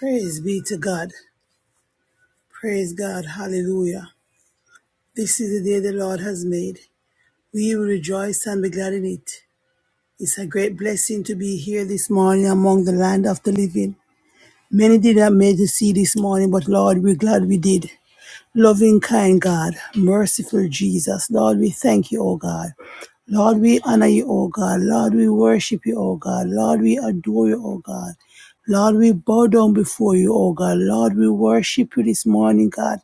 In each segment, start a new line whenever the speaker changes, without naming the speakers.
Praise be to God. Praise God. Hallelujah. This is the day the Lord has made. We will rejoice and be glad in it. It's a great blessing to be here this morning among the land of the living. Many did not make to see this morning, but Lord, we're glad we did. Loving, kind God, merciful Jesus, Lord, we thank you, O God. Lord, we honor you, O God. Lord, we worship you, O God. Lord, we adore you, O God. Lord, we bow down before you, O God. Lord, we worship you this morning, God.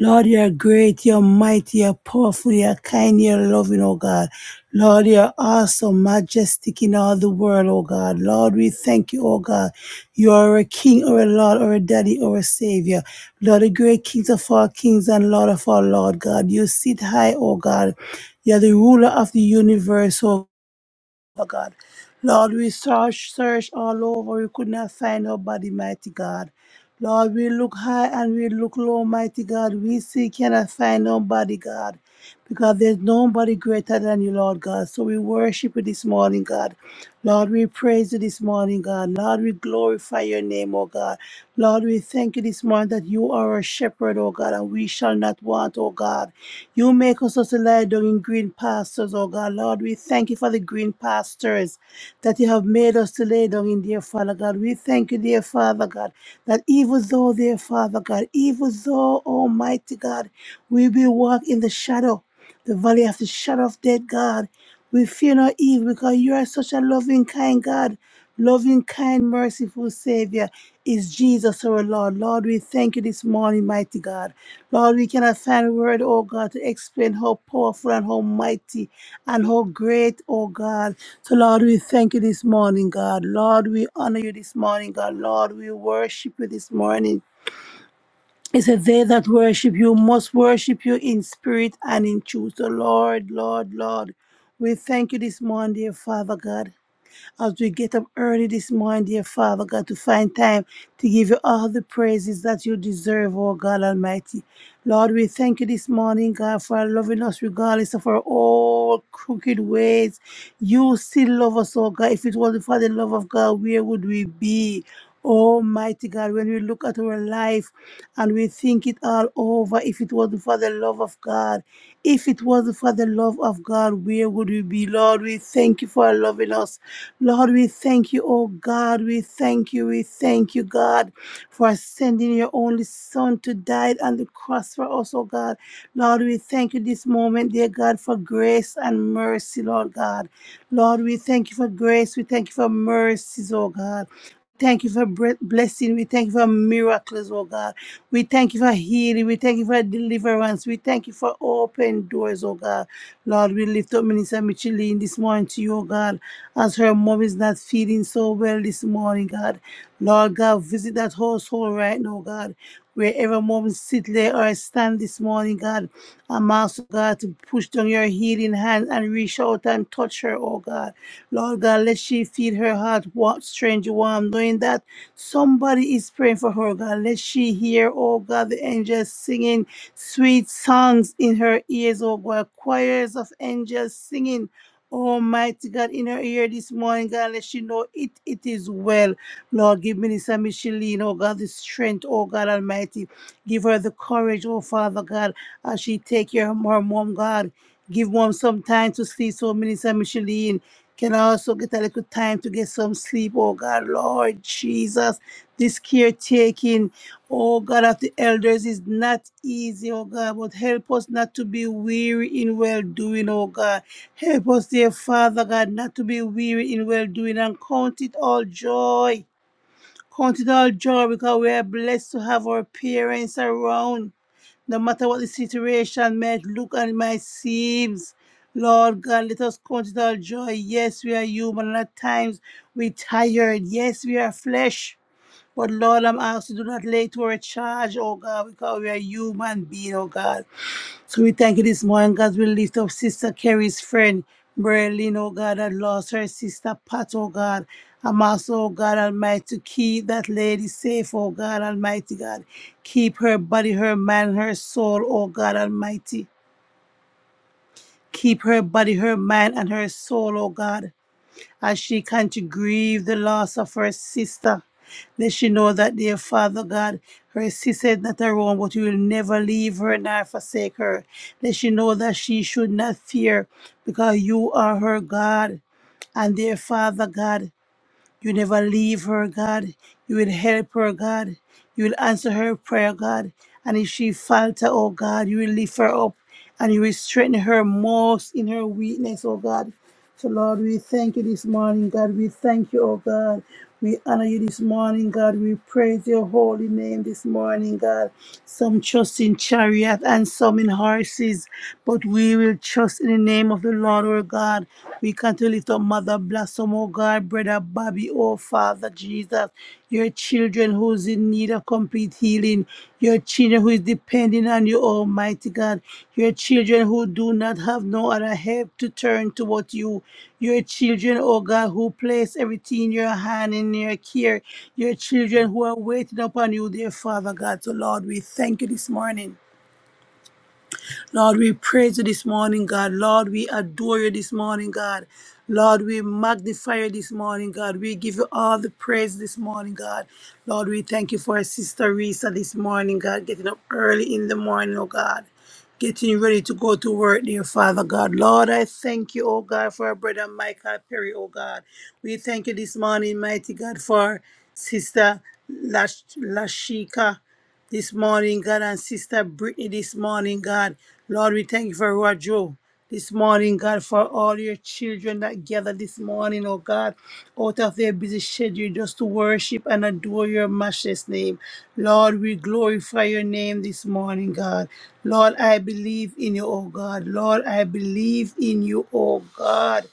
Lord, you're great, you're mighty, you're powerful, you're kind, you're loving, oh God. Lord, you're awesome, majestic in all the world, oh God. Lord, we thank you, oh God. You are a king or a Lord or a daddy or a savior. Lord, the great kings of all kings and Lord of all Lord God. You sit high, oh God. You're the ruler of the universe, oh Father God. Lord, we search, search all over. We could not find nobody, mighty God. Lord, we look high and we look low, mighty God. We see, cannot find nobody, God, because there's nobody greater than you, Lord God. So we worship you this morning, God. Lord, we praise you this morning, God. Lord, we glorify your name, oh God. Lord, we thank you this morning that you are our shepherd, O God, and we shall not want, O God. You make us to lie down in green pastures, O God. Lord, we thank you for the green pastures that you have made us to lay down in, dear Father God. We thank you, dear Father God, that even though, dear Father God, even though, Almighty God, we will walk in the shadow, the valley of the shadow of death, God. We fear no evil because you are such a loving, kind God, loving, kind, merciful Savior is Jesus our Lord. Lord, we thank you this morning, mighty God. Lord, we cannot find a word, oh God, to explain how powerful and how mighty and how great, oh God. So, Lord, we thank you this morning, God. Lord, we honor you this morning, God. Lord, we worship you this morning. It said, They that worship you must worship you in spirit and in truth. So, Lord, Lord, Lord, we thank you this morning, dear Father God as we get up early this morning, dear Father God, to find time to give you all the praises that you deserve, oh God Almighty. Lord, we thank you this morning, God, for loving us regardless of our all crooked ways. You still love us, oh God. If it wasn't for the love of God, where would we be? Almighty God, when we look at our life and we think it all over, if it wasn't for the love of God, if it wasn't for the love of God, where would we be? Lord, we thank you for loving us. Lord, we thank you, oh God. We thank you. We thank you, God, for sending your only Son to die on the cross for us, oh God. Lord, we thank you this moment, dear God, for grace and mercy, Lord God. Lord, we thank you for grace. We thank you for mercies, oh God. Thank you for bre- blessing. We thank you for miracles, oh God. We thank you for healing. We thank you for deliverance. We thank you for open doors, oh God. Lord, we lift up Minister Micheline this morning to you, oh God as her mom is not feeling so well this morning, God. Lord God, visit that household right now, God. Wherever mom sit, lay, or stand this morning, God, I'm asking God to push down your healing hand and reach out and touch her, oh God. Lord God, let she feel her heart what strange warm, knowing that somebody is praying for her, God. Let she hear, oh God, the angels singing sweet songs in her ears, oh God, choirs of angels singing Almighty God, in her ear this morning, God, let she know it, it is well. Lord, give Minister Micheline, oh God, the strength, oh God Almighty. Give her the courage, oh Father God, as she take care of her mom, God. Give mom some time to sleep, so Minister Micheline can also get a little time to get some sleep, oh God, Lord Jesus. This caretaking, oh God, of the elders is not easy, oh God, but help us not to be weary in well doing, oh God. Help us, dear Father God, not to be weary in well doing and count it all joy. Count it all joy because we are blessed to have our parents around. No matter what the situation might look and might seem. Lord God, let us count it all joy. Yes, we are human and at times we tired. Yes, we are flesh. But Lord, I'm asking, you, do not lay to our charge, oh God, because we are human beings, oh God. So we thank you this morning, God. We lift up Sister Carrie's friend, Berlin, oh God, that lost her sister Pat, oh God. I'm also, oh God Almighty, to keep that lady safe, oh God Almighty, God. Keep her body, her mind, her soul, oh God Almighty. Keep her body, her mind, and her soul, oh God. As she can to grieve the loss of her sister, let she know that, dear Father God, her sister is not around, but you will never leave her nor forsake her. Let she know that she should not fear, because you are her God. And dear Father God, you never leave her, God. You will help her, God. You will answer her prayer, God. And if she falter, oh God, you will lift her up and you will strengthen her most in her weakness, oh God. So, Lord, we thank you this morning, God. We thank you, oh God. We honor you this morning, God. We praise your holy name this morning, God. Some trust in chariot and some in horses, but we will trust in the name of the Lord, our God. We can to lift up Mother Blossom, oh God, Brother Bobby, oh Father Jesus your children who's in need of complete healing, your children who is depending on you, Almighty God, your children who do not have no other help to turn toward you, your children, oh God, who place everything in your hand and in your care, your children who are waiting upon you, dear Father God. So, Lord, we thank you this morning. Lord, we praise you this morning, God. Lord, we adore you this morning, God. Lord, we magnify you this morning, God. We give you all the praise this morning, God. Lord, we thank you for our sister Risa this morning, God, getting up early in the morning, oh God getting ready to go to work, dear Father God. Lord, I thank you, oh God, for our brother Michael Perry, oh God. We thank you this morning, mighty God, for Sister Lash- Lashika this morning, God, and Sister Brittany this morning, God. Lord, we thank you for Rojo. This morning, God, for all your children that gather this morning, oh God, out of their busy schedule just to worship and adore your matchless name. Lord, we glorify your name this morning, God. Lord, I believe in you, oh God. Lord, I believe in you, oh God.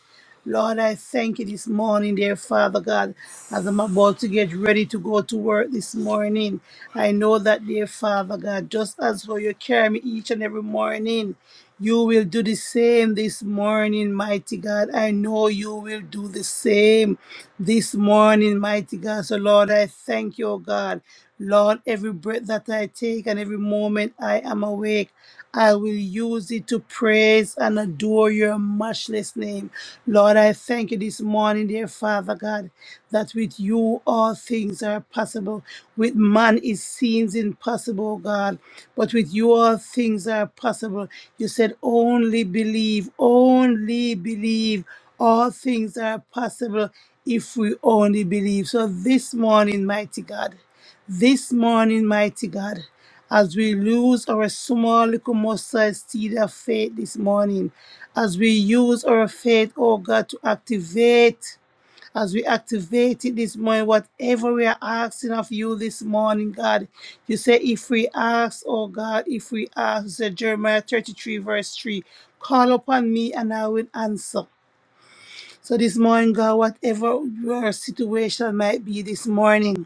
Lord, I thank you this morning, dear Father God, as I'm about to get ready to go to work this morning. I know that, dear Father God, just as how you carry me each and every morning, you will do the same this morning, mighty God. I know you will do the same this morning, mighty God. So, Lord, I thank you, oh God. Lord, every breath that I take and every moment I am awake. I will use it to praise and adore your matchless name. Lord, I thank you this morning, dear Father God, that with you all things are possible. With man it seems impossible, God, but with you all things are possible. You said, only believe, only believe. All things are possible if we only believe. So this morning, mighty God, this morning, mighty God as we lose our small little mustard seed of faith this morning, as we use our faith, oh God, to activate, as we activate it this morning, whatever we are asking of you this morning, God, you say, if we ask, oh God, if we ask, you say Jeremiah 33, verse 3, call upon me and I will answer. So this morning, God, whatever your situation might be this morning,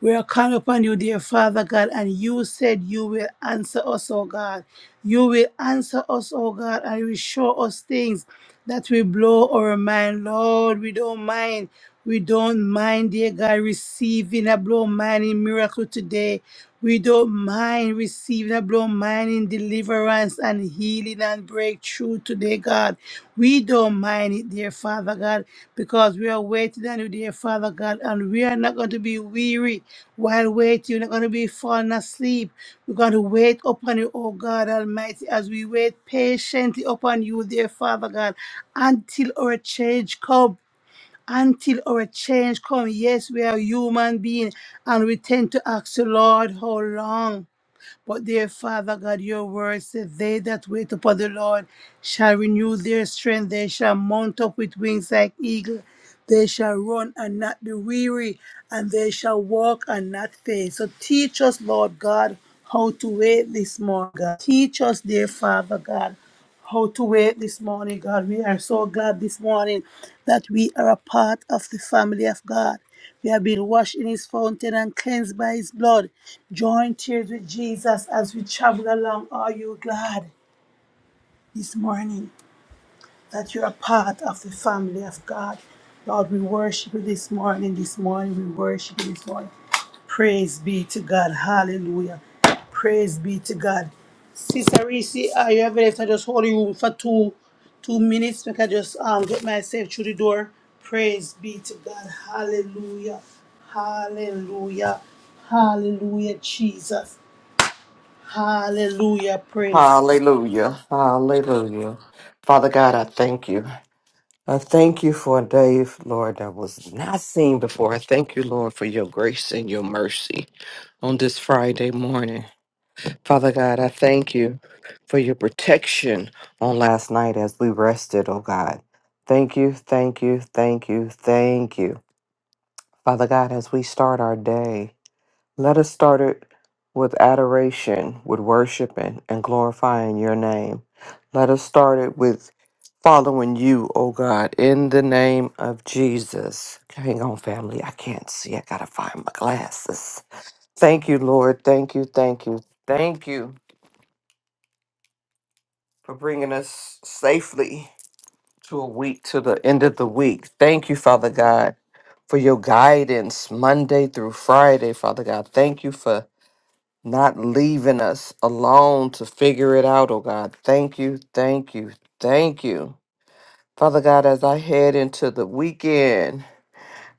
we are calling upon you, dear Father God, and you said you will answer us, oh God. You will answer us, oh God, and you will show us things that will blow our mind. Lord, we don't mind. We don't mind, dear God, receiving a blow mining miracle today. We don't mind receiving a blow mining deliverance and healing and breakthrough today, God. We don't mind it, dear Father God, because we are waiting on you, dear Father God, and we are not going to be weary while waiting, you're not going to be falling asleep. We're going to wait upon you, oh God Almighty, as we wait patiently upon you, dear Father God, until our change come. Until our change come. Yes, we are human beings and we tend to ask the Lord how long. But their Father God, your word says, They that wait upon the Lord shall renew their strength, they shall mount up with wings like eagle. They shall run and not be weary, and they shall walk and not faint. So teach us, Lord God, how to wait this morning, God. Teach us, dear Father God, how to wait this morning, God. We are so glad this morning that we are a part of the family of God. We have been washed in his fountain and cleansed by his blood. Join tears with Jesus as we travel along. Are you glad this morning? that you're part of the family of God. Lord, we worship you this morning. This morning, we worship you this morning. Praise be to God. Hallelujah. Praise be to God. Sister Reese, are you available? I just hold you room for two two minutes. Make I just um get myself through the door. Praise be to God. Hallelujah. Hallelujah. Hallelujah, Jesus. Hallelujah. Praise
Hallelujah. Hallelujah. Father God, I thank you. I thank you for a day, Lord, that was not seen before. I thank you, Lord, for your grace and your mercy on this Friday morning. Father God, I thank you for your protection on last night as we rested, oh God. Thank you, thank you, thank you, thank you. Father God, as we start our day. Let us start it with adoration, with worshiping and glorifying your name. Let us start it with following you, oh God, in the name of Jesus. Hang on, family. I can't see. I got to find my glasses. Thank you, Lord. Thank you. Thank you. Thank you for bringing us safely to a week, to the end of the week. Thank you, Father God for your guidance Monday through Friday, Father God. Thank you for not leaving us alone to figure it out, oh God. Thank you, thank you, thank you. Father God, as I head into the weekend,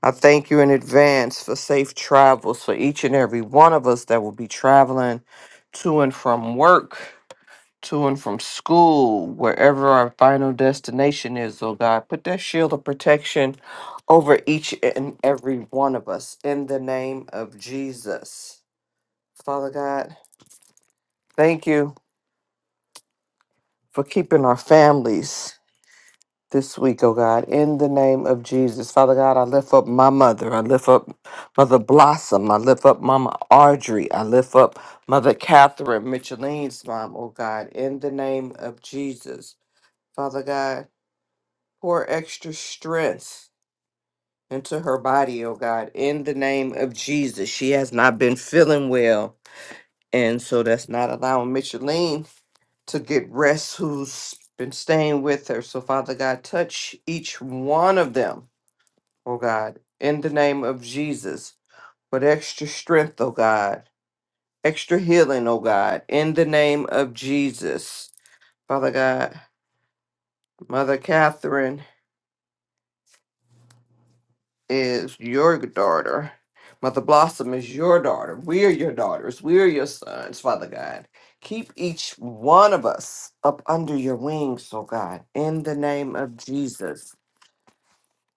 I thank you in advance for safe travels for each and every one of us that will be traveling to and from work, to and from school, wherever our final destination is, oh God. Put that shield of protection over each and every one of us in the name of Jesus. Father God, thank you for keeping our families this week, oh God, in the name of Jesus. Father God, I lift up my mother. I lift up Mother Blossom. I lift up Mama Audrey. I lift up Mother Catherine Micheline's mom, oh God, in the name of Jesus. Father God, pour extra strength into her body, oh God, in the name of Jesus. She has not been feeling well. And so that's not allowing Micheline to get rest who's been staying with her. So, Father God, touch each one of them, oh God, in the name of Jesus, with extra strength, oh God, extra healing, oh God, in the name of Jesus. Father God, Mother Catherine is your daughter. Mother Blossom is your daughter. We are your daughters. We are your sons, Father God. Keep each one of us up under your wings, oh God, in the name of Jesus.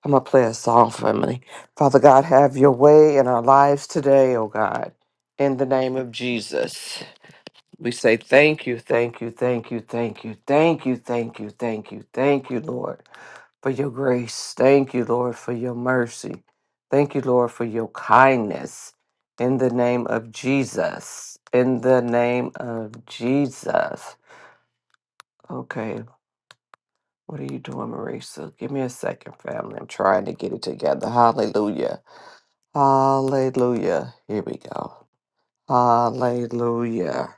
I'm going to play a song for me. Father God, have your way in our lives today, oh God. In the name of Jesus, we say thank you, thank you, thank you, thank you, thank you, thank you, thank you, thank you, Lord, for your grace. Thank you, Lord, for your mercy. Thank you, Lord, for your kindness. In the name of Jesus. In the name of Jesus. Okay, what are you doing, Marisa? Give me a second, family. I'm trying to get it together. Hallelujah. Hallelujah. Here we go. Hallelujah.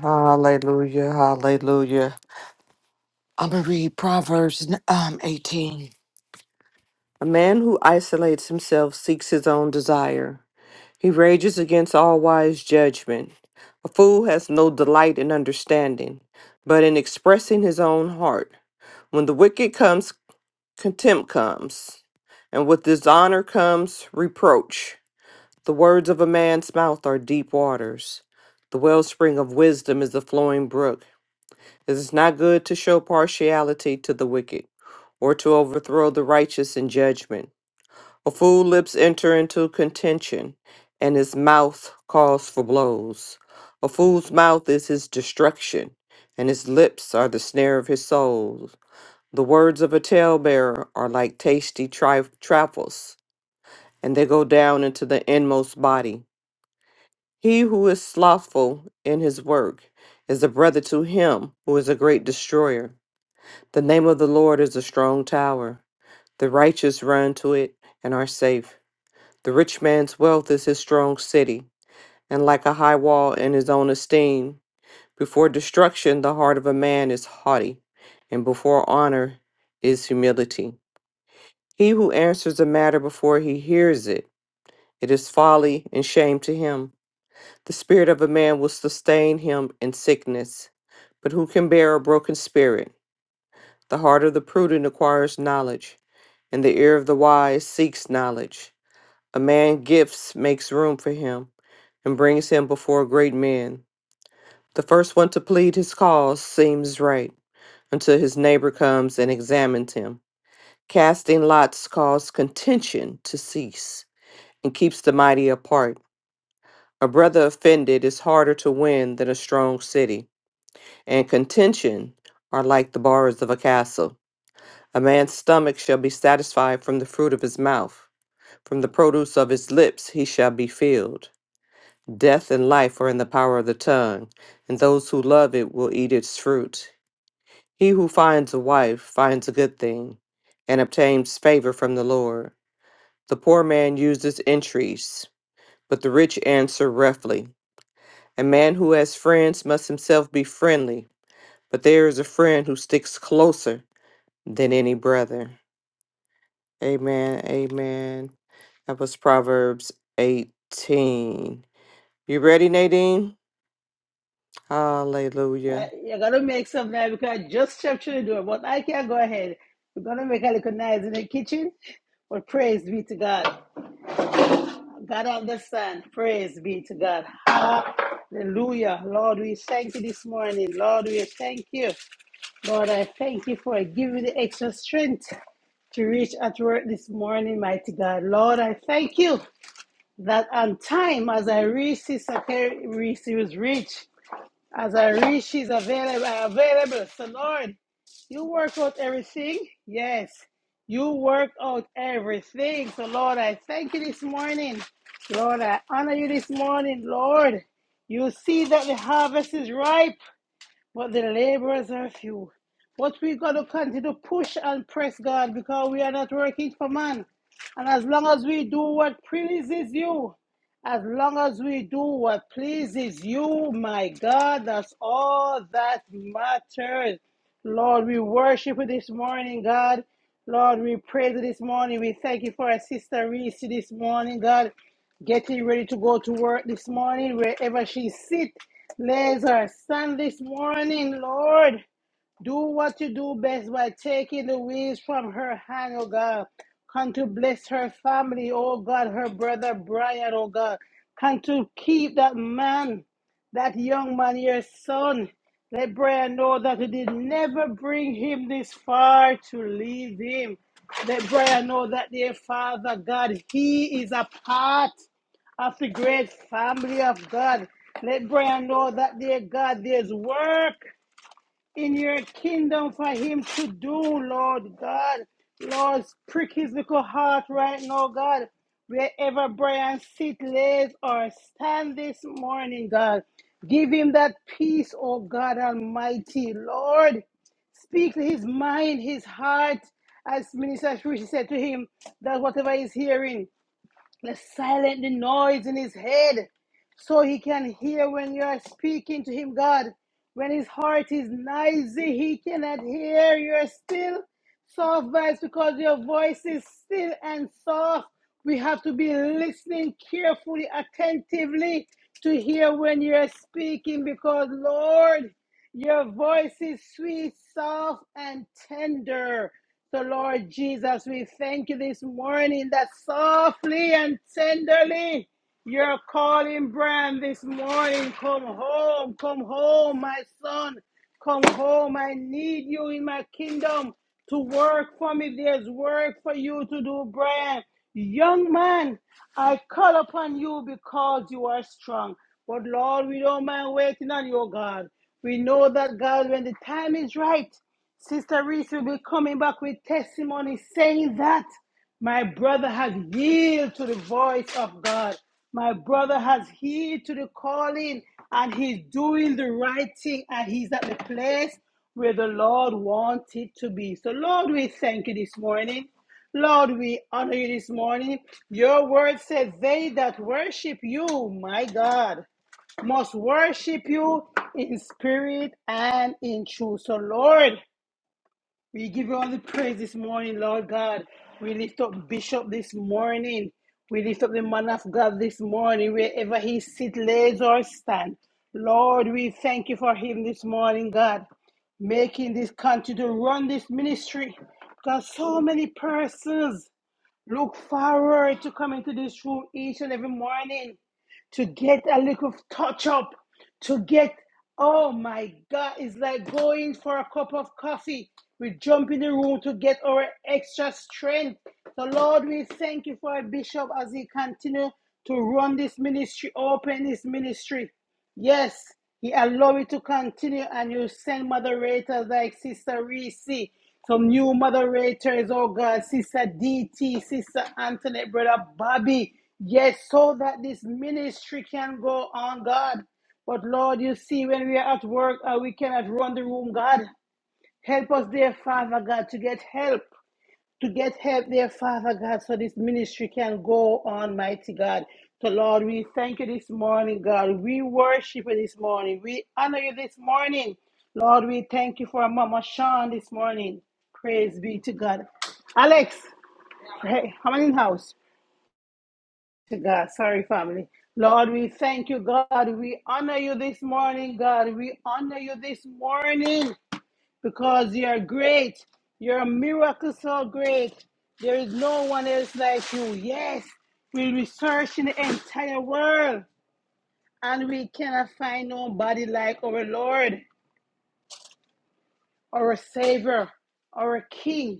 Hallelujah. Hallelujah. I'm going to read Proverbs um, 18. A man who isolates himself seeks his own desire. He rages against all wise judgment. A fool has no delight in understanding, but in expressing his own heart. When the wicked comes, contempt comes, and with dishonor comes reproach. The words of a man's mouth are deep waters. The wellspring of wisdom is the flowing brook. It is not good to show partiality to the wicked, or to overthrow the righteous in judgment. A fool lips enter into contention, and his mouth calls for blows. A fool's mouth is his destruction, and his lips are the snare of his soul. The words of a talebearer are like tasty tri- trifles, and they go down into the inmost body. He who is slothful in his work is a brother to him who is a great destroyer. The name of the Lord is a strong tower. The righteous run to it and are safe. The rich man's wealth is his strong city, and like a high wall in his own esteem. Before destruction, the heart of a man is haughty, and before honor is humility. He who answers a matter before he hears it, it is folly and shame to him. The spirit of a man will sustain him in sickness, but who can bear a broken spirit? The heart of the prudent acquires knowledge, and the ear of the wise seeks knowledge. A man gifts makes room for him and brings him before great men. The first one to plead his cause seems right until his neighbor comes and examines him. Casting lots causes contention to cease and keeps the mighty apart. A brother offended is harder to win than a strong city. and contention are like the bars of a castle. A man's stomach shall be satisfied from the fruit of his mouth, from the produce of his lips he shall be filled. Death and life are in the power of the tongue, and those who love it will eat its fruit. He who finds a wife finds a good thing, and obtains favor from the Lord. The poor man uses entreaties, but the rich answer roughly. A man who has friends must himself be friendly, but there is a friend who sticks closer than any brother. Amen. Amen. That was Proverbs 18. You ready, Nadine?
Uh,
Hallelujah.
you're gonna make some now because I just stepped through the door, but I can't go ahead. We're gonna make a little noise in the kitchen, but praise be to God. God understand. Praise be to God. Hallelujah. Lord, we thank you this morning. Lord, we thank you. Lord, I thank you for giving the extra strength to reach at work this morning, mighty God. Lord, I thank you that on time as I reach Sister Carrie Reese, was reached. As I reach, she's available. available. So, Lord, you work out everything. Yes, you work out everything. So, Lord, I thank you this morning. Lord, I honor you this morning. Lord, you see that the harvest is ripe. But the laborers are few. But we got to continue to push and press God because we are not working for man. And as long as we do what pleases you, as long as we do what pleases you, my God, that's all that matters. Lord, we worship you this morning, God. Lord, we praise you this morning. We thank you for our sister Reese this morning, God. Getting ready to go to work this morning, wherever she sit. Bless our son this morning, Lord. Do what you do best by taking the wheels from her hand, oh God. Come to bless her family, oh God, her brother Brian, oh God. Come to keep that man, that young man, your son. Let Brian know that you did never bring him this far to leave him. Let Brian know that, dear Father God, he is a part of the great family of God. Let Brian know that, dear God, there's work in your kingdom for him to do, Lord God. Lord, prick his little heart right now, God. Wherever Brian sit, lays, or stand this morning, God, give him that peace, oh God Almighty. Lord, speak to his mind, his heart, as Minister Shrishi said to him, that whatever he's hearing, Let's silence the noise in his head so he can hear when you are speaking to him, God. When his heart is noisy, he cannot hear your still soft voice because your voice is still and soft. We have to be listening carefully, attentively to hear when you're speaking because, Lord, your voice is sweet, soft, and tender. So, Lord Jesus, we thank you this morning that softly and tenderly you're calling Bran this morning. Come home, come home, my son. Come home. I need you in my kingdom to work for me. There's work for you to do, Bran. Young man, I call upon you because you are strong. But Lord, we don't mind waiting on you, God. We know that, God, when the time is right, Sister Reese will be coming back with testimony saying that my brother has yielded to the voice of God. My brother has heeded to the calling and he's doing the right thing and he's at the place where the Lord wanted to be. So, Lord, we thank you this morning. Lord, we honor you this morning. Your word says, They that worship you, my God, must worship you in spirit and in truth. So, Lord, we give you all the praise this morning, Lord God. We lift up Bishop this morning. We lift up the man of God this morning, wherever he sit, lays or stand. Lord, we thank you for him this morning, God, making this country to run this ministry. Because so many persons look forward to coming to this room each and every morning to get a little touch up, to get, oh my God, it's like going for a cup of coffee. We jump in the room to get our extra strength. So, Lord, we thank you for our bishop as he continues to run this ministry, open this ministry. Yes, he allow it to continue, and you send moderators like Sister Reese, some new moderators, oh God, Sister DT, Sister Anthony, Brother Bobby. Yes, so that this ministry can go on, God. But Lord, you see, when we are at work, uh, we cannot run the room, God. Help us, dear Father God, to get help to get help there, Father God, so this ministry can go on, mighty God. So, Lord, we thank you this morning, God. We worship you this morning. We honor you this morning. Lord, we thank you for Mama Sean this morning. Praise be to God. Alex, pray. How many in house? To God. Sorry, family. Lord, we thank you, God. We honor you this morning, God. We honor you this morning because you are great. You're a miracle so great. There is no one else like you. Yes, we research in the entire world and we cannot find nobody like our Lord, our Savior, our King.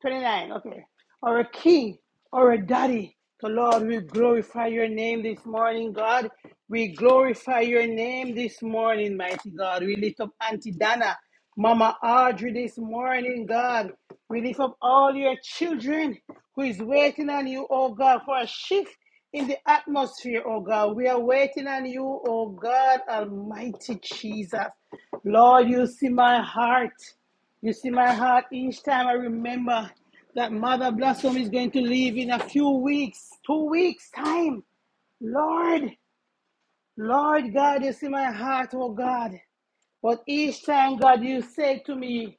29, okay. Our King, our Daddy, the Lord, we glorify your name this morning, God. We glorify your name this morning, mighty God. We lift up Auntie Dana, Mama Audrey this morning, God. We lift up all your children who is waiting on you, oh God, for a shift in the atmosphere, oh God. We are waiting on you, oh God, Almighty Jesus. Lord, you see my heart. You see my heart each time I remember that Mother Blossom is going to leave in a few weeks, two weeks' time. Lord, Lord God, you see my heart, oh God. But each time, God, you say to me,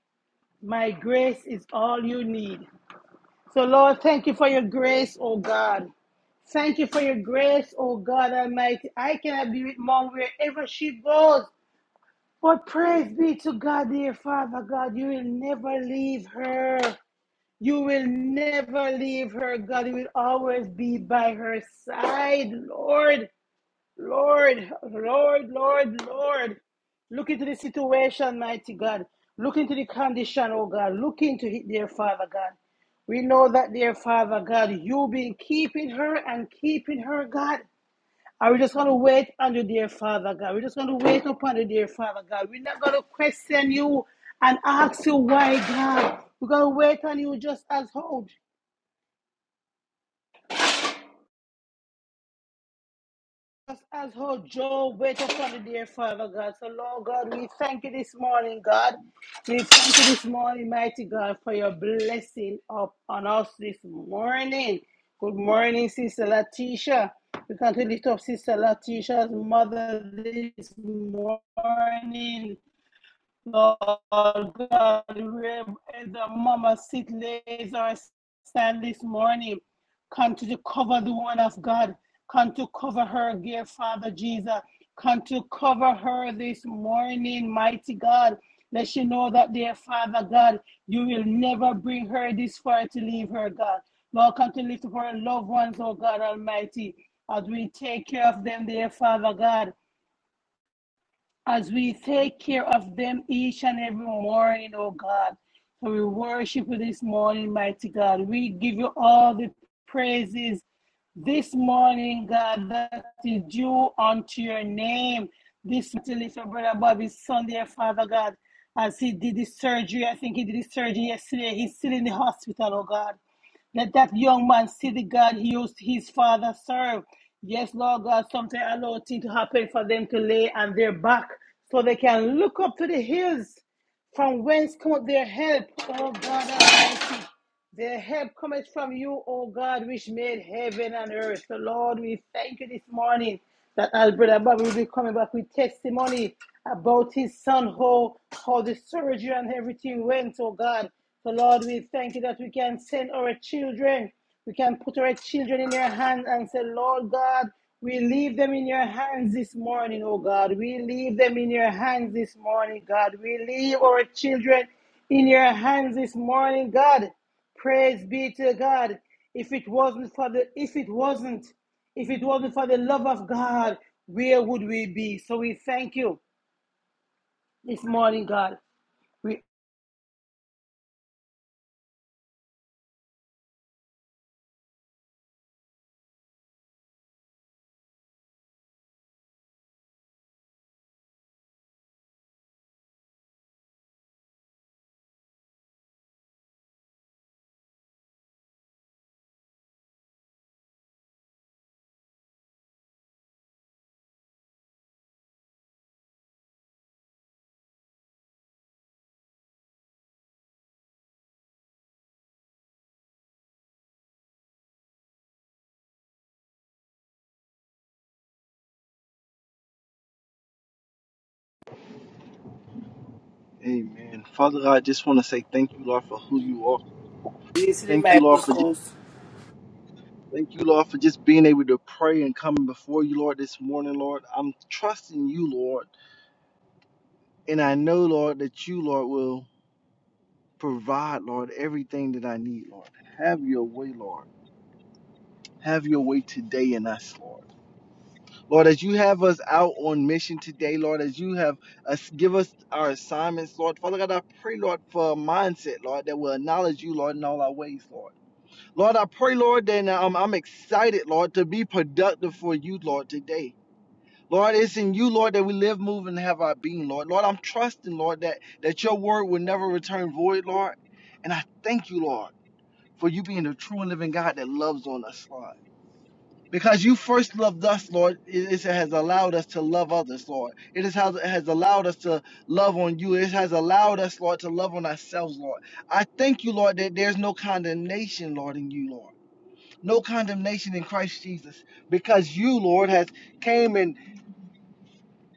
My grace is all you need. So, Lord, thank you for your grace, oh God. Thank you for your grace, oh God Almighty. I cannot be with mom wherever she goes. But praise be to God, dear Father God, you will never leave her. You will never leave her, God. You will always be by her side, Lord, Lord, Lord, Lord, Lord. Look into the situation, mighty God. Look into the condition, oh God. Look into it, dear Father God. We know that, dear Father God, you've been keeping her and keeping her, God. Are we just going to wait on you, dear Father God? We're just going to wait upon you, dear Father God. We're not going to question you and ask you why, God. We're going to wait on you just as how, just as how Job wait upon you, dear Father God. So, Lord God, we thank you this morning, God. We thank you this morning, mighty God, for your blessing upon us this morning. Good morning, Sister Latisha. We can lift up Sister Latisha's mother this morning. Lord God, where the mama sit lays or stand this morning, come to cover the one of God, come to cover her, dear Father Jesus, come to cover her this morning, mighty God. Let she know that, dear Father God, you will never bring her this far to leave her, God. Lord, come to lift up her loved ones, oh God Almighty, as we take care of them, dear Father God as we take care of them each and every morning, oh God. So we worship you this morning, mighty God. We give you all the praises this morning, God, that is due unto your name. This to lift brother Bobby's son, dear Father God, as he did the surgery. I think he did the surgery yesterday. He's still in the hospital, oh God. Let that young man see the God he used his father serve. Yes, Lord God, sometimes allow things to happen for them to lay on their back so they can look up to the hills from whence come their help. Oh God Almighty. Their help cometh from you, O God, which made heaven and earth. So, Lord, we thank you this morning that our brother Bobby will be coming back with testimony about his son, how, how the surgery and everything went, oh God. So, Lord, we thank you that we can send our children, we can put our children in your hands and say, Lord God, we leave them in your hands this morning, oh God. We leave them in your hands this morning, God. We leave our children in your hands this morning, God. Praise be to God. If it wasn't for the if it wasn't if it wasn't for the love of God, where would we be? So we thank you this morning, God. We
Amen. Father God, I just want to say thank you, Lord, for who you are.
These are
Thank you,
the
Lord, for just
post.
thank you, Lord, for just being able to pray and coming before you, Lord, this morning, Lord. I'm trusting you, Lord, and I know, Lord, that you, Lord, will provide, Lord, everything that I need, Lord. Have your way, Lord. Have your way today in us, Lord. Lord, as you have us out on mission today, Lord, as you have us give us our assignments, Lord. Father God, I pray, Lord, for a mindset, Lord, that will acknowledge you, Lord, in all our ways, Lord. Lord, I pray, Lord, that uh, um, I'm excited, Lord, to be productive for you, Lord, today. Lord, it's in you, Lord, that we live, move, and have our being, Lord. Lord, I'm trusting, Lord, that, that your word will never return void, Lord. And I thank you, Lord, for you being the true and living God that loves on us, Lord. Because you first loved us, Lord, it, it has allowed us to love others, Lord. It is how- it has allowed us to love on you. It has allowed us, Lord, to love on ourselves, Lord. I thank you, Lord, that there's no condemnation, Lord, in you, Lord no condemnation in Christ Jesus because you, Lord, has came and,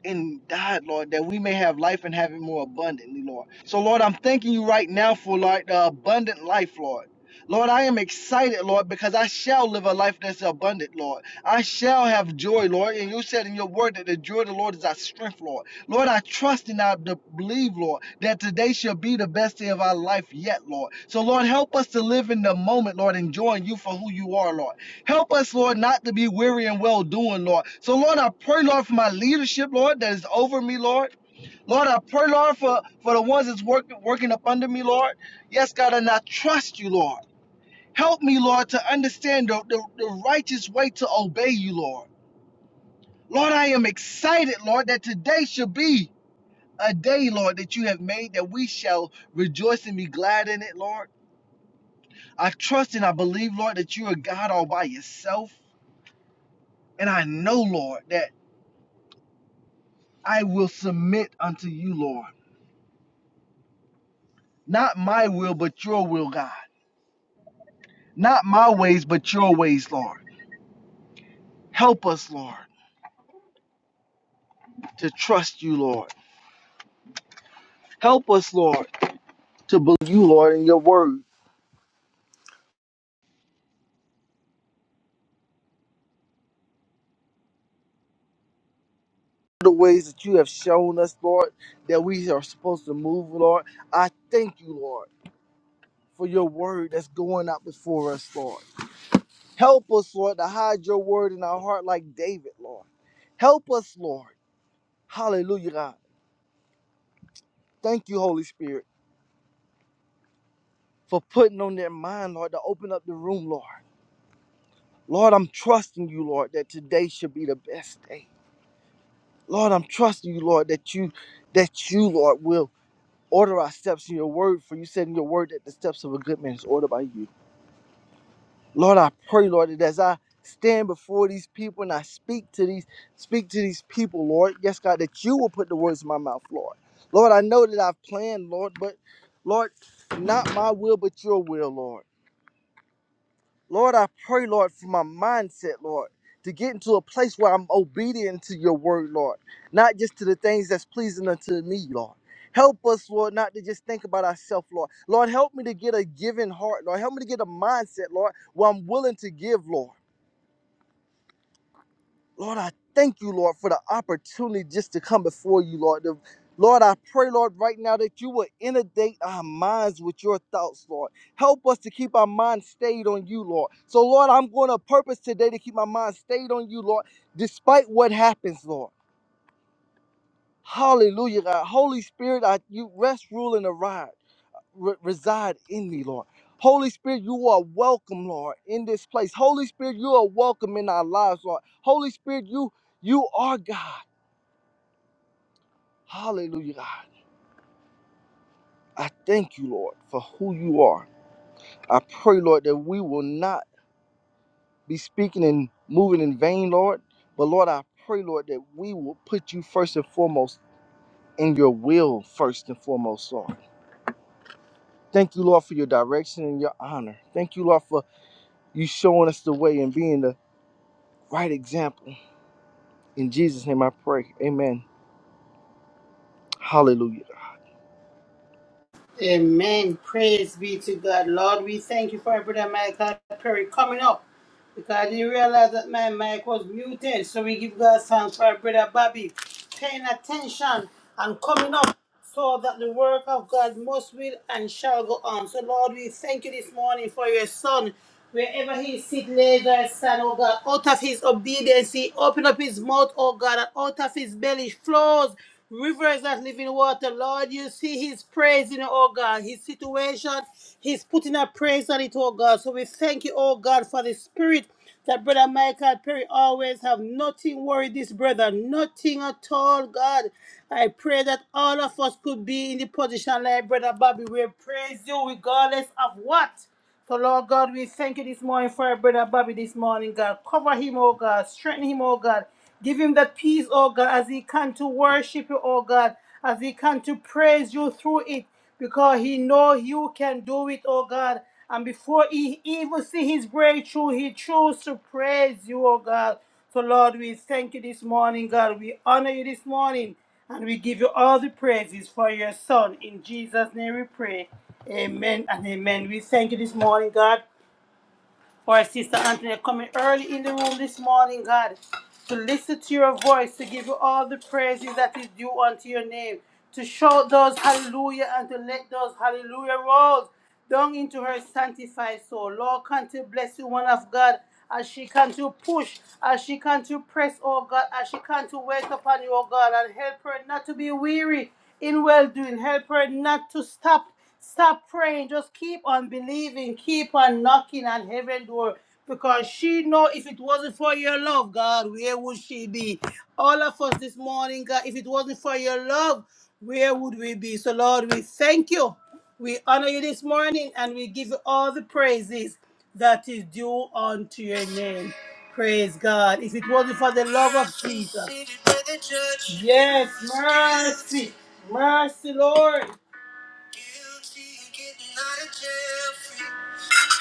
and died, Lord, that we may have life and have it more abundantly, Lord. So, Lord, I'm thanking you right now for like the abundant life, Lord. Lord, I am excited, Lord, because I shall live a life that's abundant, Lord. I shall have joy, Lord. And you said in your word that the joy of the Lord is our strength, Lord. Lord, I trust and I believe, Lord, that today shall be the best day of our life yet, Lord. So, Lord, help us to live in the moment, Lord, enjoying you for who you are, Lord. Help us, Lord, not to be weary and well doing, Lord. So, Lord, I pray, Lord, for my leadership, Lord, that is over me, Lord. Lord, I pray, Lord, for, for the ones that's working working up under me, Lord. Yes, God, and I trust you, Lord. Help me, Lord, to understand the, the, the righteous way to obey you, Lord. Lord, I am excited, Lord, that today should be a day, Lord, that you have made that we shall rejoice and be glad in it, Lord. I trust and I believe, Lord, that you are God all by yourself. And I know, Lord, that I will submit unto you, Lord. Not my will, but your will, God. Not my ways, but your ways, Lord. Help us, Lord, to trust you, Lord. Help us, Lord, to believe you, Lord, in your word. The ways that you have shown us, Lord, that we are supposed to move, Lord. I thank you, Lord, for your word that's going out before us, Lord. Help us, Lord, to hide your word in our heart like David, Lord. Help us, Lord. Hallelujah, God. Thank you, Holy Spirit. for putting on their mind, Lord, to open up the room, Lord. Lord, I'm trusting you, Lord, that today should be the best day. Lord, I'm trusting you, Lord, that you, that you, Lord, will order our steps in your word, for you said in your word that the steps of a good man is ordered by you. Lord, I pray, Lord, that as I stand before these people and I speak to these, speak to these people, Lord, yes, God, that you will put the words in my mouth, Lord. Lord, I know that I've planned, Lord, but Lord, not my will, but your will, Lord. Lord, I pray, Lord, for my mindset, Lord, to get into a place where I'm obedient to your word, Lord, not just to the things that's pleasing unto me, Lord. Help us, Lord, not to just think about ourselves, Lord. Lord, help me to get a giving heart, Lord. Help me to get a mindset, Lord, where I'm willing to give, Lord. Lord, I thank you, Lord, for the opportunity just to come before you, Lord. The- Lord, I pray, Lord, right now that you will inundate our minds with your thoughts, Lord. Help us to keep our mind stayed on you, Lord. So, Lord, I'm going to purpose today to keep my mind stayed on you, Lord, despite what happens, Lord. Hallelujah, God. Holy Spirit, I, you rest, rule, and arrive, re- reside in me, Lord. Holy Spirit, you are welcome, Lord, in this place. Holy Spirit, you are welcome in our lives, Lord. Holy Spirit, you you are God. Hallelujah, God. I thank you, Lord, for who you are. I pray, Lord, that we will not be speaking and moving in vain, Lord. But, Lord, I pray, Lord, that we will put you first and foremost in your will, first and foremost, Lord. Thank you, Lord, for your direction and your honor. Thank you, Lord, for you showing us the way and being the right example. In Jesus' name I pray. Amen. Hallelujah.
Amen. Praise be to God. Lord, we thank you for Brother Michael Perry coming up because I didn't realize that my mic was muted. So we give God thanks for Brother Bobby paying attention and coming up so that the work of God must will and shall go on. So, Lord, we thank you this morning for your son. Wherever he sit, lays or stand, oh God, out of his obedience, he opened up his mouth, oh God, and out of his belly flows Rivers that live in water, Lord, you see his praise in it, oh God. His situation, he's putting a praise on it, oh God. So we thank you, oh God, for the spirit that Brother Michael Perry always have. Nothing worried this brother, nothing at all, God. I pray that all of us could be in the position like Brother Bobby. We praise you regardless of what. So, Lord God, we thank you this morning for our brother Bobby this morning, God. Cover him, oh God. Strengthen him, oh God. Give him that peace, oh God, as he can to worship you, oh God, as he can to praise you through it, because he know you can do it, oh God. And before he even see his breakthrough, he chose to praise you, oh God. So, Lord, we thank you this morning, God. We honor you this morning, and we give you all the praises for your son. In Jesus' name we pray. Amen and amen. We thank you this morning, God, for our sister Antoinette coming early in the room this morning, God, to listen to your voice, to give you all the praises that is due unto your name, to shout those hallelujah and to let those hallelujah roll down into her sanctified soul. Lord, come to bless you, one of God, as she can to push, as she can to press, oh God, as she can to wait upon you, oh God, and help her not to be weary in well doing. Help her not to stop. Stop praying. Just keep on believing. Keep on knocking on heaven door. Because she know if it wasn't for your love, God, where would she be? All of us this morning, God, if it wasn't for your love, where would we be? So Lord, we thank you. We honor you this morning and we give you all the praises that is due unto your name. Praise God. If it wasn't for the love of Jesus. Yes, mercy. Mercy, Lord. Guilty, getting out of jail free.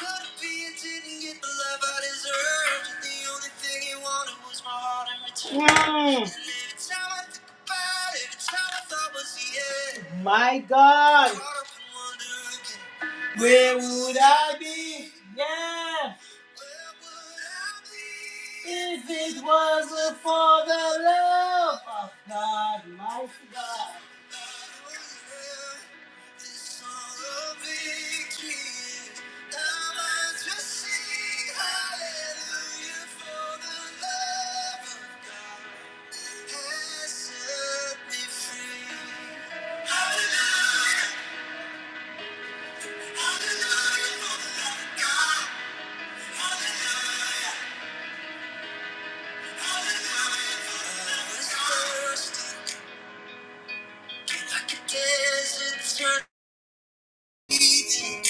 Could be it didn't get the love I deserved. the only thing he wanted was my heart in return. Mm. And every time I think about it, every time I thought was the end. My God. Caught up in wonder again. Where would I be? Yeah. Where would I be? If it wasn't for the love of God, my God. Desert turn eating.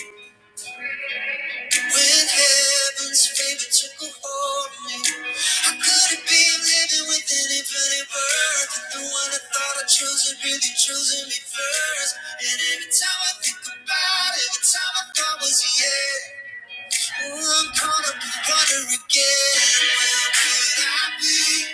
When heaven's favor took a hold of me, I couldn't be living with anybody worth it. The one I thought I chose had really chosen me first. And every time I think about it, every time I thought was a yeah. Ooh, I'm caught up in wonder again. Where could I be?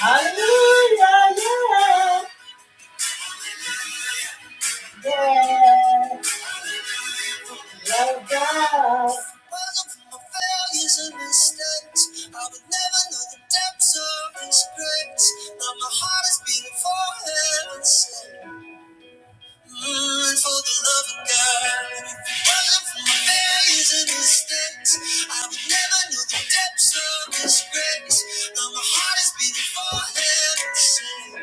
Hallelujah, yeah. Yeah, love God. My failures and mistakes. I would never know the depths of His grace. Now my heart is beating for heaven's sake. Mm, for the love of God. Running from my failures and mistakes. I would never know the depths of His grace. Now my heart is beating for heaven's sake.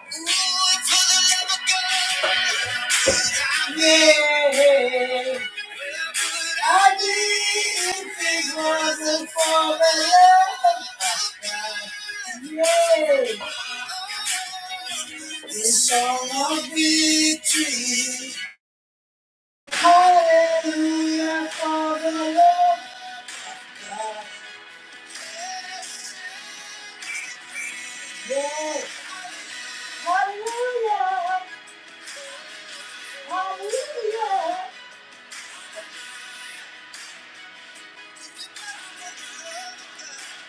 Mm, for the love of God. I didn't think was not for the love. Yeah. It's all a victory. Hallelujah for the love. Yeah. Hallelujah. Hallelujah.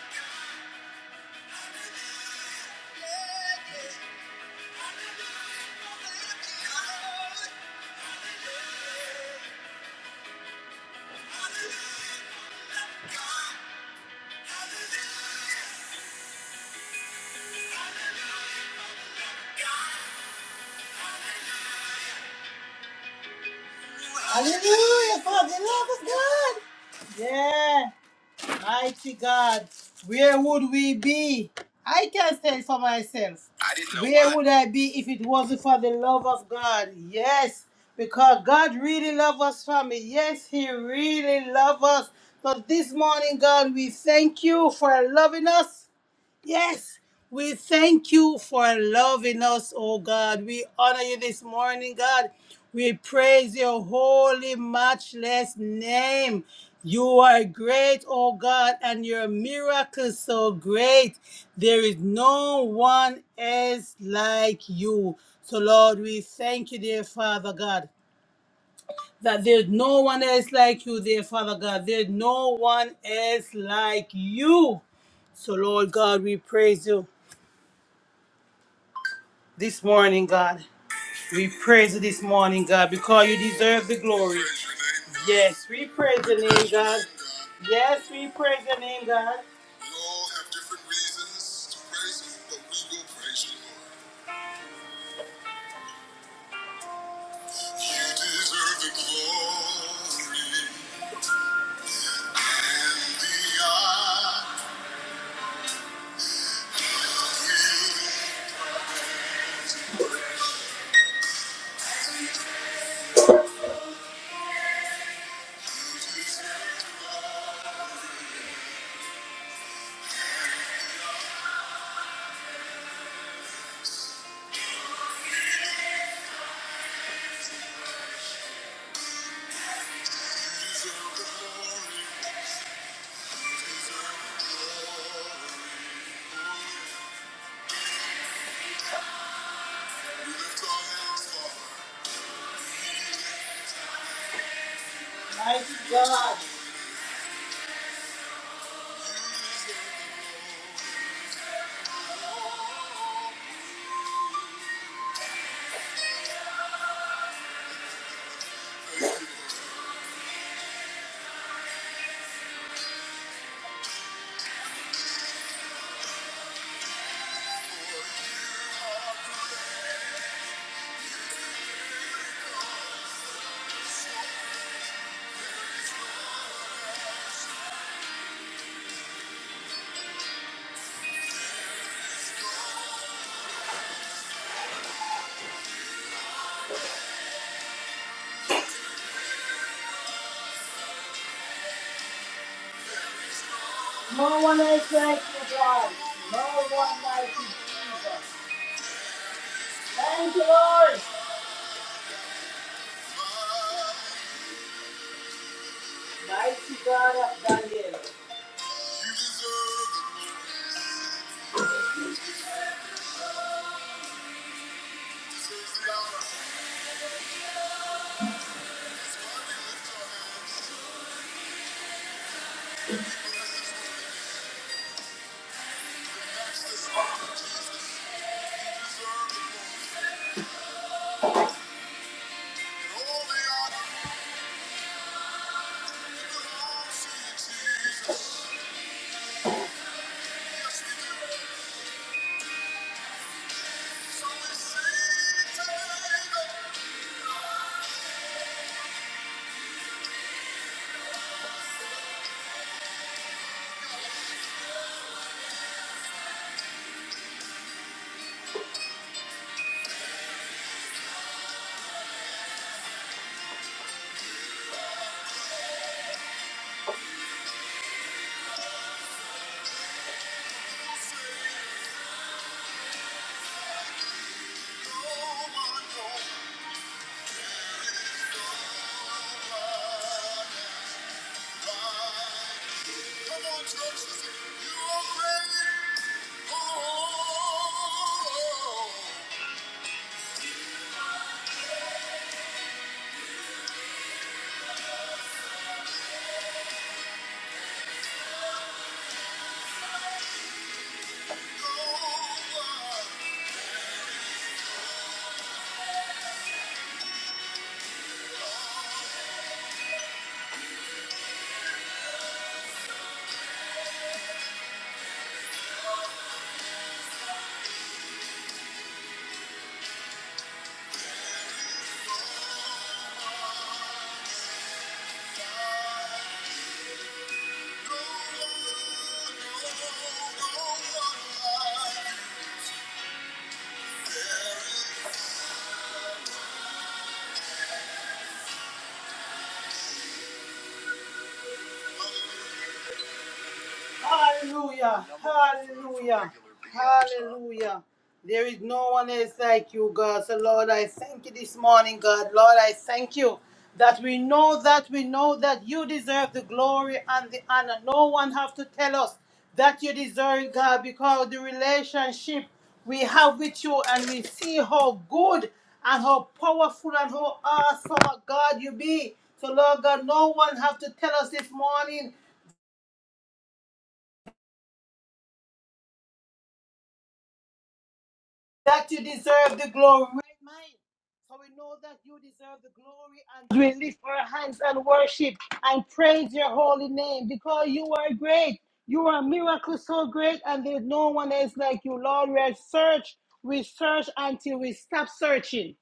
Hallelujah to God. Yeah, mighty God, where would we be? I can say for myself. I didn't know where why. would I be if it wasn't for the love of God? Yes, because God really loves us, family. Yes, He really loves us. But this morning, God, we thank you for loving us. Yes, we thank you for loving us, oh God. We honor you this morning, God. We praise your holy, matchless name. You are great, oh God, and your miracles so great. There is no one else like you. So, Lord, we thank you, dear Father God that there's no one else like you, dear Father God. There's no one else like you. So, Lord God, we praise you. this morning, God. We praise you this morning, God, because you deserve the glory. Yes, we praise your name, God. Yes, we praise your name, God. We all have different reasons to praise you, but we will praise you, Lord. You deserve the glory and the honor. You deserve the glory. You deserve the glory. You deserve the glory. We lift our hands, Father. Mighty God. No one is like you, God. No one like you, Jesus. Thank you, Lord. Mighty God of Daniel. Thank you. Hallelujah. Hallelujah. Hallelujah. There is no one else like you, God. So, Lord, I thank you this morning, God. Lord, I thank you that we know that we know that you deserve the glory and the honor. No one have to tell us that you deserve God, because the relationship we have with you and we see how good and how powerful and how awesome a God you be. So Lord God, no one have to tell us this morning that you deserve the glory. Right, mine. So we know that you deserve the glory, and we lift our hands and worship and praise your holy name because you are great. You are a miracle so great, and there's no one else like you, Lord. We search, we search until we stop searching.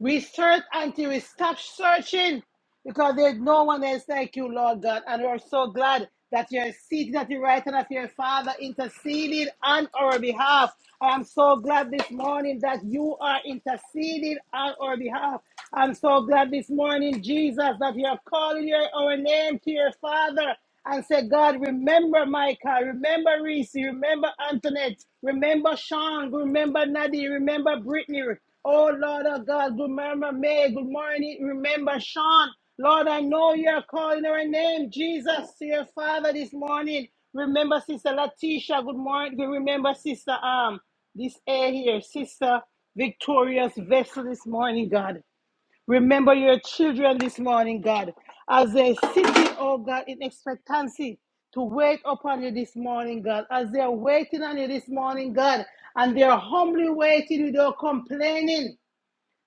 We search until we stop searching because there's no one else like you, Lord God. And we're so glad that you're seated at the right hand of your Father, interceding on our behalf. I am so glad this morning that you are interceding on our behalf. I'm so glad this morning, Jesus, that you're calling your, our name to your Father and say, God, remember Michael, remember Reese, remember Antoinette, remember Sean, remember Nadie, remember Brittany. Oh, Lord of God, remember May, good morning, remember Sean. Lord, I know you're calling our name, Jesus, to your Father this morning. Remember Sister Latisha, good morning. Remember Sister, um, this air here, Sister Victoria's vessel this morning, God. Remember your children this morning, God, as they sitting, oh God, in expectancy to wait upon you this morning, God, as they're waiting on you this morning, God, and they're humbly waiting without complaining.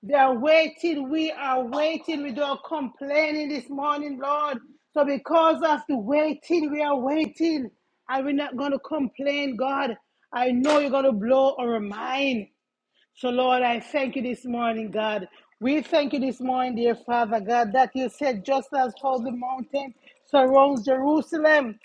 They are waiting. We are waiting without complaining this morning, Lord. So because of the waiting, we are waiting. And we're not going to complain, God. I know you're going to blow our mind. So, Lord, I thank you this morning, God. We thank you this morning, dear Father God, that you said, just as how the mountain surrounds Jerusalem,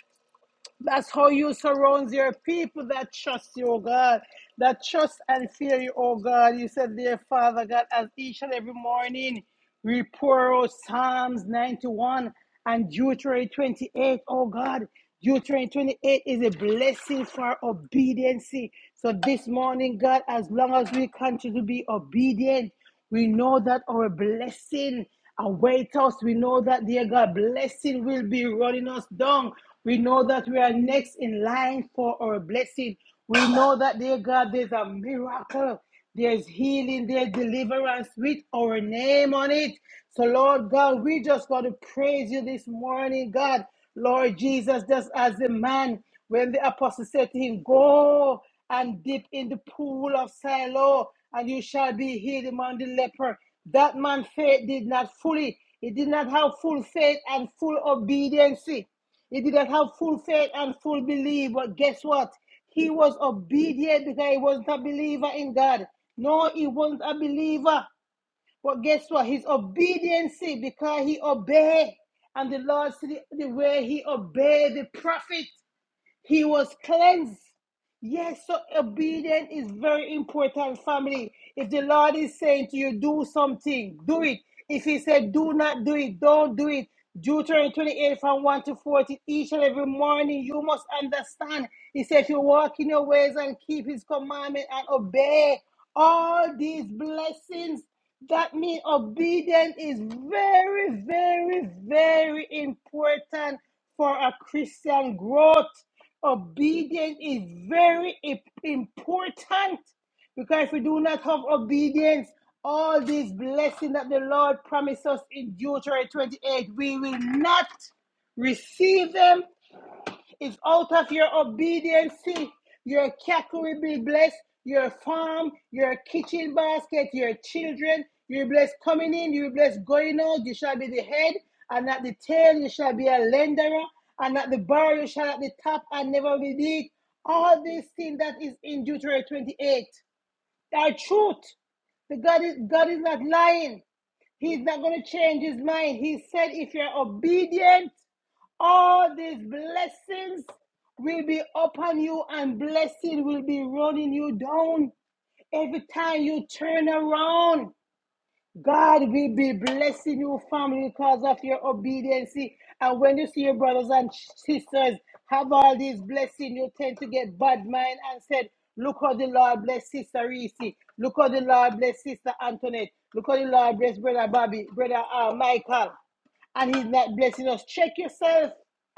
that's how you surround your people that trust you, oh God, that trust and fear you, oh God. You said, dear Father God, as each and every morning we pour out Psalms 91 and Deuteronomy 28, oh God. Deuteronomy 28 is a blessing for obedience. So this morning, God, as long as we continue to be obedient, we know that our blessing awaits us. We know that, dear God, blessing will be running us down. We know that we are next in line for our blessing. We know that, dear God, there's a miracle. There's healing, there's deliverance with our name on it. So, Lord God, we just got to praise you this morning, God. Lord Jesus, just as the man, when the apostle said to him, Go and dip in the pool of Siloam, and you shall be healed among the leper. That man faith did not fully, he did not have full faith and full obedience. He did not have full faith and full belief. But guess what? He was obedient because he wasn't a believer in God. No, he wasn't a believer. But guess what? His obedience because he obeyed. And the Lord said the way he obeyed the prophet. He was cleansed. Yes, so obedience is very important, family. If the Lord is saying to you, do something, do it. If He said, do not do it, don't do it. Deuteronomy 28 from 1 to 14, each and every morning you must understand. He said, if you walk in your ways and keep His commandment and obey all these blessings, that means obedience is very, very, very important for a Christian growth. Obedience is very i- important because if we do not have obedience, all these blessings that the Lord promised us in Deuteronomy 28, we will not receive them it's out of your obedience. Your cattle will be blessed, your farm, your kitchen basket, your children. You're blessed coming in, you're blessed going out. You shall be the head, and at the tail, you shall be a lender, and at the bar, you shall at the top and never be beat. All these things that is in Deuteronomy 28 are truth. The God is, God is not lying. He's not going to change his mind. He said, if you're obedient, all these blessings will be upon you and blessing will be running you down every time you turn around. God will be blessing your family, because of your obedience. And when you see your brothers and sisters have all these blessings, you tend to get bad mind and said, Look how the Lord bless Sister Reese. Look how the Lord bless Sister Antoinette. Look how the Lord bless Brother Bobby, Brother uh, Michael. And he's not blessing us. Check yourself.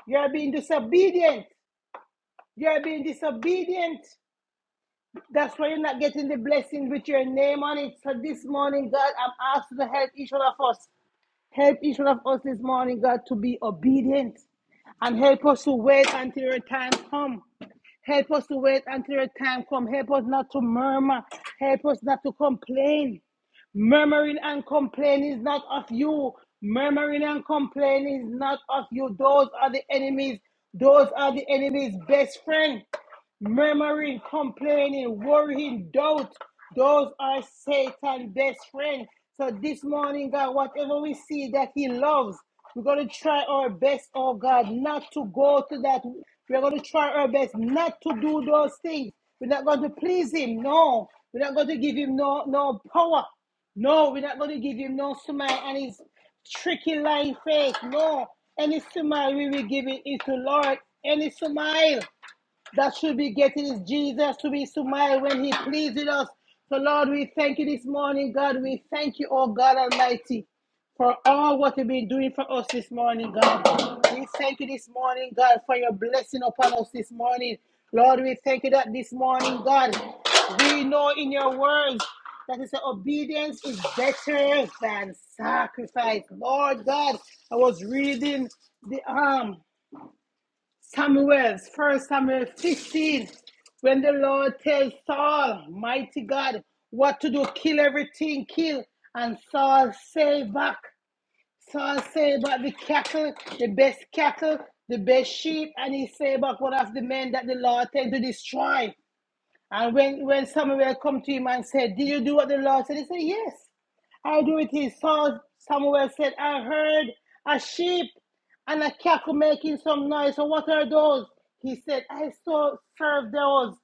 You're being disobedient. You're being disobedient. That's why you're not getting the blessing with your name on it. So this morning, God, I'm asking to help each one of us. Help each one of us this morning, God, to be obedient and help us to wait until your time comes. Help us to wait until your time comes. Help us not to murmur. Help us not to complain. Murmuring and complaining is not of you. Murmuring and complaining is not of you. Those are the enemies. Those are the enemy's best friend murmuring, complaining, worrying, doubt. Those are Satan's best friend. So this morning, God, whatever we see that He loves, we're going to try our best, oh God, not to go to that. We're going to try our best not to do those things. We're not going to please Him. No. We're not going to give Him no, no power. No, we're not going to give Him no smile and His tricky lying face. No. Any smile we will give it is to Lord. Any smile that should be getting is Jesus to be smile when he pleases us. So Lord, we thank you this morning, God. We thank you, oh God Almighty, for all what you've been doing for us this morning, God. We thank you this morning, God, for your blessing upon us this morning. Lord, we thank you that this morning, God, we know in your words that is obedience is better than sacrifice. Lord God, I was reading the um Samuel, first Samuel 15, when the Lord tells Saul, mighty God, what to do, kill everything, kill. And Saul say back, Saul say back the cattle, the best cattle, the best sheep, and he say back what of the men that the Lord tend to destroy. And when, when Samuel come to him and said, Did you do what the Lord said? He said, Yes. I do it. He saw Samuel said, I heard a sheep and a cattle making some noise. So what are those? He said, I so serve those.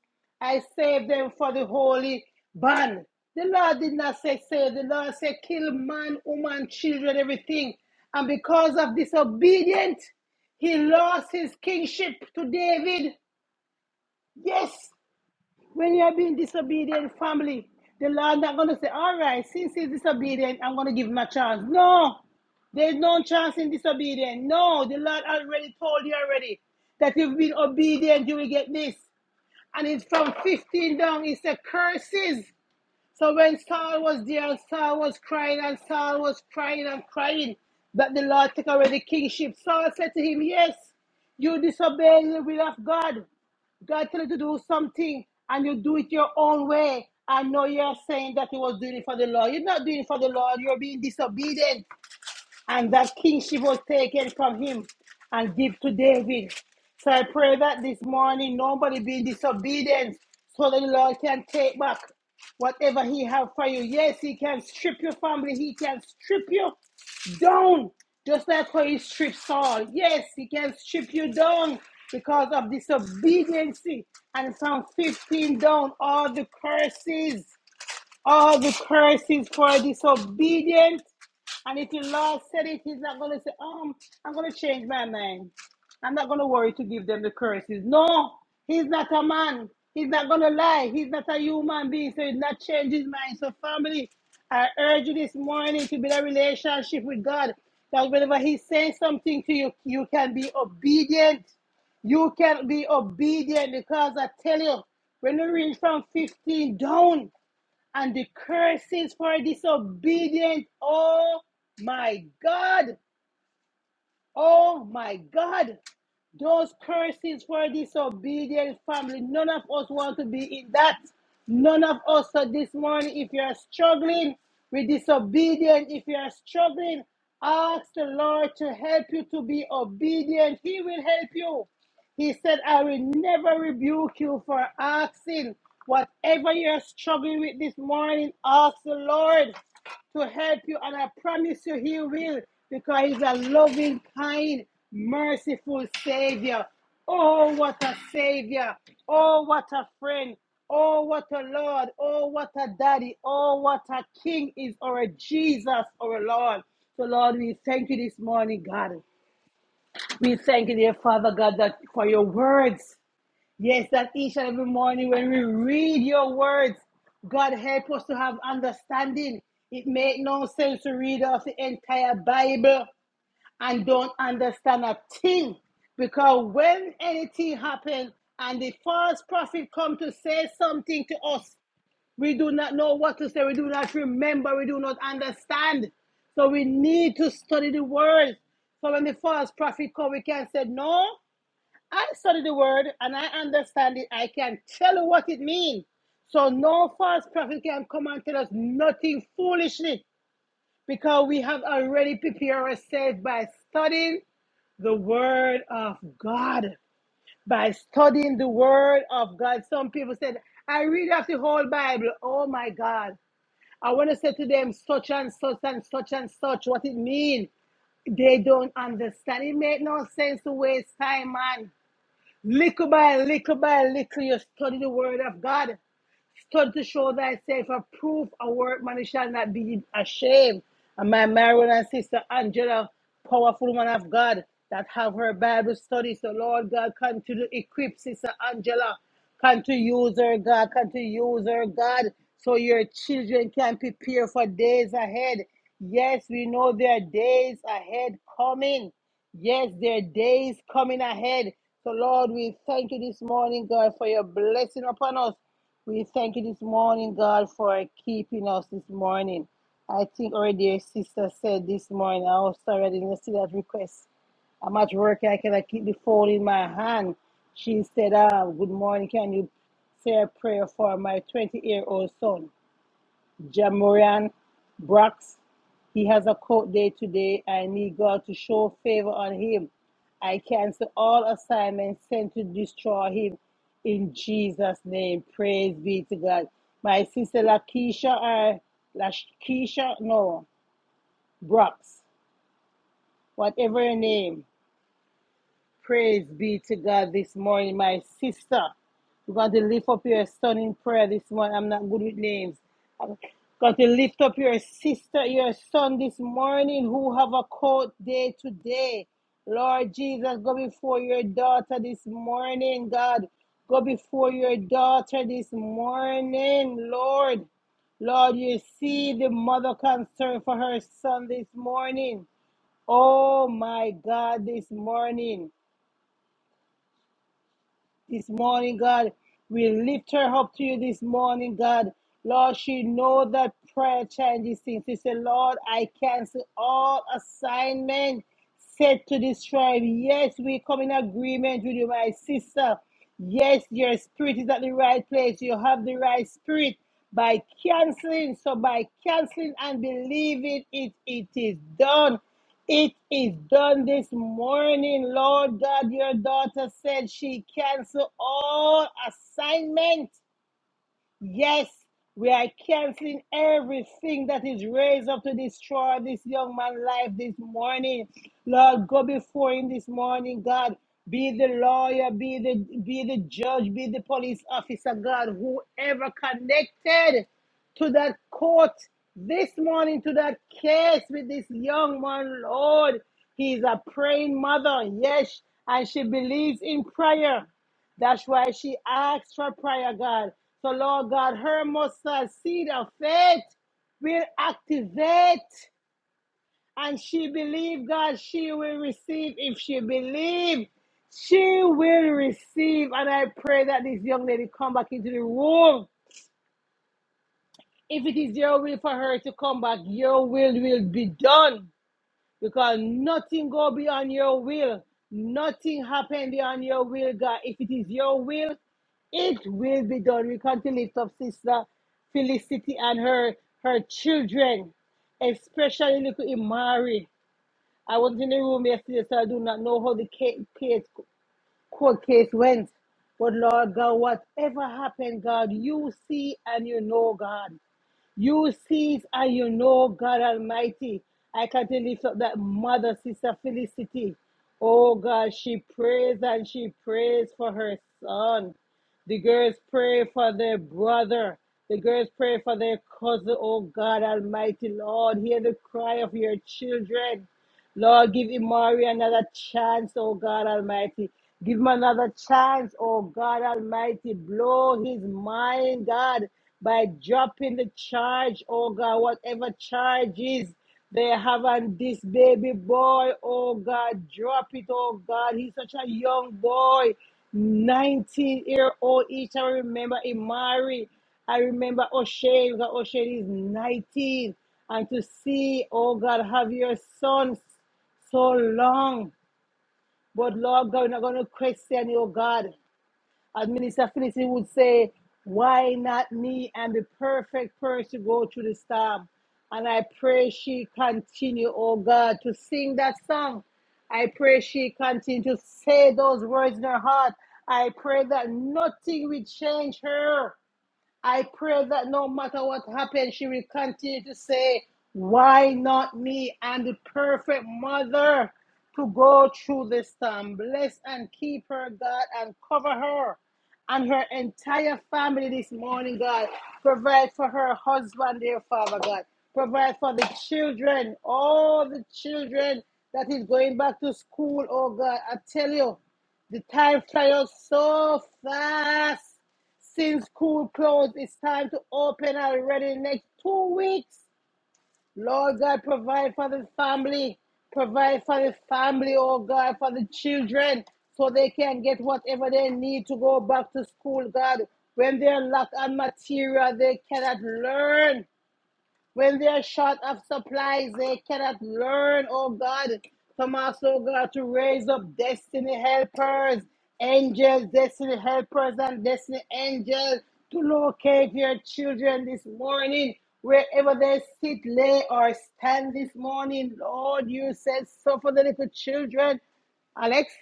I saved them for the holy ban. The Lord did not say save. The Lord said kill man, woman, children, everything. And because of disobedience, he lost his kingship to David. Yes. When you are being disobedient, family, the Lord not going to say, all right, since he's disobedient, I'm going to give him a chance. No, there's no chance in disobedience. No, the Lord already told you already that you've been obedient, you will get this. And it's from 15 down, It's a curses. So when Saul was there, Saul was crying and Saul was crying and crying that the Lord took away the kingship. Saul said to him, Yes, you disobey the will of God. God told you to do something and you do it your own way. I know you're saying that you was doing it for the Lord. You're not doing it for the Lord. You're being disobedient and that kingship was taken from him and give to David. So I pray that this morning nobody be in disobedience so that the Lord can take back whatever he have for you. Yes, he can strip your family, he can strip you down, just like how he stripped Saul. Yes, he can strip you down because of disobedience. And from 15 down, all the curses. All the curses for disobedience. And if the Lord said it, He's not going to say, um, I'm going to change my mind. I'm not going to worry to give them the curses. No, He's not a man. He's not going to lie. He's not a human being, so He's not change His mind. So, family, I urge you this morning to build a relationship with God. That whenever He says something to you, you can be obedient. You can be obedient because I tell you, when you reach from 15 down, and the curses for disobedience. Oh my God. Oh my God. Those curses for disobedient family. None of us want to be in that. None of us. So this morning, if you are struggling with disobedience, if you are struggling, ask the Lord to help you to be obedient. He will help you. He said, I will never rebuke you for asking. Whatever you're struggling with this morning, ask the Lord to help you. And I promise you, He will, because He's a loving, kind, merciful Savior. Oh, what a Savior! Oh, what a friend! Oh, what a Lord! Oh, what a daddy! Oh, what a King is our Jesus, our Lord. So, Lord, we thank you this morning, God. We thank you, dear Father God, that for your words. Yes, that each and every morning when we read your words, God help us to have understanding. It make no sense to read of the entire Bible and don't understand a thing. Because when anything happens and the false prophet come to say something to us, we do not know what to say. We do not remember. We do not understand. So we need to study the word. So when the false prophet come, we can say, No, I study the word and I understand it. I can tell you what it means. So no false prophet can come and tell us nothing foolishly because we have already prepared ourselves by studying the word of God. By studying the word of God. Some people said, I read off the whole Bible. Oh my God. I want to say to them, such and such and such and such, what it mean. They don't understand. It make no sense to waste time, man. Little by little by little, you study the word of God. Study to show thyself a proof a workman man shall not be ashamed. And my Marion and sister Angela, powerful woman of God, that have her Bible study. So Lord God, continue to equip Sister Angela. Come to use her, God. Come to use her, God, so your children can prepare for days ahead. Yes, we know there are days ahead coming. Yes, there are days coming ahead. So, Lord, we thank you this morning, God, for your blessing upon us. We thank you this morning, God, for keeping us this morning. I think our dear sister said this morning, oh, sorry, I didn't see that request. I'm at work, I cannot keep the phone in my hand. She said, ah, good morning, can you say a prayer for my 20 year old son? Jamorian Brox, he has a court day today. I need God to show favor on him. I cancel all assignments sent to destroy him in Jesus' name. Praise be to God. My sister Lakeisha, uh, Lakeisha, no, Brox, whatever your name. Praise be to God this morning, my sister. you are going to lift up your son in prayer this morning. I'm not good with names. God, you lift up your sister, your son this morning who have a court day today. Lord Jesus, go before your daughter this morning, God. Go before your daughter this morning, Lord. Lord, you see the mother concern for her son this morning. Oh my God, this morning this morning, God. We lift her up to you this morning, God. Lord, she know that prayer changes things. She said, Lord, I cancel all assignment set to this tribe. Yes, we come in agreement with you, my sister. Yes, your spirit is at the right place. You have the right spirit by canceling. So by canceling and believing it, it is done. It is done this morning, Lord God. Your daughter said she canceled all assignment Yes, we are canceling everything that is raised up to destroy this young man's life this morning. Lord, go before him this morning, God. Be the lawyer, be the be the judge, be the police officer, God, whoever connected to that court this morning to that case with this young man, Lord. He's a praying mother, yes, and she believes in prayer. That's why she asked for prayer, God. So, Lord God, her mustard seed of faith will activate and she believe, God, she will receive. If she believe, she will receive. And I pray that this young lady come back into the room. If it is your will for her to come back, your will will be done. because nothing go beyond your will. Nothing happen beyond your will, God. If it is your will, it will be done. We come to lift up Sister Felicity and her her children, especially little Imari. I was in the room yesterday, so I do not know how the case, court case went. But Lord God, whatever happened, God, you see and you know, God. You see it and you know, God Almighty. I can lift up that mother, Sister Felicity. Oh God, she prays and she prays for her son. The girls pray for their brother. The girls pray for their cousin. Oh God Almighty, Lord, hear the cry of your children. Lord, give Imari another chance, oh God Almighty. Give him another chance, oh God Almighty. Blow his mind, God, by dropping the charge, oh God, whatever charge is they have on this baby boy, oh God, drop it, oh God. He's such a young boy. 19 year old each. I remember Imari. I remember O'Shea because O'Shea is 19. And to see, oh God, have your son so long. But Lord God, we're not going to question you, oh God. As Minister Felicity would say, why not me? I'm the perfect person to go through the storm. And I pray she continue, oh God, to sing that song. I pray she continue to say those words in her heart. I pray that nothing will change her. I pray that no matter what happens, she will continue to say, Why not me? And the perfect mother to go through this time. Bless and keep her, God, and cover her and her entire family this morning, God. Provide for her husband, dear Father God. Provide for the children, all the children that is going back to school, oh God. I tell you, the time flies so fast. Since school closed, it's time to open already next two weeks. Lord God, provide for the family. Provide for the family, oh God, for the children, so they can get whatever they need to go back to school, God. When they're locked on material, they cannot learn. When they are short of supplies, they cannot learn, oh God, from us, oh God, to raise up destiny helpers, angels, destiny helpers, and destiny angels to locate your children this morning, wherever they sit, lay, or stand this morning. Lord, you said, suffer the little children. Alex?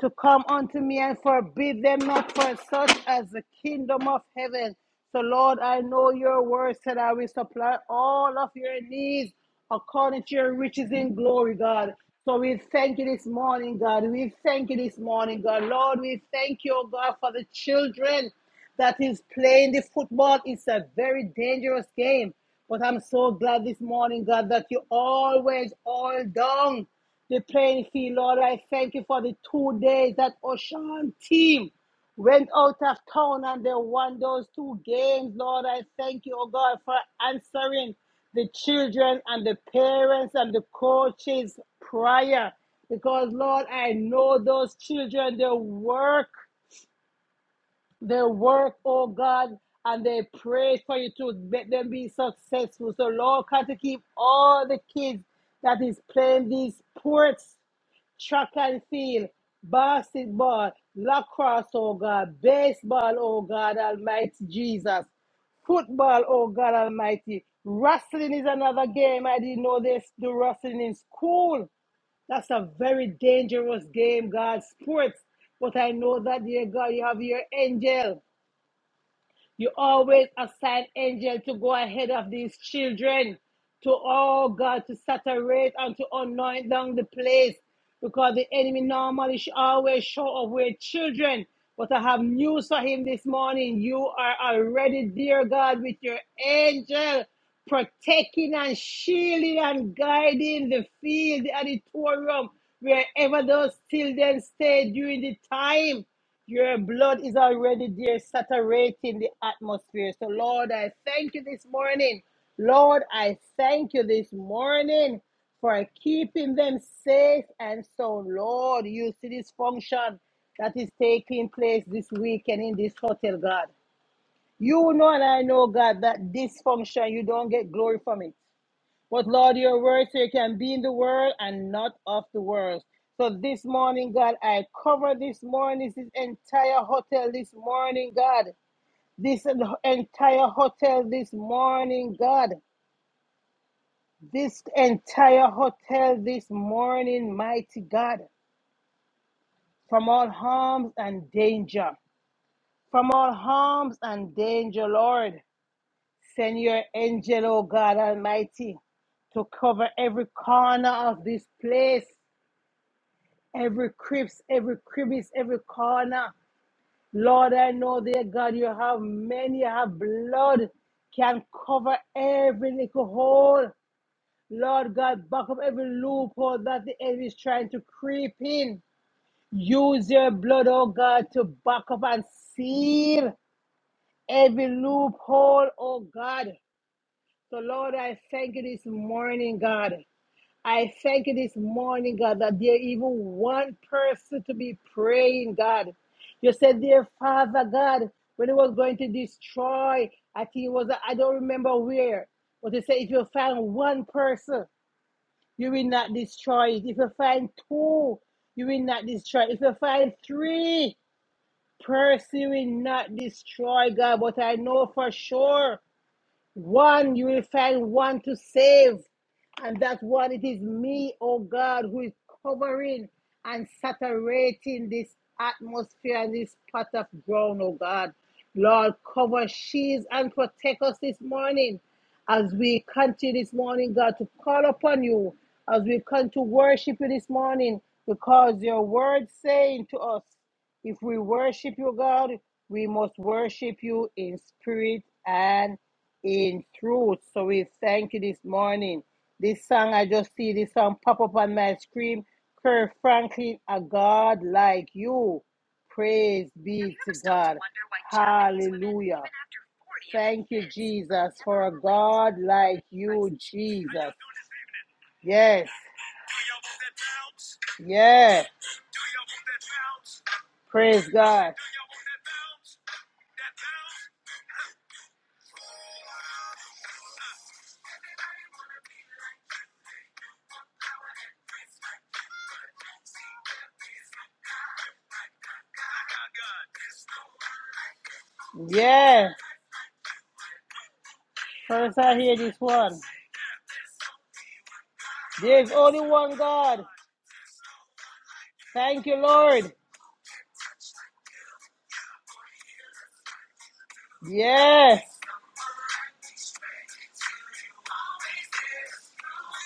to come unto me and forbid them not for such as the kingdom of heaven. So, Lord, I know your word said I will supply all of your needs according to your riches in glory, God. So we thank you this morning, God. We thank you this morning, God. Lord, we thank you, oh God, for the children that is playing the football. It's a very dangerous game. But I'm so glad this morning, God, that you always all down the playing field. Lord, I thank you for the two days that Ocean team went out of town and they won those two games. Lord, I thank you, oh God, for answering the children and the parents and the coaches' prayer. Because, Lord, I know those children, they work. They work, oh God, and they pray for you to let them be successful. So, Lord, can to keep all the kids that is playing these sports, track and field, basketball, lacrosse, oh God, baseball, oh God, Almighty Jesus football, oh God Almighty. Wrestling is another game. I didn't know this. Do wrestling in school. That's a very dangerous game, God. Sports. But I know that, dear God, you have your angel. You always assign angels to go ahead of these children, to all God, to saturate and to anoint down the place. Because the enemy normally always show up with children. But I have news for him this morning. You are already, dear God, with your angel protecting and shielding and guiding the field, the auditorium, wherever those children stay during the time. Your blood is already there, saturating the atmosphere. So, Lord, I thank you this morning. Lord, I thank you this morning for keeping them safe and sound. Lord, you see this function that is taking place this weekend in this hotel, God. You know, and I know, God, that this function, you don't get glory from it. But Lord, your word say you can be in the world and not of the world. So this morning, God, I cover this morning, this entire hotel this morning, God. This entire hotel this morning, God. This entire hotel this morning, mighty God. From all harms and danger. From all harms and danger, Lord. Send your angel, oh God Almighty to cover every corner of this place. every creeps, every crevice, every corner. Lord, I know, dear God, you have many, you have blood can cover every little hole. Lord God, back up every loophole that the enemy is trying to creep in. Use your blood, oh God, to back up and seal every loophole, oh God. So, Lord, I thank you this morning, God. I thank you this morning, God, that there even one person to be praying, God. You said, dear Father, God, when it was going to destroy, I think it was, I don't remember where, but they said, if you find one person, you will not destroy it. If you find two, you will not destroy it. If you find three person, you will not destroy, God. But I know for sure one, you will find one to save. And that one, it is me, oh God, who is covering and saturating this atmosphere and this pot of ground, oh God. Lord, cover, shields, and protect us this morning as we continue this morning, God, to call upon you, as we come to worship you this morning, because your word saying to us, if we worship you, God, we must worship you in spirit and in truth. So we thank you this morning. This song, I just see this song pop up on my screen. Kirk Franklin, a God like you. Praise be to God. Hallelujah. Thank you, Jesus, for a God like you, Jesus. Yes. Yes. Praise God. Yes. First I hear this one. There's only one God. Thank you, Lord. Yes.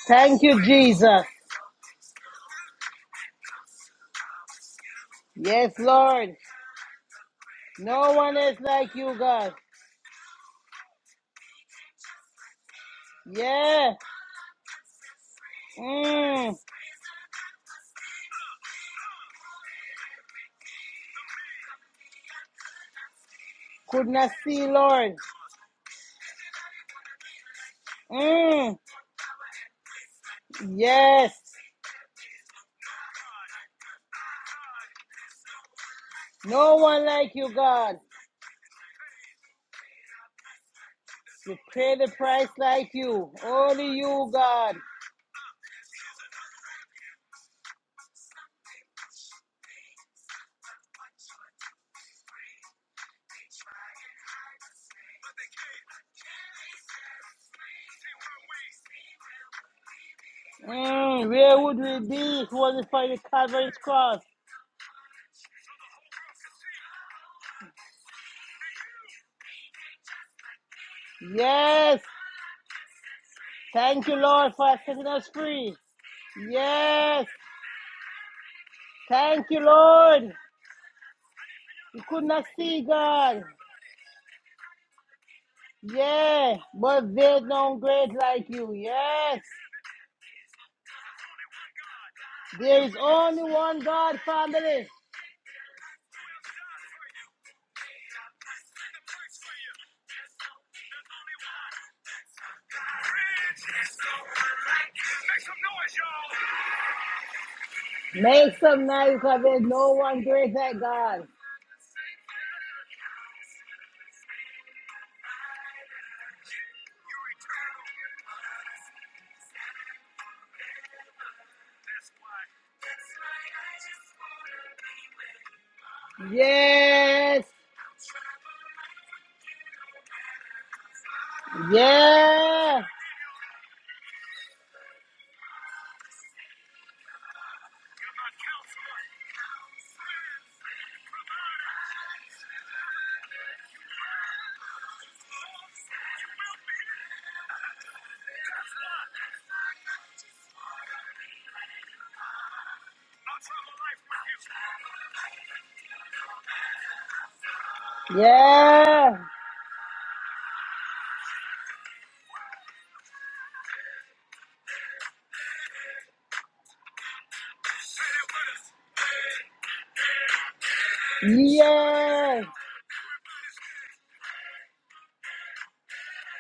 Thank you, Jesus. Yes, Lord. No one is like you, God. Yeah. Mm. Could not see, Lord. Mm. Yes. No one like you, God. You pay the price like you. Only you, God. Mm, where would we be if it wasn't for the Calvary's cross? Yes. Thank you, Lord, for setting us free. Yes. Thank you, Lord. You could not see God. Yeah. But there's no great like you. Yes. There is only one God, family. Make some noise because there's no one great like God. Yes. Yeah, yeah, yeah,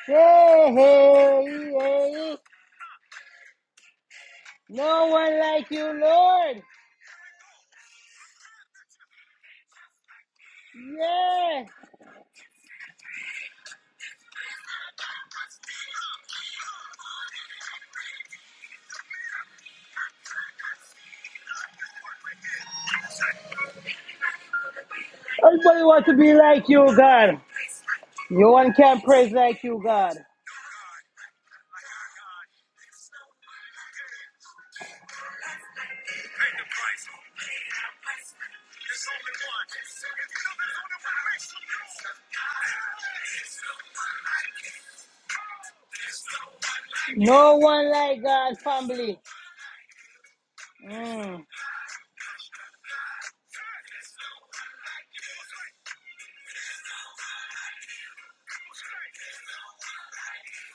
Hey! Hey! Hey! No one like you, Lord. Yeah, everybody wants to be like you, God. No one can praise like you, God. No one like God, family. Mm,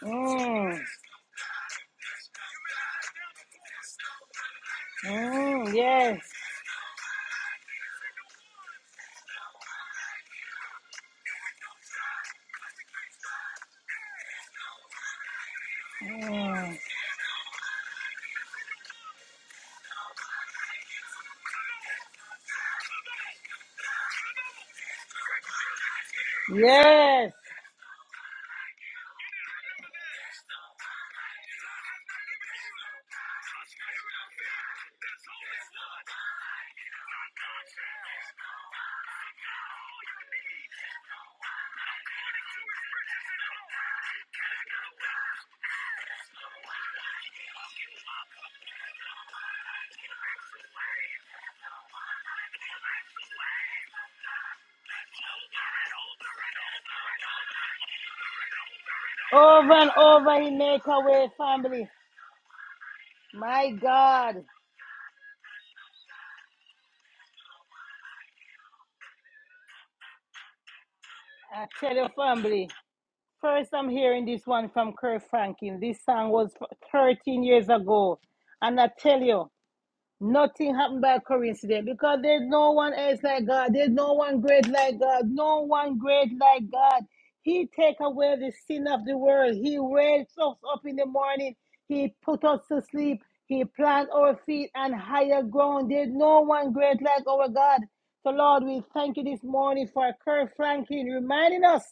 mm, mm, yes, yes. Over and over, he make a way, family. My God, I tell you, family. First, I'm hearing this one from Kirk Franklin. This song was 13 years ago. And I tell you, Nothing happened by coincidence because there's no one else like God. There's no one great like God. No one great like God. He take away the sin of the world. He wakes us up in the morning. He put us to sleep. He plant our feet on higher ground. There's no one great like our God. So Lord, we thank you this morning for Kirk Franklin reminding us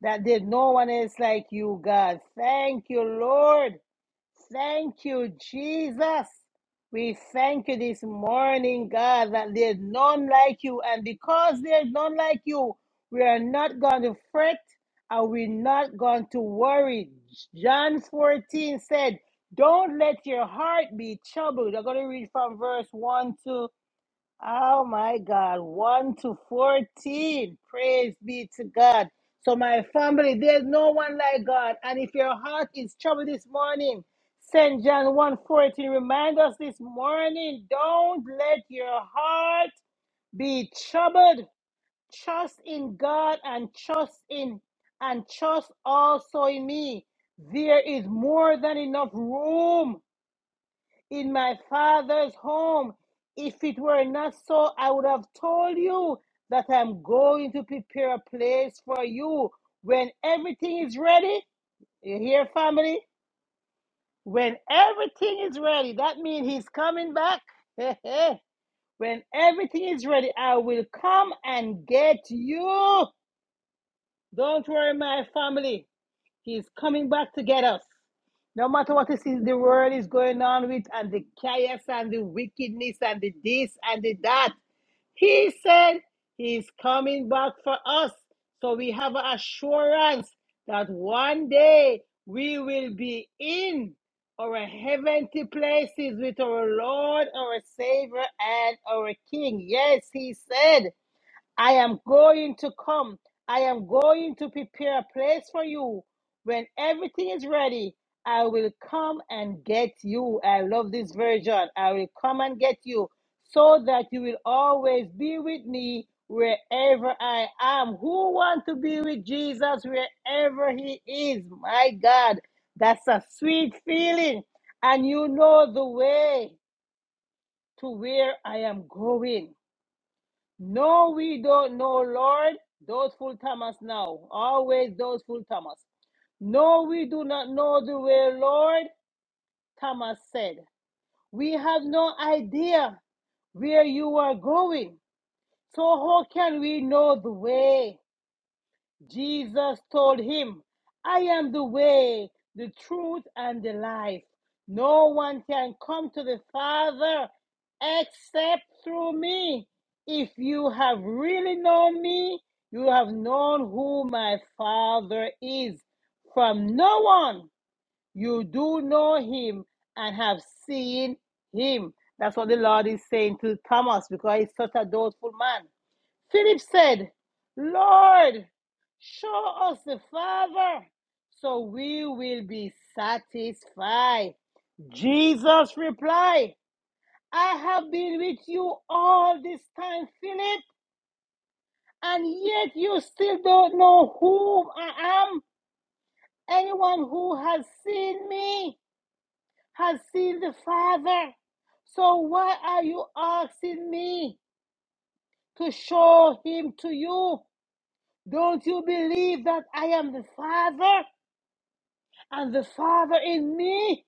that there's no one else like you, God. Thank you, Lord. Thank you, Jesus. We thank you this morning, God, that there's none like you. And because there's none like you, we are not going to fret and we're not going to worry. John 14 said, Don't let your heart be troubled. I'm going to read from verse 1 to Oh my God, 1 to 14. Praise be to God. So, my family, there's no one like God. And if your heart is troubled this morning, St. John one fourteen remind us this morning don't let your heart be troubled. Trust in God and trust in and trust also in me. There is more than enough room in my father's home. If it were not so, I would have told you that I'm going to prepare a place for you. When everything is ready, you hear, family? When everything is ready, that means he's coming back. when everything is ready, I will come and get you. Don't worry, my family. He's coming back to get us. No matter what it is the world is going on with, and the chaos and the wickedness and the this and the that, he said he's coming back for us. So we have an assurance that one day we will be in our heavenly places with our Lord, our Savior, and our King. Yes, he said. I am going to come. I am going to prepare a place for you. When everything is ready, I will come and get you. I love this version. I will come and get you so that you will always be with me wherever I am. Who want to be with Jesus wherever he is? My God, that's a sweet feeling. And you know the way to where I am going. No, we don't know, Lord, those full Thomas now. Always those full Thomas. No, we do not know the way, Lord, Thomas said. We have no idea where you are going. So how can we know the way? Jesus told him, I am the way, the truth, and the life. No one can come to the Father except through me. If you have really known me, you have known who my Father is. From no one you do know him and have seen him. That's what the Lord is saying to Thomas because he's such a doubtful man. Philip said, Lord, show us the Father, so we will be satisfied. Jesus replied, I have been with you all this time, Philip, and yet you still don't know who I am. Anyone who has seen me has seen the Father. So why are you asking me to show him to you? Don't you believe that I am the Father and the Father in me?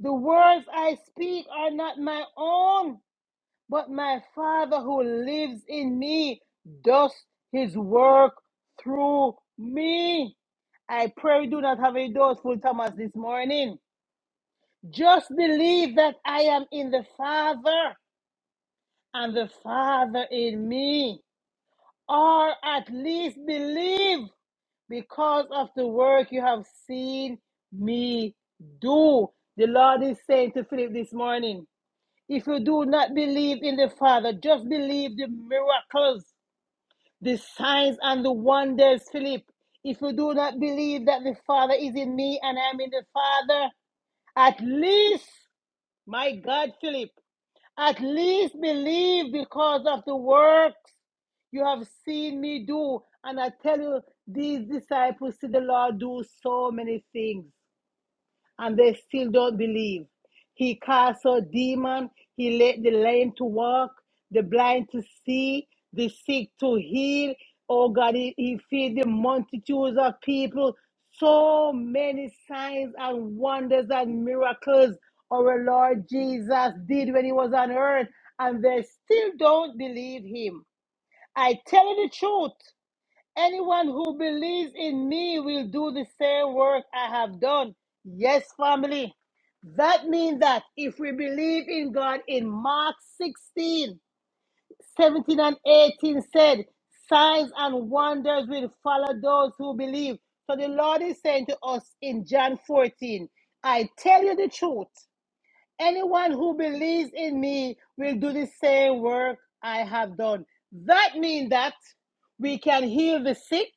The words I speak are not my own, but my Father who lives in me does his work through me. I pray we do not have a dose, Thomas, this morning. Just believe that I am in the Father and the Father in me, or at least believe. because of the work you have seen me do. The Lord is saying to Philip this morning, if you do not believe in the Father, just believe the miracles, the signs, and the wonders, Philip. If you do not believe that the Father is in me and I am in the Father, at least, my God, Philip, at least believe because of the works you have seen me do. And I tell you, these disciples see the Lord do so many things, and they still don't believe. He cast out demon, he led the lame to walk, the blind to see, the sick to heal. Oh God, he, he feed the multitudes of people. So many signs and wonders and miracles our Lord Jesus did when he was on earth, and they still don't believe him. I tell you the truth. Anyone who believes in me will do the same work I have done. Yes, family. That means that if we believe in God in Mark 16, 17, and 18 said, signs and wonders will follow those who believe. So the Lord is saying to us in John 14, I tell you the truth. Anyone who believes in me will do the same work I have done. That means that we can heal the sick,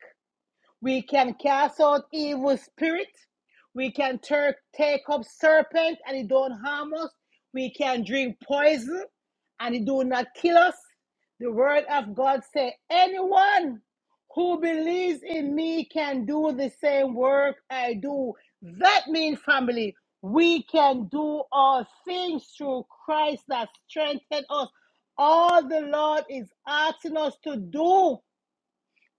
we can cast out evil spirit. We can tur take up serpent and it don't harm us. We can drink poison and it do not kill us. The word of God say, anyone who believes in me can do the same work I do. That means family. We can do all things through Christ that strengthen us. All the Lord is asking us to do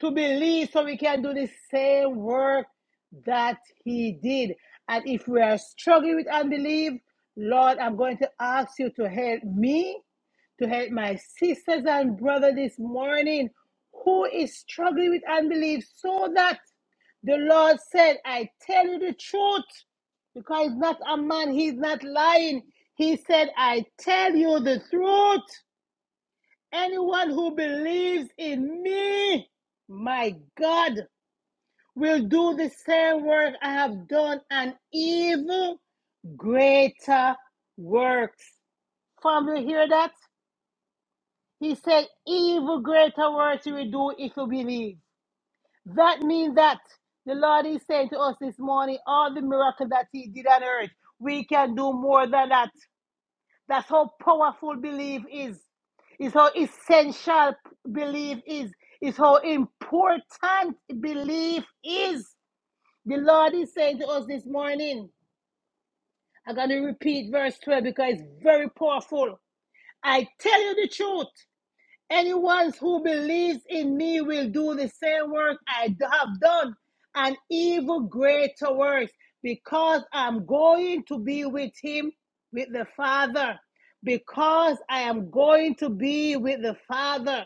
to believe so we can do the same work that he did. And if we are struggling with unbelief, Lord, I'm going to ask you to help me, to help my sisters and brother this morning who is struggling with unbelief so that the Lord said, I tell you the truth because he's not a man, he's not lying. He said, I tell you the truth. Anyone who believes in me, my God, will do the same work I have done and even greater works. Family, hear that? He said, even greater works you will do if you believe. That means that the Lord is saying to us this morning, all the miracles that He did on earth, we can do more than that. That's how powerful belief is. Is how essential belief is. Is how important belief is. The Lord is saying to us this morning. I'm going to repeat verse 12 because it's very powerful. I tell you the truth. Anyone who believes in me will do the same work I d- have done, and even greater works, because I'm going to be with him, with the Father. Because I am going to be with the Father.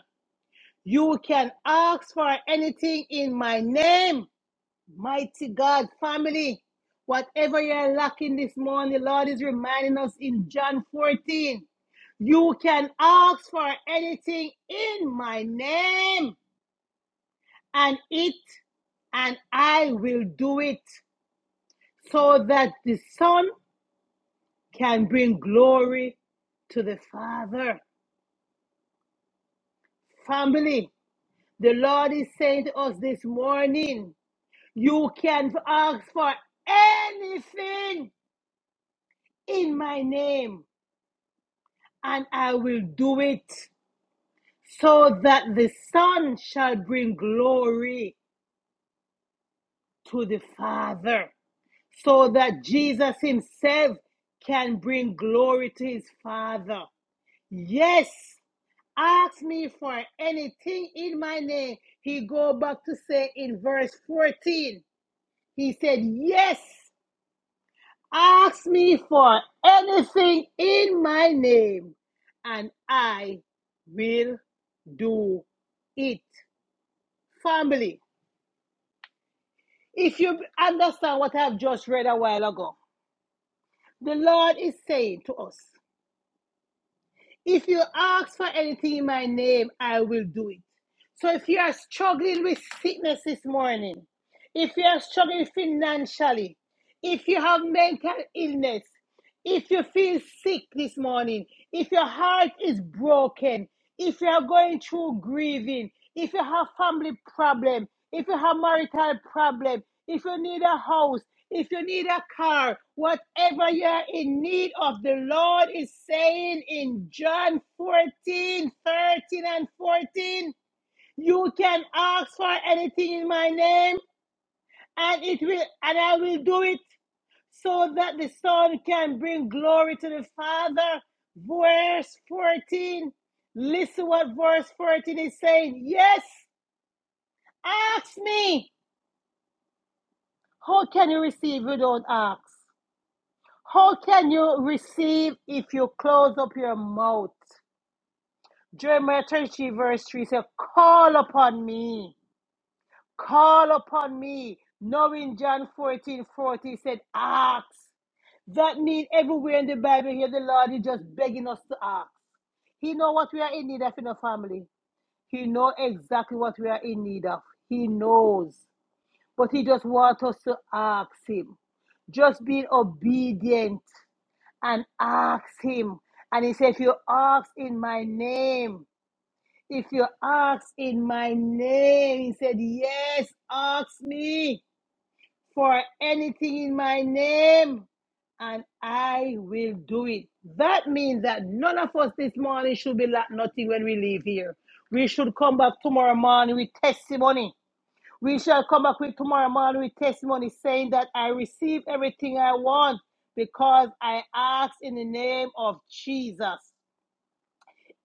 You can ask for anything in my name Mighty God, family, whatever you're lacking this morning, Lord is reminding us in John 14. You can ask for anything in my name, and it and I will do it so that the Son can bring glory to the Father. Family, the Lord is saying to us this morning, you can ask for anything in my name and I will do it so that the Son shall bring glory to the Father, so that Jesus Himself can bring glory to His Father. Yes, ask me for anything in my name. He go back to say in verse 14, He said, Yes, ask me for anything in my name, and I will do it. Family, if you understand what I've just read a while ago, the Lord is saying to us, if you ask for anything in my name, I will do it. So if you are struggling with sickness this morning, if you are struggling financially, if you have mental illness, If you feel sick this morning, if your heart is broken, if you are going through grieving, if you have family problem, if you have marital problem, if you need a house, if you need a car, whatever you are in need of, the Lord is saying in John 14 13 and 14, you can ask for anything in my name and it will and I will do it so that the Son can bring glory to the Father. Verse 14. Listen what verse 14 is saying. Yes, ask me. How can you receive if you don't ask? How can you receive if you close up your mouth? Jeremiah 33, verse 3 says, Call upon me. Call upon me. Knowing John fourteen forty 40 said, Ask. That means everywhere in the Bible here, the Lord is just begging us to ask. He know what we are in need of in the family. He know exactly what we are in need of. He knows. But he just wants us to ask him. Just be obedient and ask him. And he said, if you ask in my name, if you ask in my name, he said, yes, ask me for anything in my name, and I will do it. That means that none of us this morning should be lack nothing when we leave here. We should come back tomorrow morning with testimony. We shall come back with tomorrow morning with testimony saying that I receive everything I want because I ask in the name of Jesus.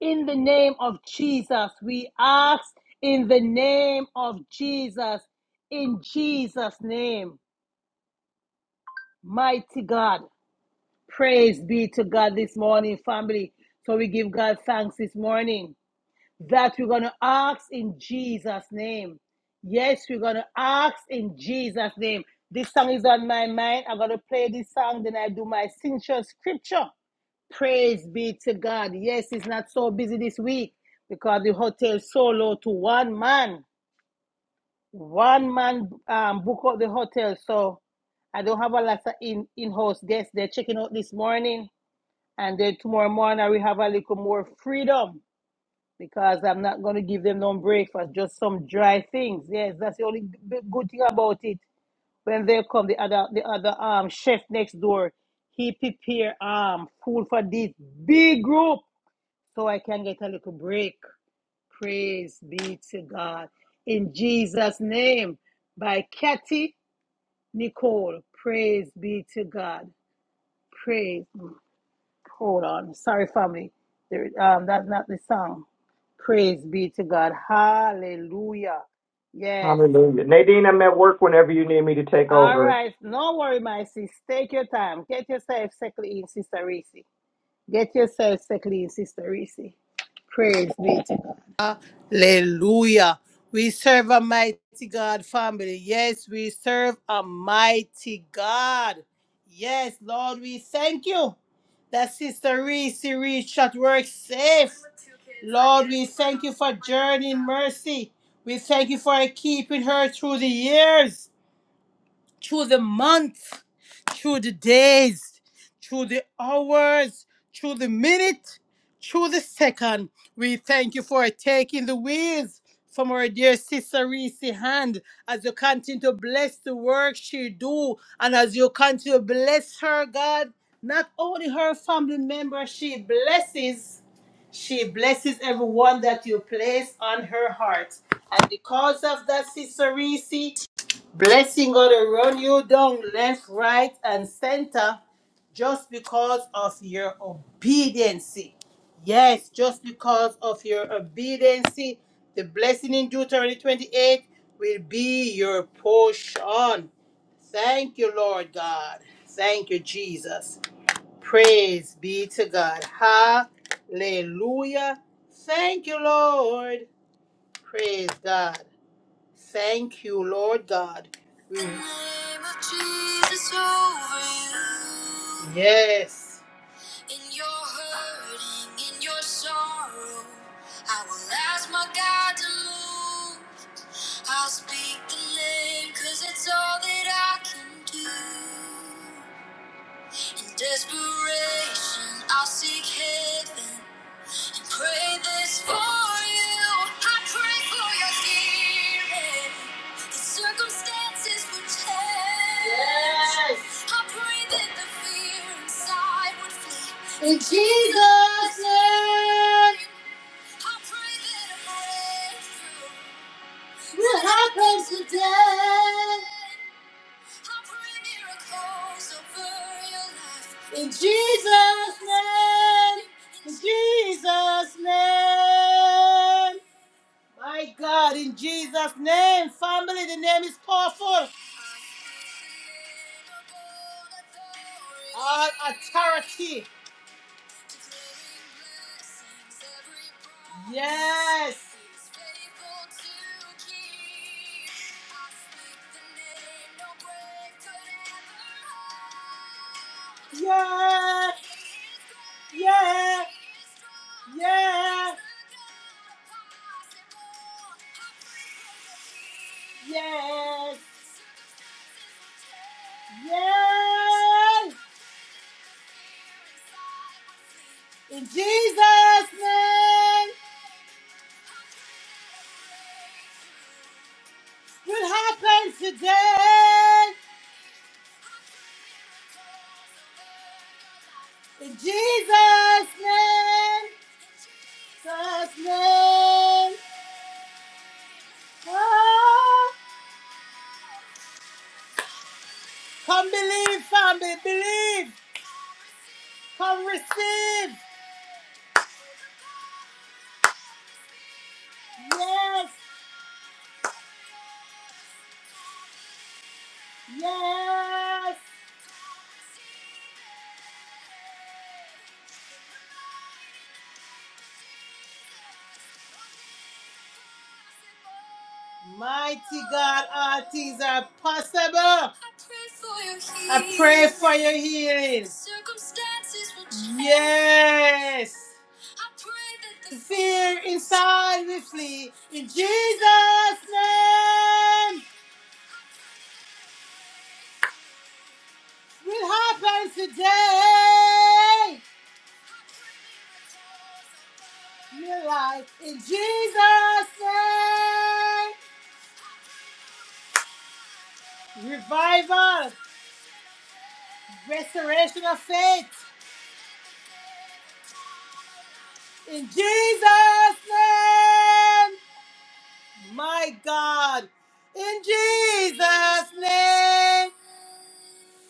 In the name of Jesus, we ask in the name of Jesus, in Jesus' name, mighty God. Praise be to God this morning, family. So we give God thanks this morning that we're going to ask in Jesus' name. Yes, we're going to ask in Jesus' name. This song is on my mind. I'm going to play this song, then I do my signature scripture. Praise be to God. Yes, it's not so busy this week because the hotel solo to one man. One man um, book out the hotel. So I don't have a lot of in, in-house guests. They're checking out this morning. And then tomorrow morning we have a little more freedom because I'm not going to give them no breakfast, just some dry things. Yes, that's the only g- good thing about it. When they come, the other the other um chef next door, he prepare um food for this big group, so I can get a little break. Praise be to God in Jesus' name by Kathy Nicole. Praise be to God. Praise. Hold on. Sorry, family. There, um, that's not the song. Praise be to God. Hallelujah. Yes.
Hallelujah. Nadine, I'm at work whenever you need me to take
All
over.
right. No worry, my sis. Take your time. Get yourself settled in, Sister Reese. Get yourself settled in, Sister Reese. Praise be to God. Hallelujah. We serve a mighty God, family. Yes, we serve a mighty God. Yes, Lord, we thank you that Sister Reese reached at work safe. Lord, we thank you for journeying mercy. We thank you for keeping her through the years, through the months through the days, through the hours, through the minute, through the second. We thank you for taking the wheels from our dear sister Reese's hand as you continue to bless the work she do and as you continue to bless her, God, not only her family member she blesses, she blesses everyone that you place on her heart. And because of that, Sister Reese, Blessing gonna run you down left, right, and center just because of your obedience. Yes, just because of your obedience. The blessing in Deuteronomy 28 will be your portion. Thank you, Lord God. Thank you, Jesus. Praise be to God. Hallelujah. Thank you, Lord. Praise God. Thank you, Lord God. We- In The name of Jesus over you. Yes. In your hurting, in your sorrow, I will ask my God to move. I'll speak the name, cause it's all that I can do. In desperation, I'll seek heaven. Pray this for you. I pray for your healing. The circumstances would change. Yes. I pray that the fear inside would flee. In Jesus' name. I pray that a breakthrough. I pray miracles over your life. In Jesus' name. In Jesus' name. My God, in Jesus' name, family, the name is powerful. All authority. Yes. Yes. Yeah. Yeah. Yes. Yes. In Jesus' name, what happened today. In Jesus' name, Jesus' name. Ah. Come believe, family, believe. Come receive. Yes, yes, Mighty God, all things are possible. I pray for your healing. Yes. Fear inside we flee. In Jesus' name, will happen today. New life in Jesus' name. Revival, restoration of faith. In Jesus' name, my God. In Jesus' name,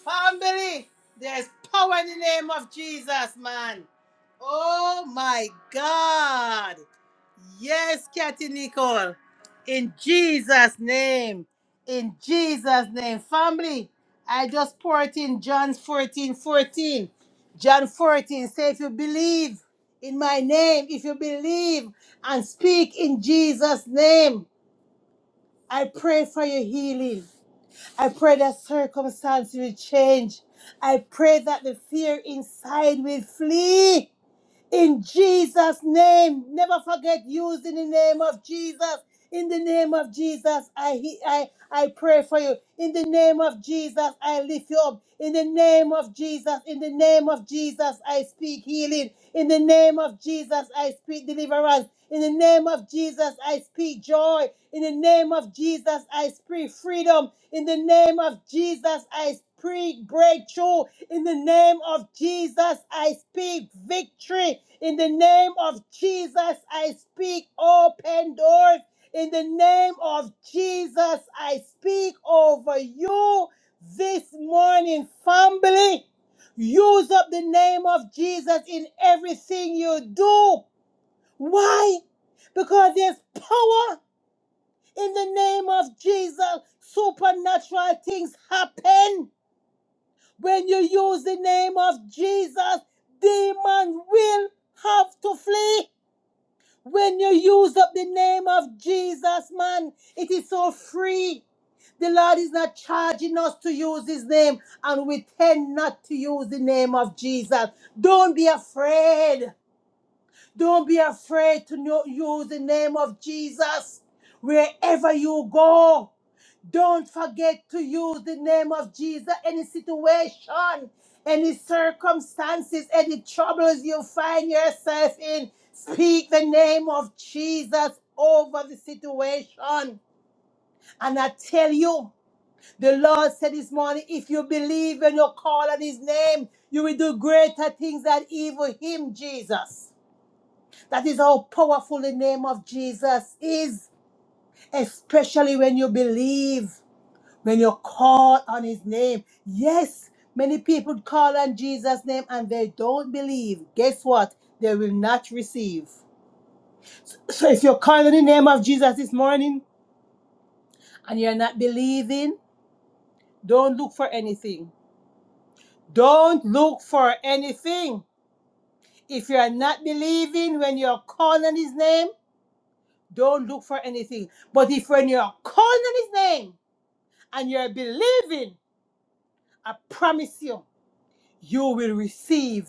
family. There's power in the name of Jesus, man. Oh my God. Yes, Kathy Nicole. In Jesus' name. In Jesus' name. Family, I just poured in John 14:14. John 14 say, if you believe in my name, if you believe and speak in Jesus' name, I pray for your healing. I pray that circumstances will change. I pray that the fear inside will flee. In Jesus' name, never forget use in the name of Jesus. In the name of Jesus, I, he- I, I pray for you. In the name of Jesus, I lift you up. In the name of Jesus, in the name of Jesus, I speak healing. In the name of Jesus, I speak deliverance. In the name of Jesus, I speak joy. In the name of Jesus, I speak freedom. In the name of Jesus, I speak breakthrough in the name of Jesus. I speak victory in the name of Jesus. I speak open doors in the name of Jesus. I speak over you this morning, family. Use up the name of Jesus in everything you do. Why? Because there's power in the name of Jesus. Supernatural things happen. When you use the name of Jesus, demons will have to flee. When you use up the name of Jesus, man, it is so free. The Lord is not charging us to use his name, and we tend not to use the name of Jesus. Don't be afraid. Don't be afraid to know, use the name of Jesus wherever you go. Don't forget to use the name of Jesus. Any situation, any circumstances, any troubles you find yourself in, speak the name of Jesus over the situation. And I tell you, the Lord said this morning, if you believe and you call on his name, you will do greater things than even him, Jesus. That is how powerful the name of Jesus is, especially when you believe, when you call on his name. Yes, many people call on Jesus' name and they don't believe. Guess what? They will not receive. So if you're calling on the name of Jesus this morning and you're not believing, don't look for anything. Don't look for anything. If you're not believing when you're calling on his name, don't look for anything. But if when you're calling on his name, and you're believing, I promise you, you will receive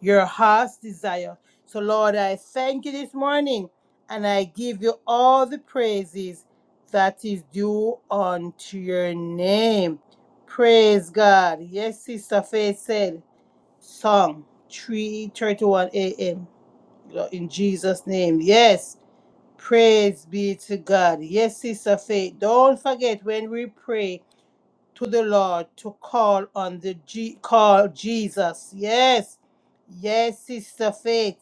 your heart's desire. So, Lord, I thank you this morning and I give you all the praises that is due unto your name. Praise God. Yes, Sister Faith said, song 3:31 a.m. Lord, In Jesus' name. Yes. Praise be to God. Yes, Sister Faith. Don't forget when we pray. to the Lord to call on the G- call Jesus. Yes, Yes, Sister Faith.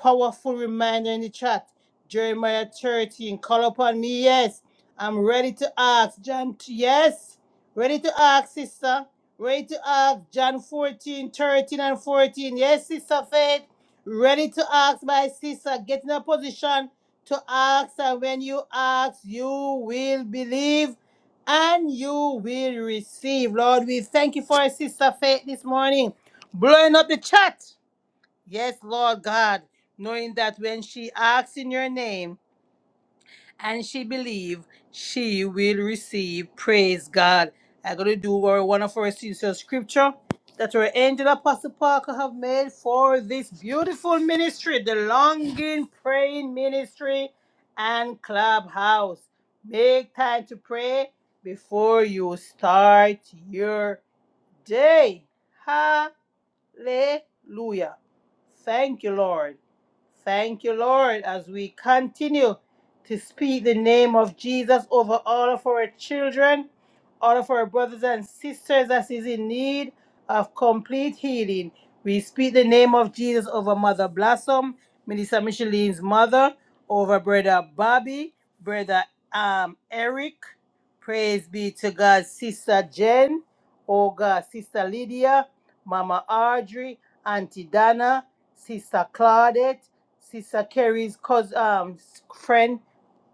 Powerful reminder in the chat. Jeremiah 13. Call upon me. Yes. I'm ready to ask. John, t- yes. Ready to ask, Sister. Ready to ask. John 14, 13, and 14. Yes, Sister Faith. Ready to ask, my sister. Get in a position to ask. And when you ask, you will believe and you will receive. Lord, we thank you for our Sister Faith this morning. Blowing up the chat Yes, Lord God, knowing that when she asks in your name and she believes, she will receive. Praise God. I'm going to do our, one of our sincere scripture that our angel Apostle Parker have made for this beautiful ministry, the longing praying ministry and clubhouse. Make time to pray before you start your day. Hallelujah. Thank you, Lord. Thank you, Lord, as we continue to speak the name of Jesus over all of our children, all of our brothers and sisters that is in need of complete healing. We speak the name of Jesus over Mother Blossom, Minister Micheline's mother, over Brother Bobby, Brother um, Eric. Praise be to God, Sister Jen, oh God, Sister Lydia, Mama Audrey, Auntie Dana, Sister Claudette, Sister Carrie's cousin, um, friend,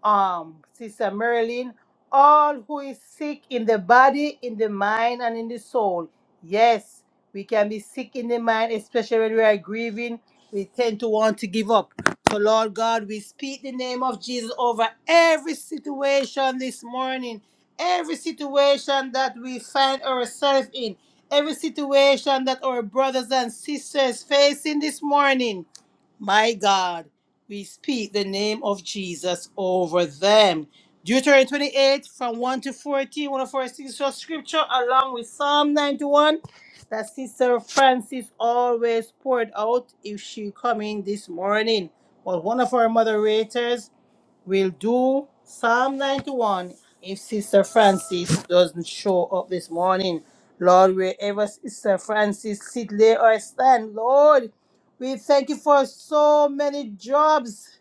um, Sister Marilyn, all who is sick in the body, in the mind, and in the soul. Yes, we can be sick in the mind, especially when we are grieving. We tend to want to give up. So, Lord God, we speak the name of Jesus over every situation this morning, every situation that we find ourselves in, every situation that our brothers and sisters facing this morning. My God, we speak the name of Jesus over them. Deuteronomy 28 from 1 to fourteen, one one of our signature scripture, along with Psalm 91 that Sister Francis always poured out if she come in this morning. But one of our moderators We'll do Psalm 91 if Sister Francis doesn't show up this morning. Lord, wherever Sister Francis sit, lay or stand, Lord, we thank you for so many jobs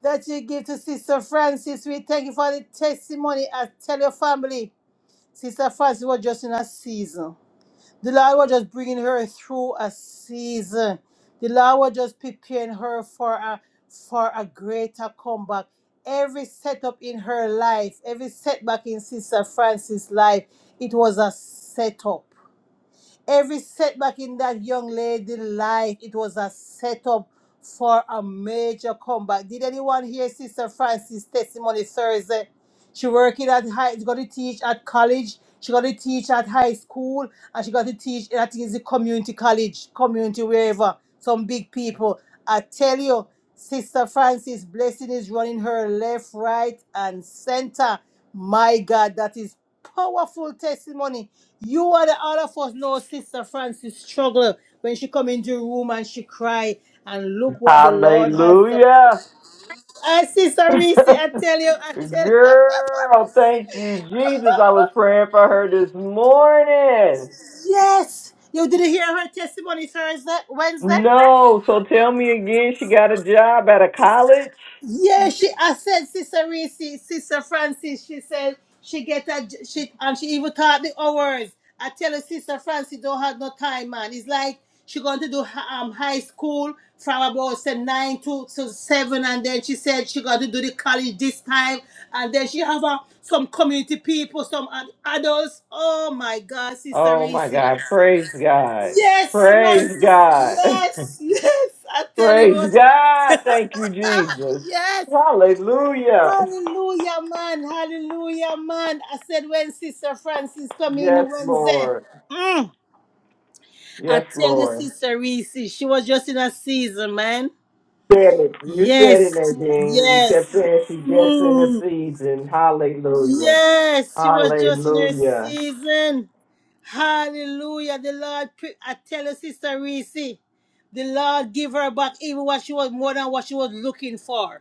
that you give to Sister Francis. We thank you for the testimony. I tell your family, Sister Francis was just in a season. The Lord was just bringing her through a season. The Lord was just preparing her for a for a greater comeback. Every setup in her life, every setback in Sister Francis' life, it was a setup. Every setback in that young lady's life, it was a setup for a major comeback. Did anyone hear Sister Francis' testimony Thursday? She working at high. She got to teach at college. She got to teach at high school, and she got to teach. at the community college, community wherever. Some big people. I tell you, Sister Francis Blessing is running her left, right, and center. My God, that is powerful testimony. You and the all of us know Sister Francis struggle when she come into the room and she cry and look what the Lord has done.
Hallelujah.
Ah, Sister Reese, I tell you, I tell you.
Girl, thank you, Jesus. I was praying for her this morning.
Yes. You didn't hear her testimony Thursday, Wednesday?
No, so tell me again, she got a job at a college?
Yeah, she. I said, Sister Reese, Sister Francis. She said she get a j- she, and she even taught the hours. I tell her, Sister Francis, don't have no time, man. It's like she going to do h- um high school from about say nine to, to seven, and then she said she got to do the college this time, and then she have uh, some community people, some ad- adults. Oh my God, Sister
Oh my
Reese.
God. Praise God.
Yes, man.
Praise
sis-
God.
Yes, yes. I tell you, it
Praise
was
God. Thank you, Jesus.
yes.
Hallelujah.
Hallelujah, man. Hallelujah, man. I said when Sister Francis come
Yes,
in Wednesday.
Lord.
Mm, I
Yes,
tell you,
Lord.
Sister Reese, she was just in a season, man.
Said it. You said it,
Yes,
Nadine. You kept
yes.
saying she gets in the
Mm,
season. Hallelujah.
yes, she was just in her
Hallelujah.
season. Hallelujah. The Lord, pre- I tell you, Sister Reese, the Lord give her back even what she was more than what she was looking for.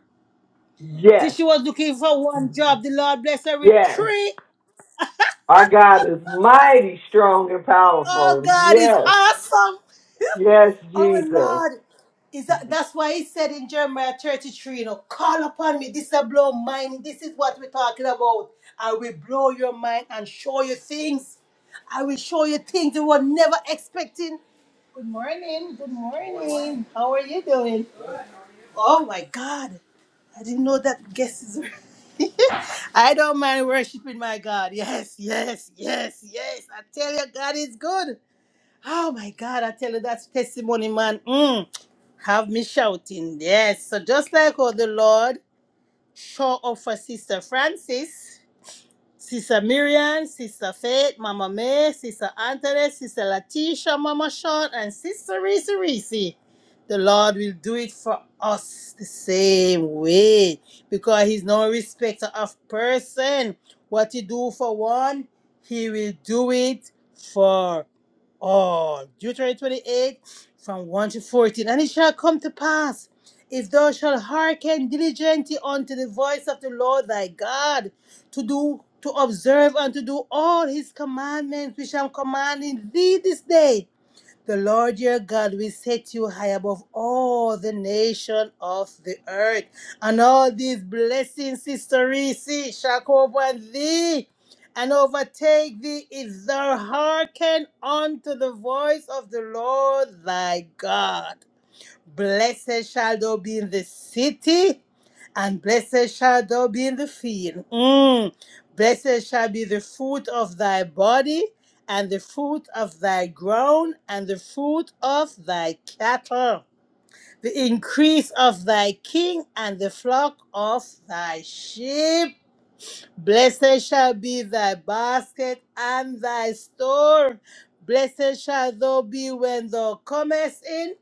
Yes.
She was looking for one job. The Lord bless her with
Yes.
three
Our God is mighty strong and
Oh,
powerful.
God is
Yes.
awesome.
Yes,
Our
Jesus.
Lord is that, that's why he said in Jeremiah 33, you know, call upon me. This will blow mind. This is what we're talking about. I will blow your mind and show you things. I will show you things you were never expecting. Good morning. Good morning. How are you doing? Oh my God. I didn't know that guest is. I don't mind worshiping my God. Yes, yes, yes, yes. I tell you, God is good. Oh my God, I tell you that's testimony, man. Mm. Have me shouting. Yes. So just like how the Lord show up for Sister Francis, Sister Miriam, Sister Faith, Mama May, Sister Anthony, Sister Latisha, Mama Sean, and Sister Reese Reese. The Lord will do it for us the same way because He's no respecter of person. What He do for one, He will do it for Oh, Deuteronomy 28 from 1 to 14. And it shall come to pass, if thou shalt hearken diligently unto the voice of the Lord thy God, to do, to observe and to do all his commandments which I'm commanding thee this day, the Lord your God will set you high above all the nation of the earth. And all these blessings, Sister Reese, shall come upon thee and overtake thee if thou hearken unto the voice of the Lord thy God. Blessed shall thou be in the city, and blessed shall thou be in the field. Mm. Blessed shall be the fruit of thy body, and the fruit of thy ground, and the fruit of thy cattle, the increase of thy king, and the flock of thy sheep. Blessed shall be thy basket and thy store. Blessed shall thou be when thou comest in,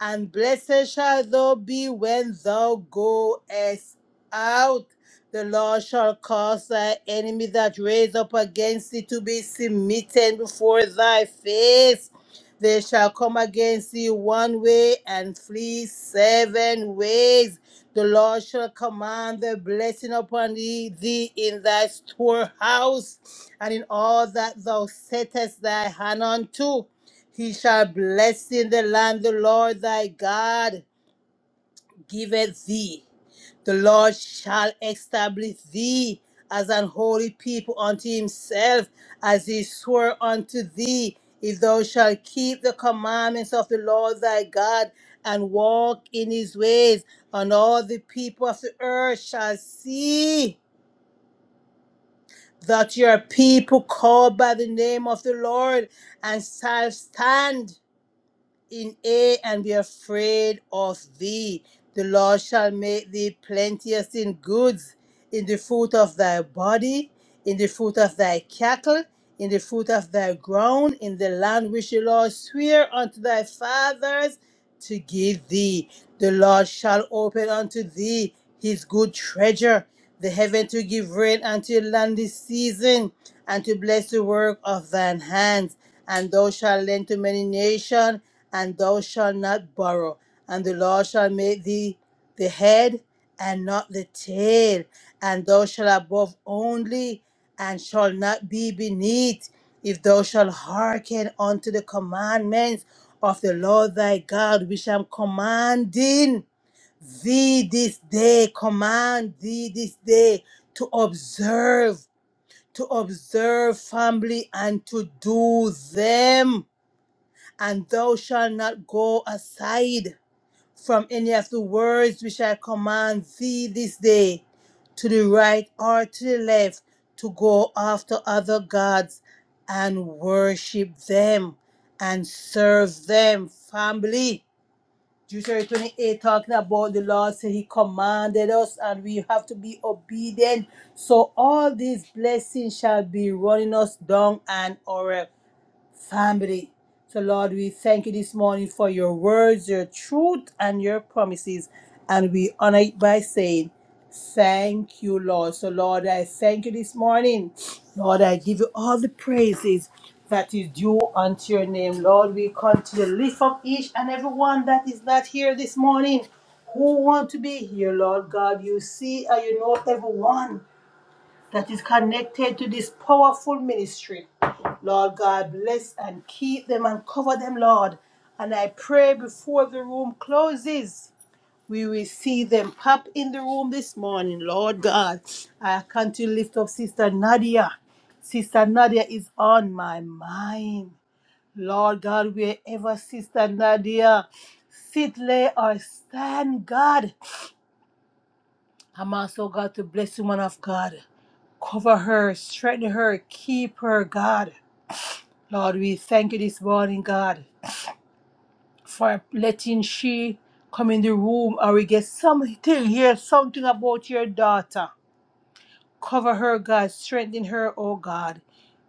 and blessed shall thou be when thou goest out. The Lord shall cause thy enemy that raise up against thee to be smitten before thy face. They shall come against thee one way and flee seven ways. The Lord shall command the blessing upon thee, thee in thy storehouse, and in all that thou settest thy hand unto. He shall bless in the land the Lord thy God giveth thee. The Lord shall establish thee as an holy people unto himself, as he swore unto thee, if thou shalt keep the commandments of the Lord thy God and walk in his ways, and all the people of the earth shall see that your people called by the name of the Lord and shall stand in awe and be afraid of thee. The Lord shall make thee plenteous in goods in the fruit of thy body, in the fruit of thy cattle, in the fruit of thy ground, in the land which the Lord sware unto thy fathers to give thee. The Lord shall open unto thee his good treasure, the heaven to give rain unto your land this season, and to bless the work of thine hands. And thou shalt lend to many nations, and thou shalt not borrow. And the Lord shall make thee the head and not the tail, and thou shalt above only, and shall not be beneath, if thou shalt hearken unto the commandments of the Lord thy God, which I'm commanding thee this day, command thee this day to observe, to observe family and to do them, and thou shalt not go aside from any of the words which I command thee this day, to the right or to the left, to go after other gods and worship them and serve them. Family. Deuteronomy 28 talking about the Lord said He commanded us and we have to be obedient. So all these blessings shall be running us down and over family. So, Lord, we thank you this morning for your words, your truth, and your promises. And we honor it by saying, Thank you, Lord. So, Lord, I thank you this morning. Lord, I give you all the praises that is due unto your name. Lord, we continue to lift up each and everyone that is not here this morning who want to be here, Lord God. You see and you know everyone that is connected to this powerful ministry. Lord God, bless and keep them and cover them, Lord. And I pray before the room closes, we will see them pop in the room this morning, Lord God. I can't lift up Sister Nadia. Sister Nadia is on my mind. Lord God, wherever Sister Nadia sit, lay, or stand, God, I'm also God to bless you, man of God. Cover her, strengthen her, keep her, God. Lord, we thank you this morning, God, for letting she come in the room or we get something, hear something about your daughter. Cover her, God. Strengthen her, oh God.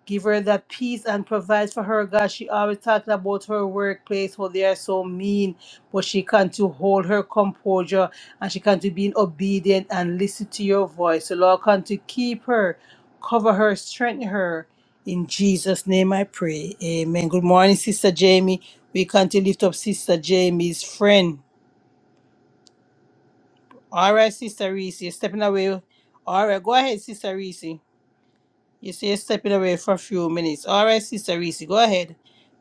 Give her that peace and provide for her, God. She always talking about her workplace, how they are so mean, but she can to hold her composure and she can to be obedient and listen to your voice. So Lord, can to keep her, cover her, strengthen her. In Jesus' name I pray. Amen. Good morning, Sister Jamie. We can to lift up Sister Jamie's friend. All right, Sister Reese, you're stepping away. All right, go ahead, Sister Reese. You say you're stepping away for a few minutes. All right, Sister Reese, go ahead.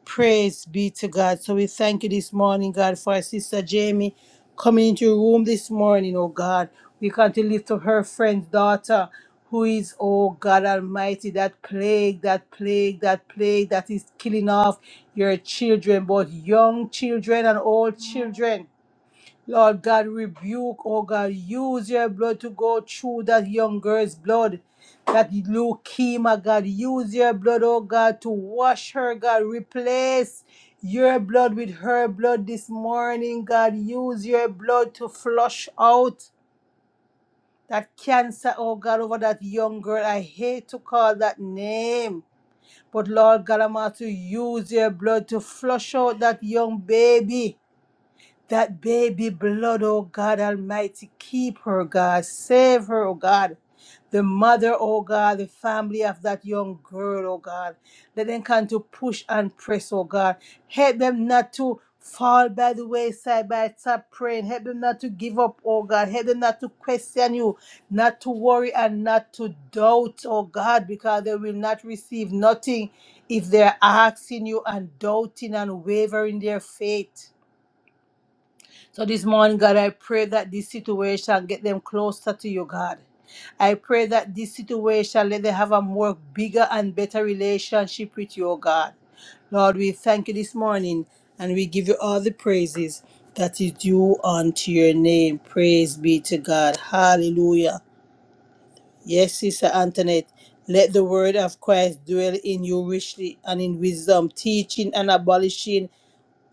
Praise be to God. So we thank you this morning, God, for our Sister Jamie coming into your room this morning, oh God. We come to lift up her friend's daughter, who is, oh God Almighty, that plague, that plague, that plague that is killing off your children, both young children and old children. Lord God, rebuke, oh God, use your blood to go through that young girl's blood. That leukemia, God, use your blood, oh God, to wash her, God. Replace your blood with her blood this morning, God. Use your blood to flush out that cancer, oh God, over that young girl. I hate to call that name. But Lord God, I'm asking you to use your blood to flush out that young baby that baby blood, oh God Almighty. Keep her, God. Save her, oh God. The mother, oh God, the family of that young girl, oh God. Let them come to push and press, oh God. Help them not to fall by the wayside by stop praying. Help them not to give up, oh God. Help them not to question you, not to worry and not to doubt, oh God, because they will not receive nothing if they're asking you and doubting and wavering their faith. So this morning, God, I pray that this situation get them closer to you, God. I pray that this situation let them have a more bigger and better relationship with you, oh God. Lord, we thank you this morning and we give you all the praises that is due unto your name. Praise be to God. Hallelujah. Yes, Sister Antoinette, let the word of Christ dwell in you richly and in wisdom, teaching and abolishing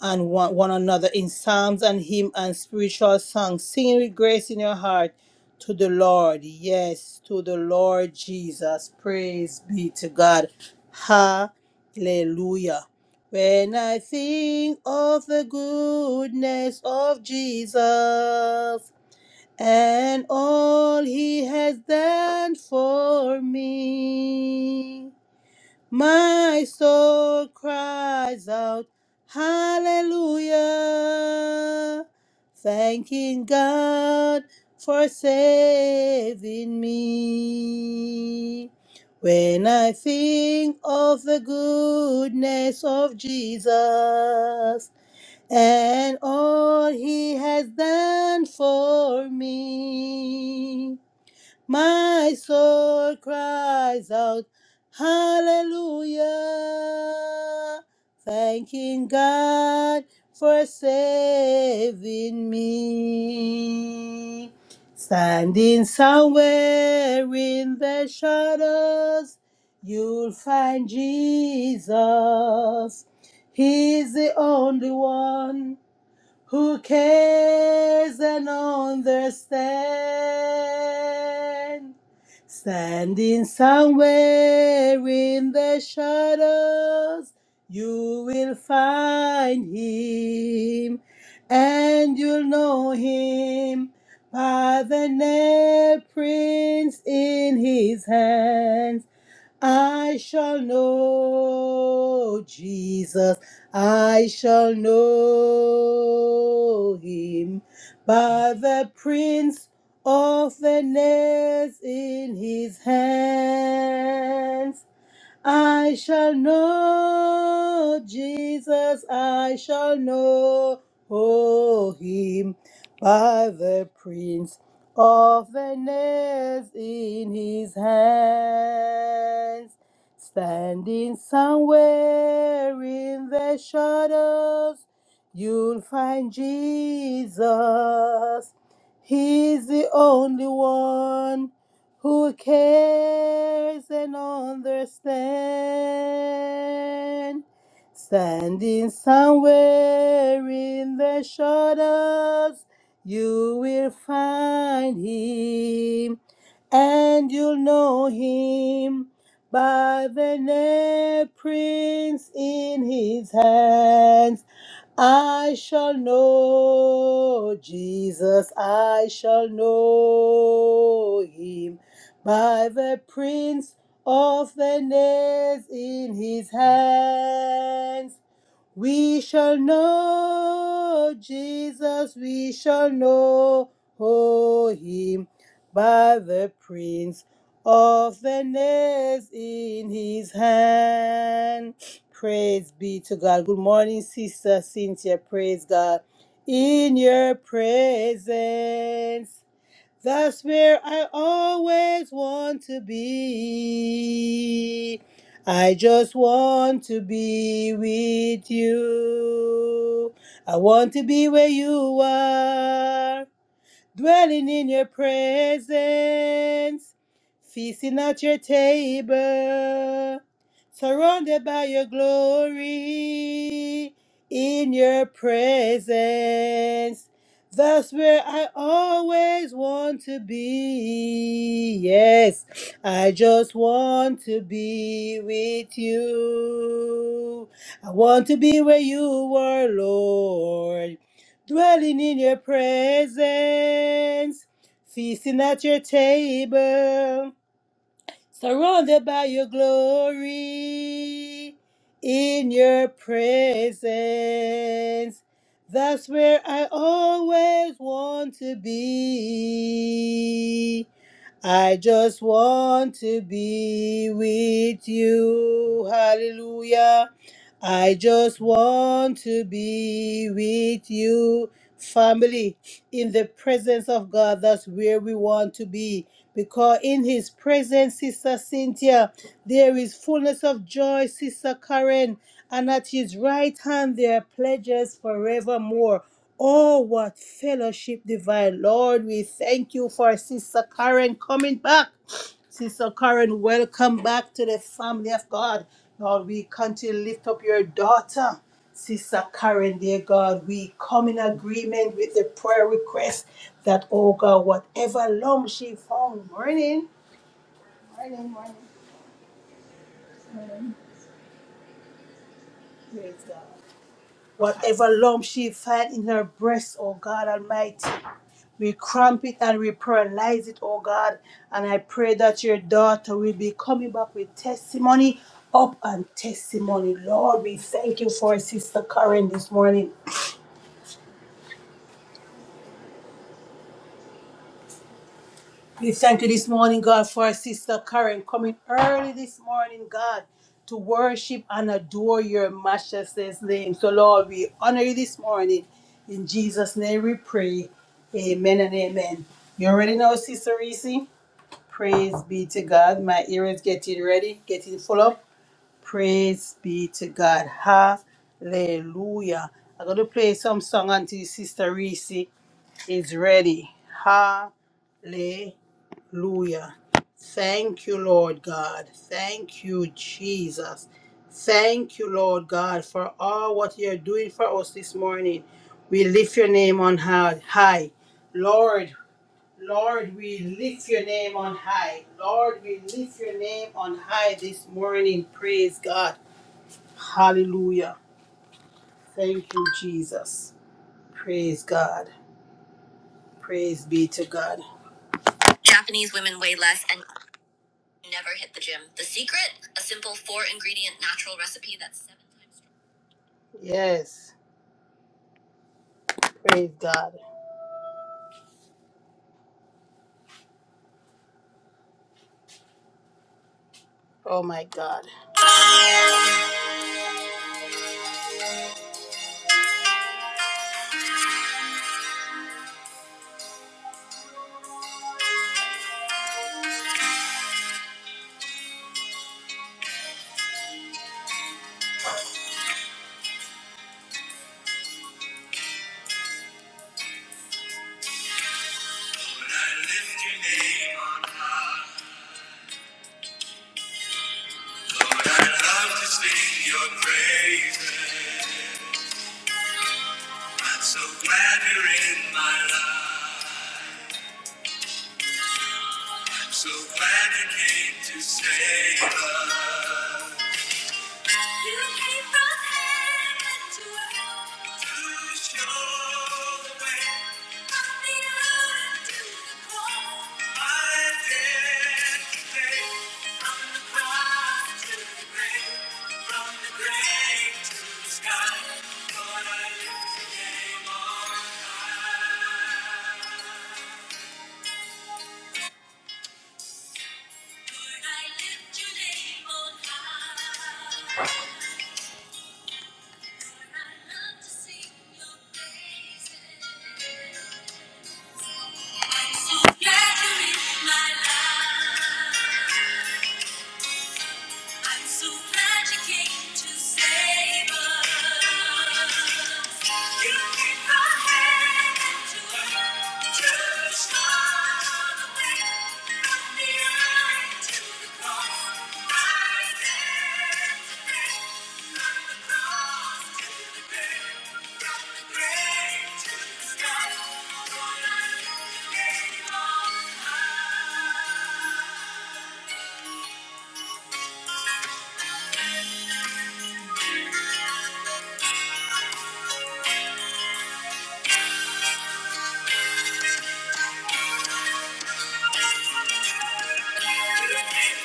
and one, one another in psalms and hymn and spiritual songs, singing with grace in your heart to the Lord. Yes, to the Lord Jesus. Praise be to God. Hallelujah. When I think of the goodness of Jesus and all he has done for me. My soul cries out, Hallelujah, thanking God for saving me. When I think of the goodness of Jesus and all he has done for me. My soul cries out, Hallelujah, thanking God for saving me. Standing somewhere in the shadows, you'll find Jesus. He's the only one who cares and understands. Standing somewhere in the shadows, you will find him, and you'll know him by the nail prints in his hands. I shall know Jesus. I shall know him by the prints of the nails in his hands. I shall know Jesus, I shall know him by the prints of the nails in his hands. Standing somewhere in the shadows, you'll find Jesus. He's the only one who cares and understand, standing somewhere in the shadows, you will find him and you'll know him by the nail prints in his hands. I shall know Jesus, I shall know him by the prints of the nails in his hands. We shall know Jesus, we shall know him by the prince of the nails in his hand. Praise be to God. Good morning, Sister Cynthia. Praise God. In your presence. That's where I always want to be. I just want to be with you. I want to be where you are, dwelling in your presence feasting at your table, surrounded by your glory, in your presence. That's where I always want to be. Yes, I just want to be with you. I want to be where you are, Lord, dwelling in your presence feasting at your table surrounded by your glory in your presence. That's where I always want to be. I just want to be with you. Hallelujah. I just want to be with you, family, in the presence of God. That's where we want to be. Because in His presence, Sister Cynthia, there is fullness of joy, Sister Karen, and at His right hand there are pledges forevermore. Oh, what fellowship divine. Lord, we thank you for Sister Karen coming back. Sister Karen, welcome back to the family of God. Lord, we continue to lift up your daughter, Sister Karen, dear God. We come in agreement with the prayer request that, oh God, whatever lump she found morning, praise God. Whatever lump she finds in her breast, oh God Almighty, we cramp it and we paralyze it, oh God. And I pray that your daughter will be coming back with testimony up and testimony. Lord, we thank you for Sister Karen this morning. We thank you this morning, God, for our sister Karen coming early this morning, God, to worship and adore your matchless name. So, Lord, we honor you this morning. In Jesus' name we pray. Amen and amen. You already know, Sister Reese. Praise be to God. My ear is getting ready, getting full up. Praise be to God. Hallelujah. I'm going to play some song until Sister Reese is ready. Hallelujah. Hallelujah. Thank you, Lord God. Thank you, Jesus. Thank you, Lord God, for all what you're doing for us this morning. We lift your name on hi- high. Lord, Lord, we lift your name on high. Lord, we lift your name on high this morning. Praise God. Hallelujah. Thank you, Jesus. Praise God. Praise be to God. Never hit the gym. The secret, a simple four ingredient natural recipe that's seven times stronger. Yes. Praise God. Oh my God. Lord, I lift your name on high. Lord, I love to sing your praises. I'm so glad you're in my life. I'm so glad you came to save us. You came from heaven to earth. I'm so glad you're in my life. I'm so glad you came to save us. You keep the hand to the end, from the cross to the grave, to the sky. For life you gave all. You keep the hand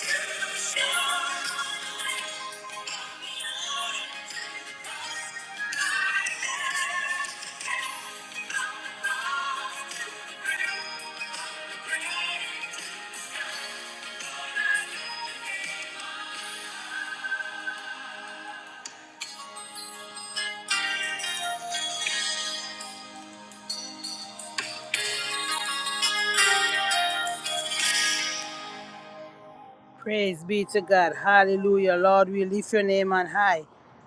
to the shore, from the ocean to the grave, for life Praise be to God. Hallelujah. Lord, we lift your name on high.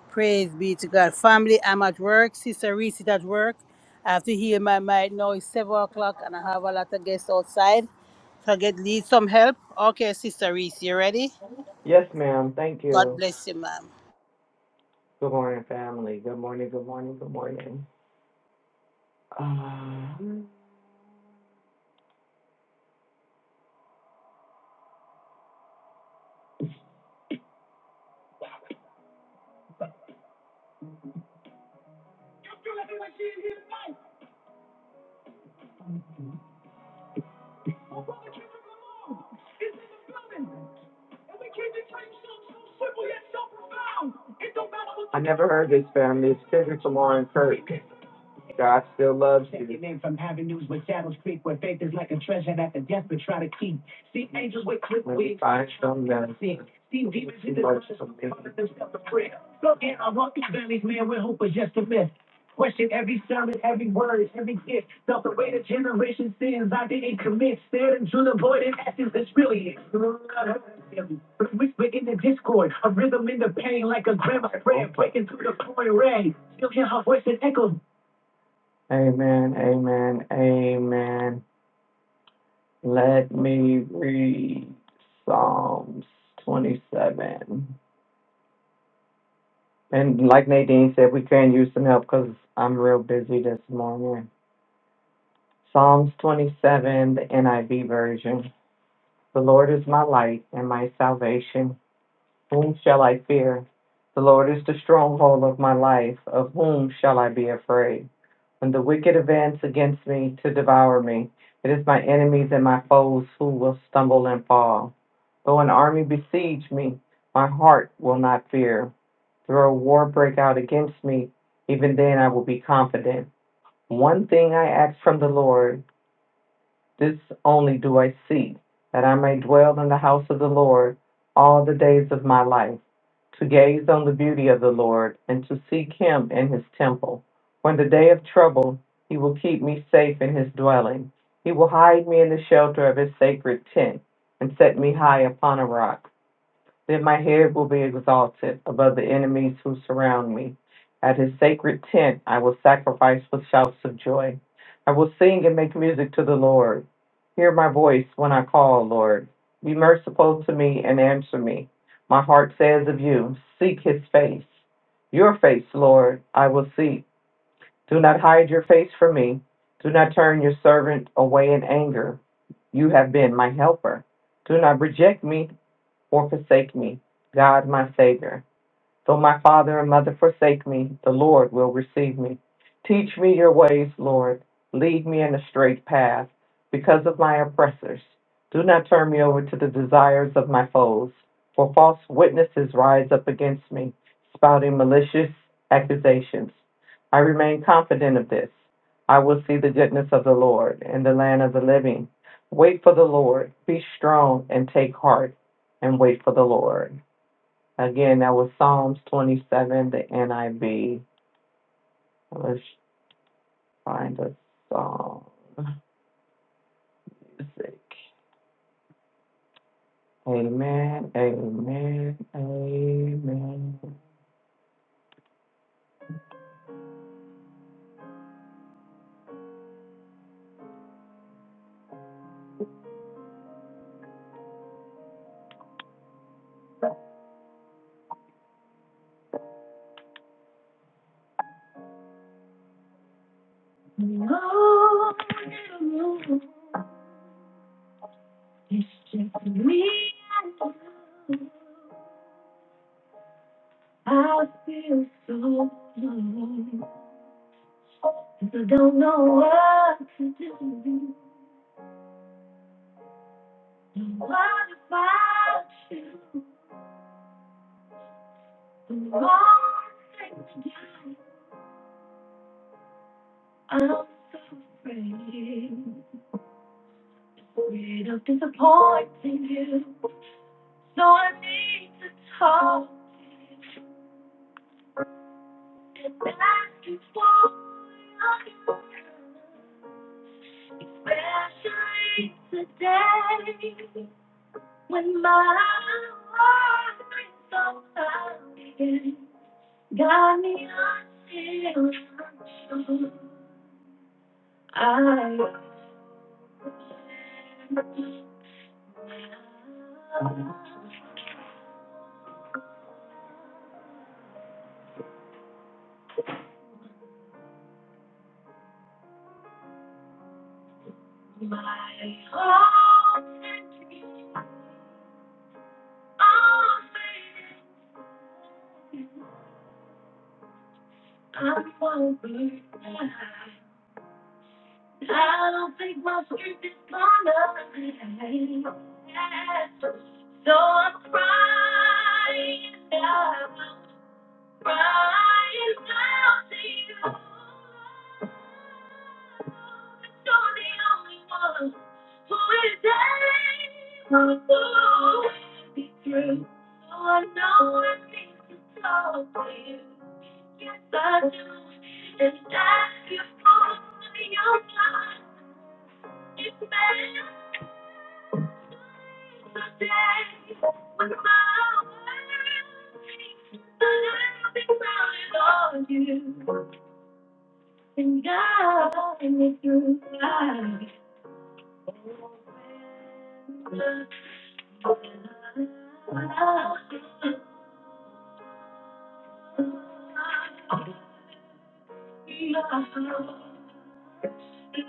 Praise be to God. Family, I'm at work. Sister Reese is at work. I have to heal my mind now. It's 7 o'clock and I have a lot of guests outside. So I get need some help. Okay, Sister Reese, you ready?
Yes, ma'am. Thank
God
you.
bless you, ma'am.
Good morning, family. Good morning. Good morning. Good morning. Uh, Well, Brother Kendrick Lamar is in the building. And we came to tell you something so simple yet so profound. It don't matter what I never heard this family. It's Kendrick Lamar and Kirk. God still loves you. Taking in from avenues with Shadows creep, where faith is like a treasure that the desperate try to keep. See angels with quick Let me wings. find some that See, demons in the much darkness Look in our walking valleys, man, where hope was just a myth. Question every sermon, every word, every gift. Felt the weight of generation sins I didn't commit. Stared into the void and asking this really is. Whisper in the discord, a rhythm in the pain like a grandma's Like, prayer oh, breaking through the pouring rain. Still hear her voice that echoes Amen, amen, amen. Let me read Psalms 27. And like Nadine said, we can use some help because I'm real busy this morning. Psalms 27, the NIV version. The Lord is my light and my salvation. Whom shall I fear? The Lord is the stronghold of my life. Of whom shall I be afraid? when the wicked advance against me to devour me. It is my enemies and my foes who will stumble and fall. Though an army besiege me, my heart will not fear. Though a war break out against me, even then I will be confident. One thing I ask from the Lord. This only do I seek, that I may dwell in the house of the Lord all the days of my life, to gaze on the beauty of the Lord, and to seek him in his temple. When the day of trouble, he will keep me safe in his dwelling. He will hide me in the shelter of his sacred tent, and set me high upon a rock. Then my head will be exalted above the enemies who surround me. At his sacred tent, I will sacrifice with shouts of joy. I will sing and make music to the Lord. Hear my voice when I call, Lord. Be merciful to me and answer me. My heart says of you, Seek his face. Your face, Lord, I will seek. Do not hide your face from me. Do not turn your servant away in anger. You have been my helper. Do not reject me or forsake me, God, my Savior. Though my father and mother forsake me, the Lord will receive me. Teach me your ways, Lord. Lead me in a straight path because of my oppressors. Do not turn me over to the desires of my foes, for false witnesses rise up against me, spouting malicious accusations. I remain confident of this. I will see the goodness of the Lord in the land of the living. Wait for the Lord. Be strong and take heart and wait for the Lord. Again, that was Psalms 27, the NIV. Let's find a song. Music. Amen, amen, amen. No, no, it's just me and you. I feel so alone. 'Cause I don't know what to do. What about you? The wrong thing to do. I'm so afraid, of disappointing you. So I need to talk and ask you for love, especially today when my heart is so again. Got me until I'm sure I my heart and I won't be blind. I don't think my strength is gonna last. So I'm crying out, crying out to you. You're the only one who is able to see through. So I know I need to talk to you. And God, and it's through life.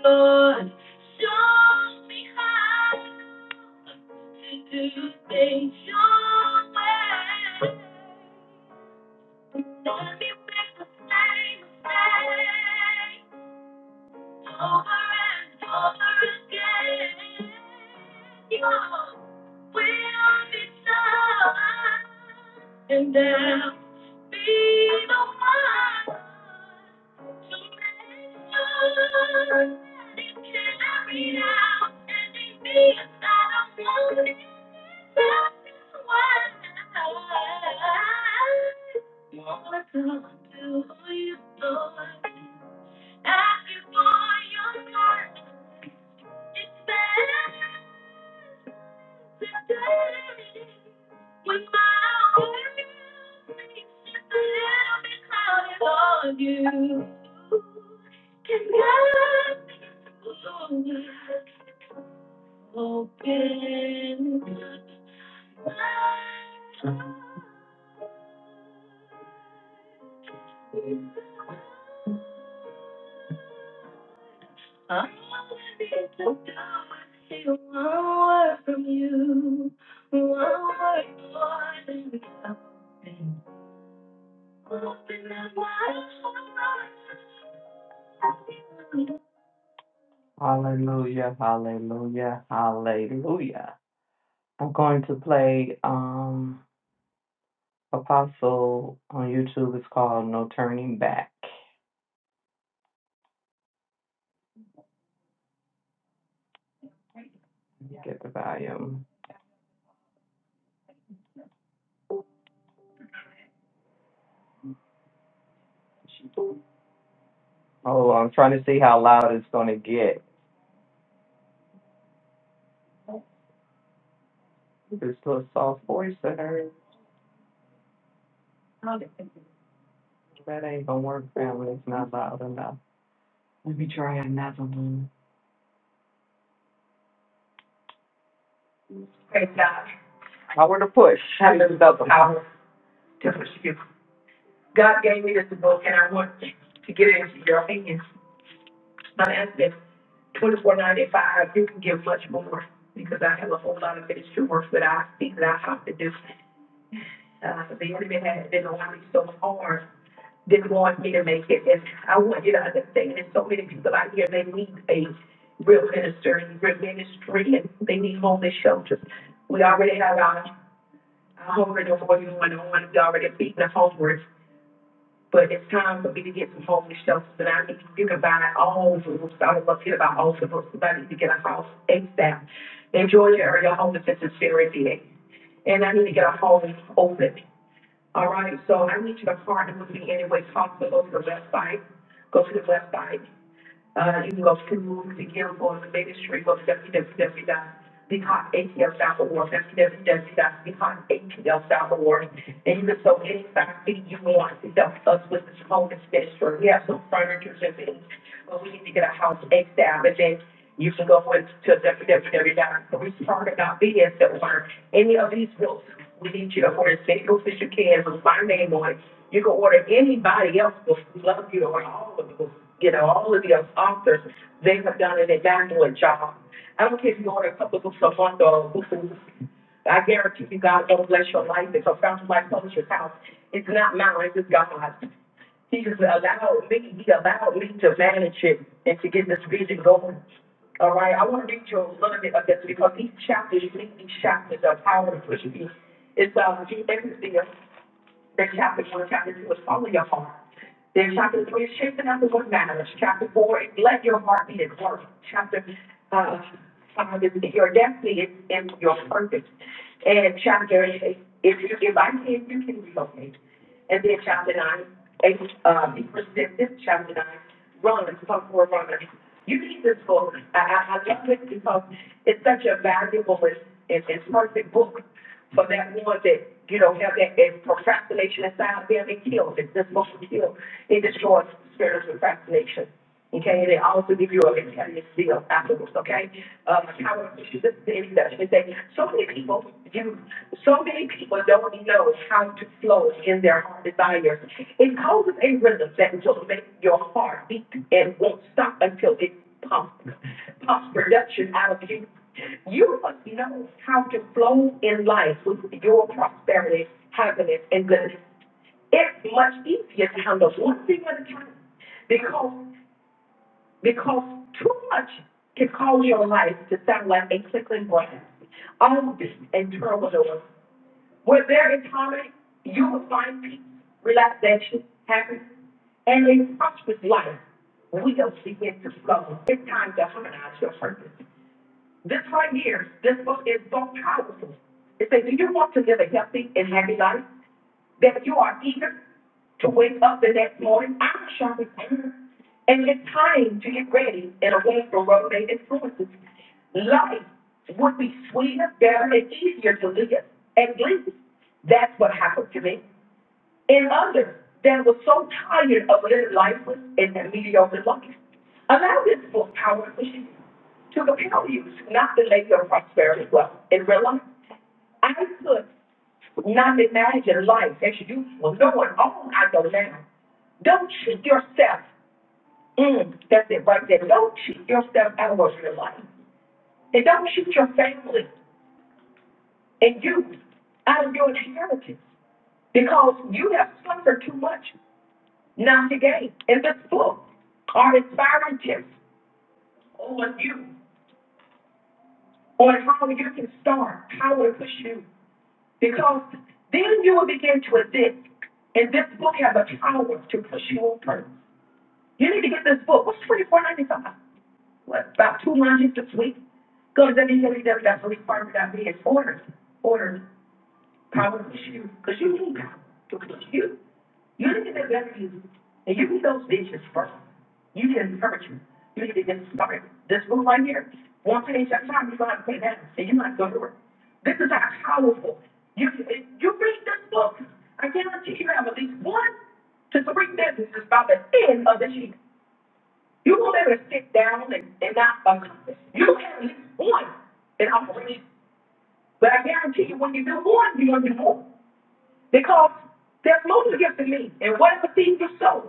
Lord, show me how. to stay your way. Let me make the same mistake. Over and over again, your will be done, and I'll be the one to make sure that it carried out and it means that I'm wanted just as one. More to do for you, Lord. Ask you for your heart. It's better today. When my heart just a little bit louder for you. Can God be open up my heart? All I need to do is hear one word from you. One word more than enough. Hallelujah, hallelujah, hallelujah. I'm going to play um Apostle on YouTube. It's called No Turning Back. Let me Get the volume. Oh, I'm trying to see how loud it's gonna get. This little soft voice I heard. That ain't gonna work, family. It's not loud enough. Power to push. Power to Hallelujah. God gave me this book, and I want to get it into your hands. Not asking twenty-four ninety-five. You can give much more because I have a whole lot of ministry work that I see that I have to do. Uh, the enemy has been on me so hard, didn't want me to make it, and I want you to understand. There's so many people out here they need a real minister and real ministry, and they need homeless shelters. We already have our, our hunger and the going on. We already feeding the hungry. But it's time for me to get some homeless shelters But I need. You can buy all over. I would love to hear about all over. Somebody need to get a house ASAP. In Georgia area, homelessness is very big. And I need to get a home open. All right, so I need you to partner with me anyway way possible. Go to the website. Go to the website. Uh, you can go to the ministry Council on the Ministry, go to www.becomeatl.org, that's www.becomeatl.org. And you can sow any size thing you want to help us with this home extension. We have some furniture and things, but we need to get a house ASAP. And then you can go into www.restarter.bs.org. Any of these books we need you to order single fish you can with my name on it. You can order anybody else will love you or all of you. You know, all of the authors, they have done an immaculate job. I don't care if you order a couple books a month or books a week. I guarantee you God will bless your life because Fountain Life Publishers House, it's not mine, it's God's. He He's allowed me, he allowed me to manage it and to get this vision going. All right, I want to read you a little bit of this because these chapters, you think these chapters are powerful. It's uh, everything. Then chapter one, chapter two is follow your heart. Then chapter three is shaping up the one marriage. Chapter four is let your heart be at work. Chapter uh, five is your destiny is in your purpose. And chapter eight, if you if I can, you can relocate. And then chapter nine, eight, uh, be persistent. Chapter nine, run, come for a run. You need this book. I, I, I love it because it's such a valuable and, and, and perfect book so that one that, you know, have that, that procrastination inside of them, it kills it. This motion kill. It destroys spiritual procrastination. Okay, and it also gives you a mentality feel afterwards, okay? Um, how, this is the introduction. It say, so many people do, so many people don't know how to flow in their desires. It causes a rhythm that will make your heart beat and won't stop until it pumps, pumps production out of you you must know how to flow in life with your prosperity, happiness, and goodness. It's much easier to handle one thing at a time because because too much can cause your life to sound like a tickling brain, upbeat and turmoil. Where there is harmony, you will find peace, relaxation, happiness, and a prosperous life will begin to flow. It's time to harmonize your purpose. This right here, this book is so powerful. It says, Do you want to live a healthy and happy life? That you are eager to wake up the next morning? I'm shopping. And it's time to get ready and away from roadmate influences. Life would be sweeter, better, and easier to live and live. That's what happened to me. And others that was so tired of living lifeless and that mediocre life. Allow this book, Power and Machine, to compel you to not delay your prosperity wealth in real life. I could not imagine life as you usual, knowing all I know now. Don't cheat yourself. Mm, that's it right there. Don't cheat yourself out of your life. And don't cheat your family and you out of your inheritance because you have suffered too much. Not today. If it's book, or inspiring tips on you, on how you can start, how it push you. Because then you will begin to exist. And this book has a power to push you on purpose. You need to get this book. What's twenty four ninety five? What about two lunches this week? Go to www.refarmer.biz. Order, order. politicians, because you need power to reach you. You need to invest in you, and you need those bitches first. You need encouragement. You need to get started. This move right here, one page at a time, you're going to pay that, and you're not going to work. This is how powerful. You, you read this book, I guarantee you have at least one to three businesses by the end of this year. You won't ever sit down and, and not accomplish. You have at least one in operation. But I guarantee you, when you do one, you're going to do more. Because there's motion given to me. And whatever seed you sow,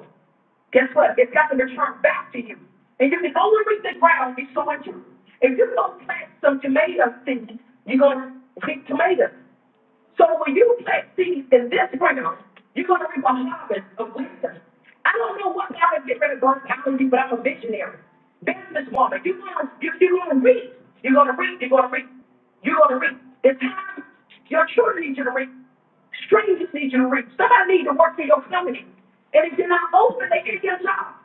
guess what? It's got to return back to you. And you can only and reach the ground you sow into. If you go plant some tomato seeds, you're going to pick tomatoes. So when you plant seeds in this ground, you're going to reap a harvest of wisdom. I don't know what God is getting ready to burst out of you, but I'm a visionary, businesswoman. You're going to you, you're going to reap. You're going to reap. You're going to reap. You're going to reap. It's time. Your children need you to reap. Strangers need you to reap. Somebody need to work for your company. And if you're not open, they get your job.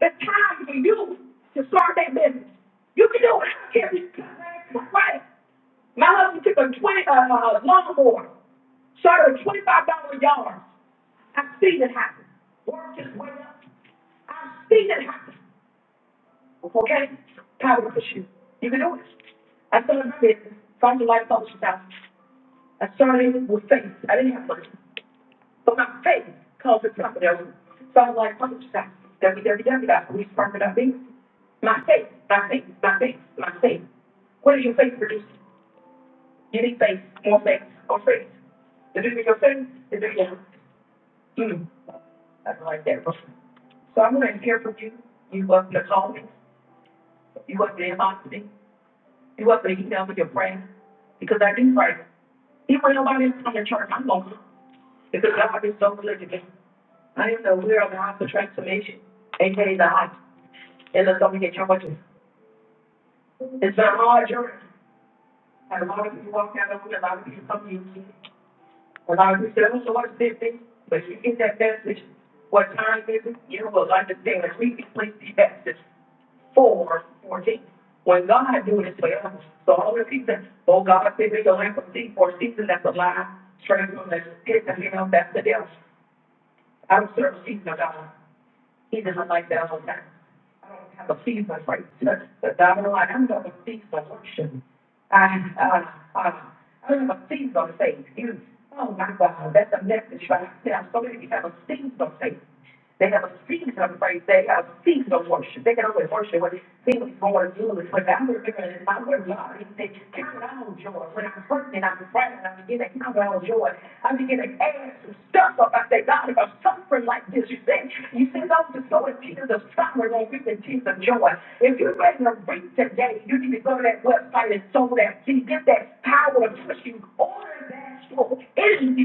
It's time for you to start that business. You can do it. I don't care if you got right. My husband took a twenty uh, uh lawnmower, started a twenty five dollar yard. I've seen it happen. Work his way up. I've seen it happen. Okay? Power push you. You can do it. I started my business, Foster Life Publishing House. I started with faith. I didn't have money. But my faith calls it something else. So I'm like, what is that? W W W, that's what we spark it up being. My faith, my faith, my faith, my faith. What is your faith producing? You need faith, more faith, or faith. Is it your faith? Is it your, mm, nothing right there. So I'm going to hear from you. You wasn't to call me. You wasn't to inbox me. You are breaking down with your friends because I think like even nobody else from the church, I'm going because God is so good to me. I am the we are the house of transformation, aka the house. And let's go get your It's been a hard journey. And a lot of people walk out of it, a lot of people come to you. Allow yourselves to watch busy, but you get that message, what time is it, you will understand, as we complete the message four fourteen. When God do this for us, so all the people, oh God, save me the lamp of thee for a season that's a lie, transformation, it's a hand that's the devil. I don't serve a season of God. He doesn't like that one. I don't have a fever for church, but I know I don't have a fever worship. I, uh, uh, I don't have a fever faith. You, oh my God, that's a message right there. So many people have a fever faith. They have a season of praise. They have a season of worship. They can always worship when things are going to do is when I remember in my word, God, he said, count it all joy. When I'm hurting, I'm praying, I begin to count it all joy. I begin to add some stuff up. I say, God, if I'm suffering like this, you said, you said those who sow in tears of suffering won't reap the tears of joy. If you're ready to reap today, you need to go to that website and sow that seed. Get that power to push you on so it is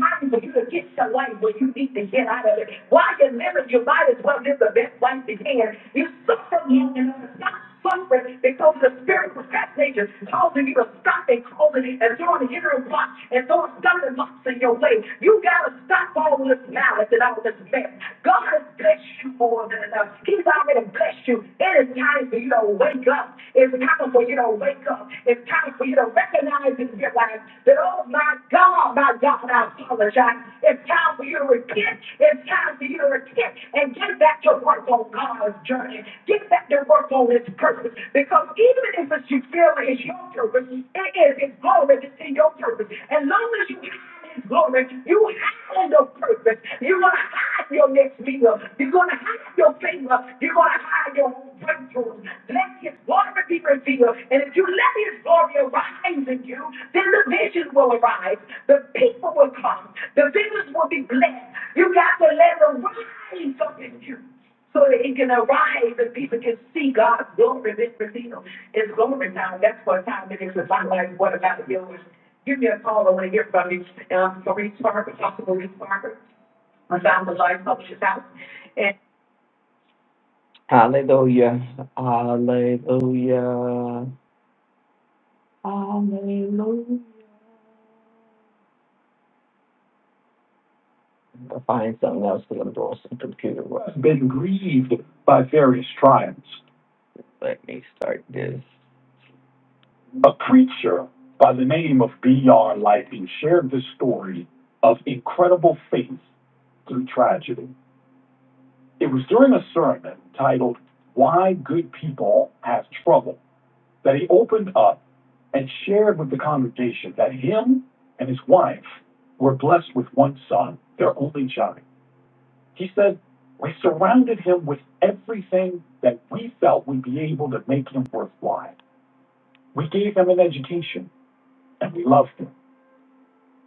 time for you to get your life where you need to get out of it. While you're married, you might as well live the best life you can. You suffer long enough to stop suffering because the spirit of that nature causing you to stop and causing and throwing hindering blocks and throwing stumbling blocks in your way. You gotta stop all this malice and all this mess. God has blessed you more than enough. He's already blessed you. It is time for you to wake up. It's time for you to to wake up. It's time for you to recognize in your life that, oh my God, my God, I apologize. It's time for you to repent. It's time for you to repent and get back to work on God's journey. Get back to work on His purpose. Because even if it's you feel it's your purpose, it is His glory to see your purpose. As long as you have hide his glory. You hide your purpose. You're going to hide your next meal. You're going to hide your favor. You're going to hide your breakthrough. Let his glory be revealed. And if you let his glory arise in you, then the vision will arise. The people will come. The visions will be blessed. You got to let it rise up in you so that it can arise and people can see God's glory being revealed. It's glory time. That's what time it is. It's not like, what about yours? Give me a call. I want to hear from you. Um, Maurice Parker, Dr. Maurice Parker. I found the Life Publishers House. And Hallelujah. Hallelujah. Hallelujah. I'll find something else because I'm doing some computer work. Has Been grieved by various trials. Let me start this. A preacher by the name of B.R. Lighting shared this story of incredible faith through tragedy. It was during a sermon titled Why Good People Have Trouble that he opened up and shared with the congregation that him and his wife were blessed with one son, their only child. He said, We surrounded him with everything that we felt would be able to make him worthwhile. We gave him an education and we loved him.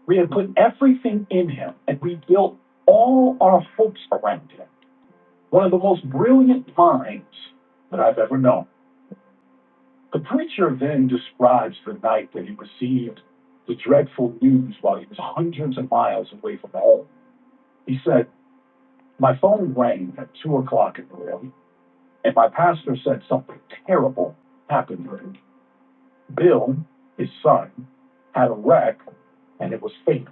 We had put everything in him and we built all our hopes around him. One of the most brilliant minds that I've ever known. The preacher then describes the night that he received the dreadful news while he was hundreds of miles away from home. He said, My phone rang at 2 o'clock in the morning, and my pastor said something terrible happened to him. Bill, his son, had a wreck and it was fatal.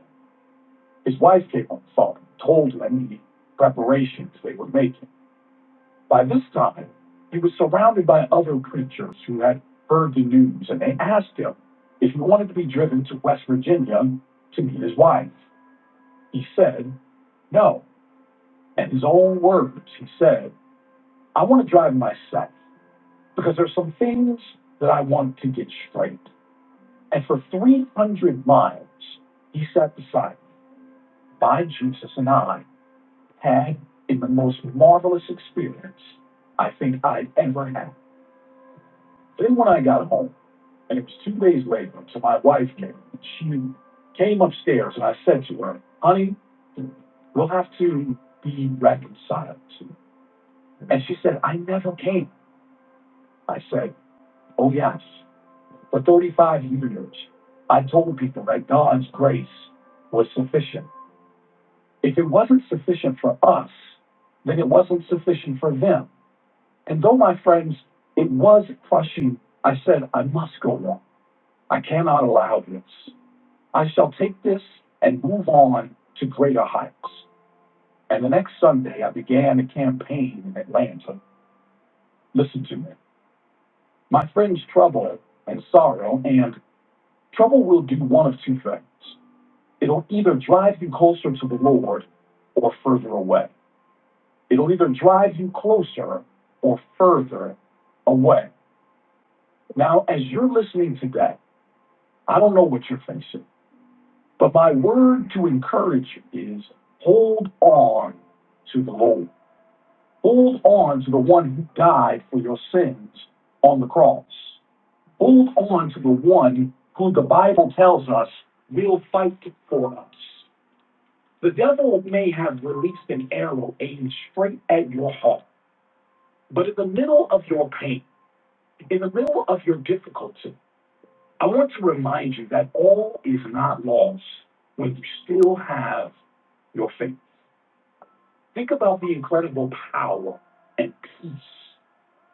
His wife came on the phone, told him the preparations they were making. By this time, he was surrounded by other preachers who had heard the news, and they asked him if he wanted to be driven to West Virginia to meet his wife. He said, No. In his own words, he said, I want to drive myself because there's some things that I want to get straight. And for 300 miles, he sat beside me, by Jesus and I, had in the most marvelous experience I think I'd ever had. Then when I got home, and it was two days later, so my wife came, and she came upstairs and I said to her, honey, we'll have to be reconciled. And she said, I never came. I said, oh yes. For 35 years, I told people that God's grace was sufficient. If it wasn't sufficient for us, then it wasn't sufficient for them. And though, my friends, it was crushing, I said, I must go on. I cannot allow this. I shall take this and move on to greater heights. And the next Sunday, I began a campaign in Atlanta. Listen to me. My friend's trouble and sorrow, and trouble will do one of two things. It'll either drive you closer to the Lord or further away. It'll either drive you closer or further away. Now, as you're listening today, I don't know what you're facing, but my word to encourage you is hold on to the Lord. Hold on to the one who died for your sins on the cross. Hold on to the one who the Bible tells us will fight for us. The devil may have released an arrow aimed straight at your heart, but in the middle of your pain, in the middle of your difficulty, I want to remind you that all is not lost when you still have your faith. Think about the incredible power and peace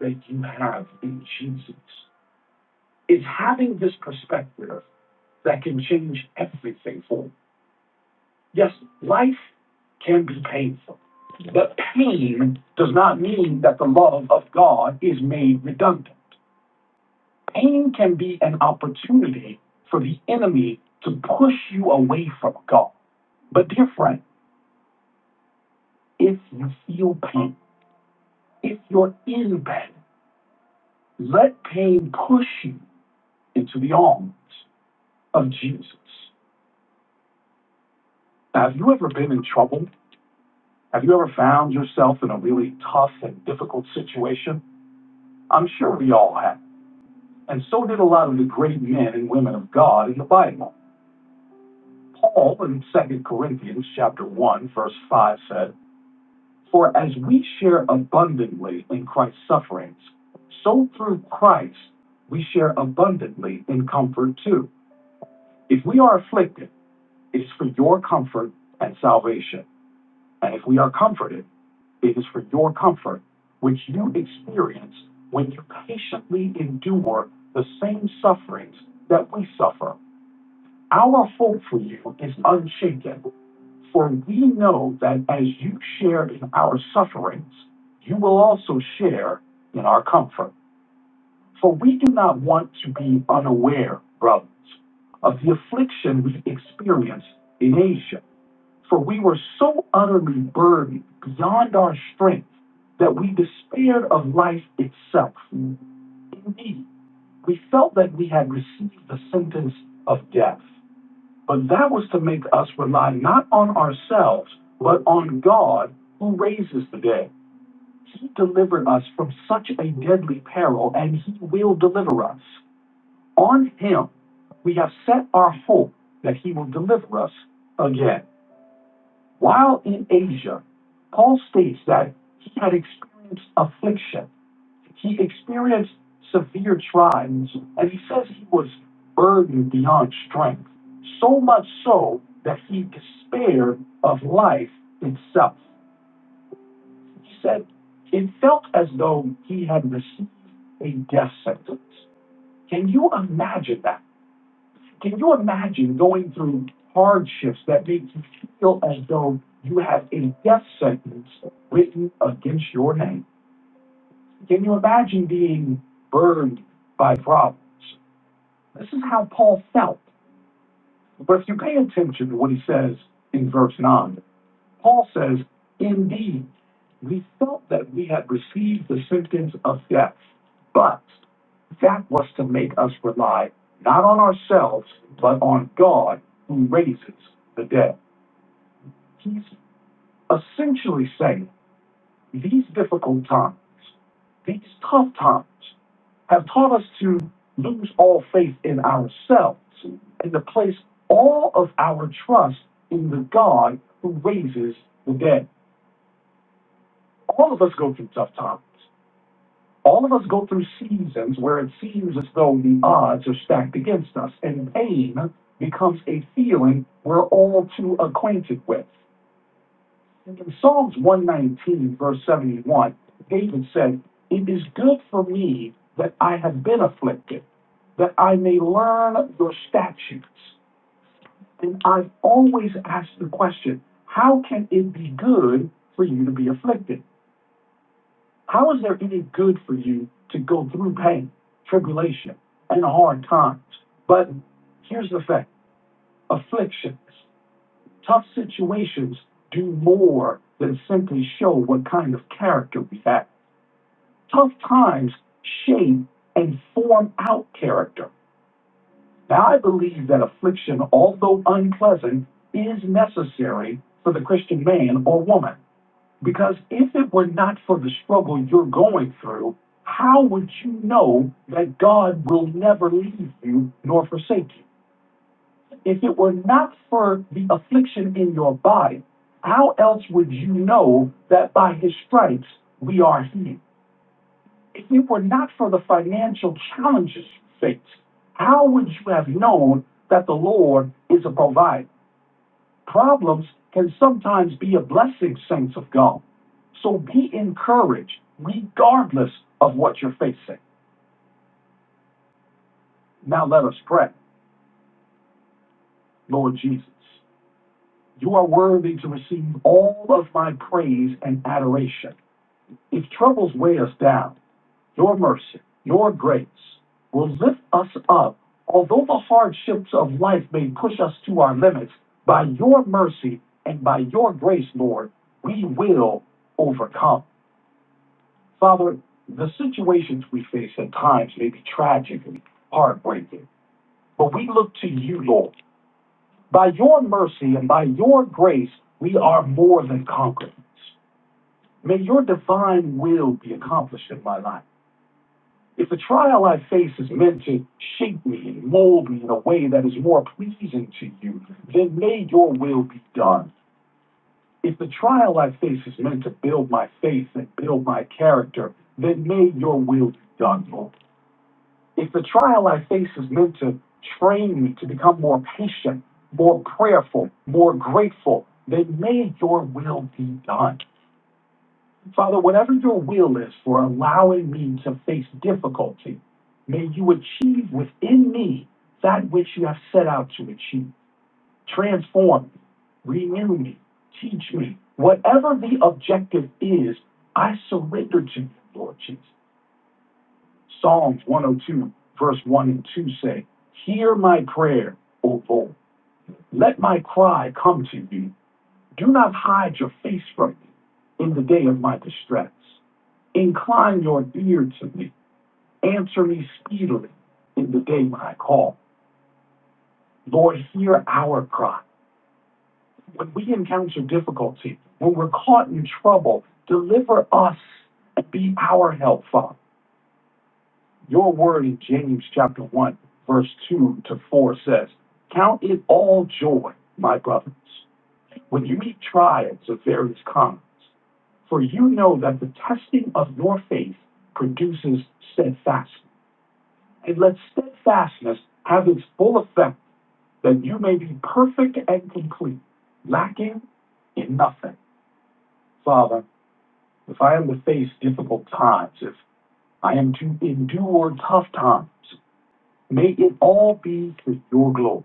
that you have in Jesus. It's having this perspective that can change everything for you. Yes, life can be painful, but pain does not mean that the love of God is made redundant. Pain can be an opportunity for the enemy to push you away from God. But, dear friend, if you feel pain, if you're in pain, let pain push you into the arms of Jesus. Now, have you ever been in trouble? Have you ever found yourself in a really tough and difficult situation? I'm sure we all have. And so did a lot of the great men and women of God in the Bible. Paul in Second Corinthians chapter 1, verse 5 says, For as we share abundantly in Christ's sufferings, so through Christ we share abundantly in comfort too. If we are afflicted, it is for your comfort and salvation. And if we are comforted, it is for your comfort, which you experience when you patiently endure the same sufferings that we suffer. Our hope for you is unshaken, for we know that as you share in our sufferings, you will also share in our comfort. For we do not want to be unaware, brothers, of the affliction we experienced in Asia. For we were so utterly burdened beyond our strength that we despaired of life itself. Indeed, we felt that we had received the sentence of death. But that was to make us rely not on ourselves, but on God who raises the dead. He delivered us from such a deadly peril, and He will deliver us. On Him, we have set our hope that He will deliver us again. While in Asia, Paul states that he had experienced affliction he experienced severe trials, and he says he was burdened beyond strength, so much so that he despaired of life itself. He said it felt as though he had received a death sentence. Can you imagine that? Can you imagine going through hardships that make you feel as though you have a death sentence written against your name? Can you imagine being burned by problems? This is how Paul felt. But if you pay attention to what he says in verse 9, Paul says, Indeed, we felt that we had received the sentence of death, but that was to make us rely not on ourselves, but on God who raises the dead. He's essentially saying these difficult times, these tough times, have taught us to lose all faith in ourselves and to place all of our trust in the God who raises the dead. All of us go through tough times. All of us go through seasons where it seems as though the odds are stacked against us, and pain becomes a feeling we're all too acquainted with. In Psalms 119, verse 71, David said, It is good for me that I have been afflicted, that I may learn your statutes. And I've always asked the question, How can it be good for you to be afflicted? How is there any good for you to go through pain, tribulation, and hard times? But here's the fact afflictions. tough situations do more than simply show what kind of character we have. Tough times shape and form out character. Now, I believe that affliction, although unpleasant, is necessary for the Christian man or woman. Because if it were not for the struggle you're going through, how would you know that God will never leave you nor forsake you? If it were not for the affliction in your body, how else would you know that by his stripes we are healed? If it were not for the financial challenges you face, how would you have known that the Lord is a provider? Problems can sometimes be a blessing, saints of God. So be encouraged regardless of what you're facing. Now let us pray. Lord Jesus, you are worthy to receive all of my praise and adoration. If troubles weigh us down, your mercy, your grace will lift us up. Although the hardships of life may push us to our limits, by your mercy and by your grace, Lord, we will overcome. Father, the situations we face at times may be tragic and heartbreaking, but we look to you, Lord. By your mercy and by your grace, we are more than conquerors. May your divine will be accomplished in my life. If the trial I face is meant to shape me and mold me in a way that is more pleasing to you, then may your will be done. If the trial I face is meant to build my faith and build my character, then may your will be done, Lord. If the trial I face is meant to train me to become more patient, more prayerful, more grateful, then may your will be done. Father, whatever your will is for allowing me to face difficulty, may you achieve within me that which you have set out to achieve. Transform me, renew me, teach me. Whatever the objective is, I surrender to you, Lord Jesus. Psalms 102, verse 1 and 2 say, Hear my prayer, O Lord. Let my cry come to you. Do not hide your face from me in the day of my distress. Incline your ear to me. Answer me speedily in the day when I call. Lord, hear our cry. When we encounter difficulty, when we're caught in trouble, deliver us and be our help, Father. Your word in James chapter 1, verse 2 to 4 says, Count it all joy, my brothers, when you meet trials of various kinds, for you know that the testing of your faith produces steadfastness. and let steadfastness have its full effect, that you may be perfect and complete, lacking in nothing. Father, if I am to face difficult times, if I am to endure tough times, may it all be for your glory.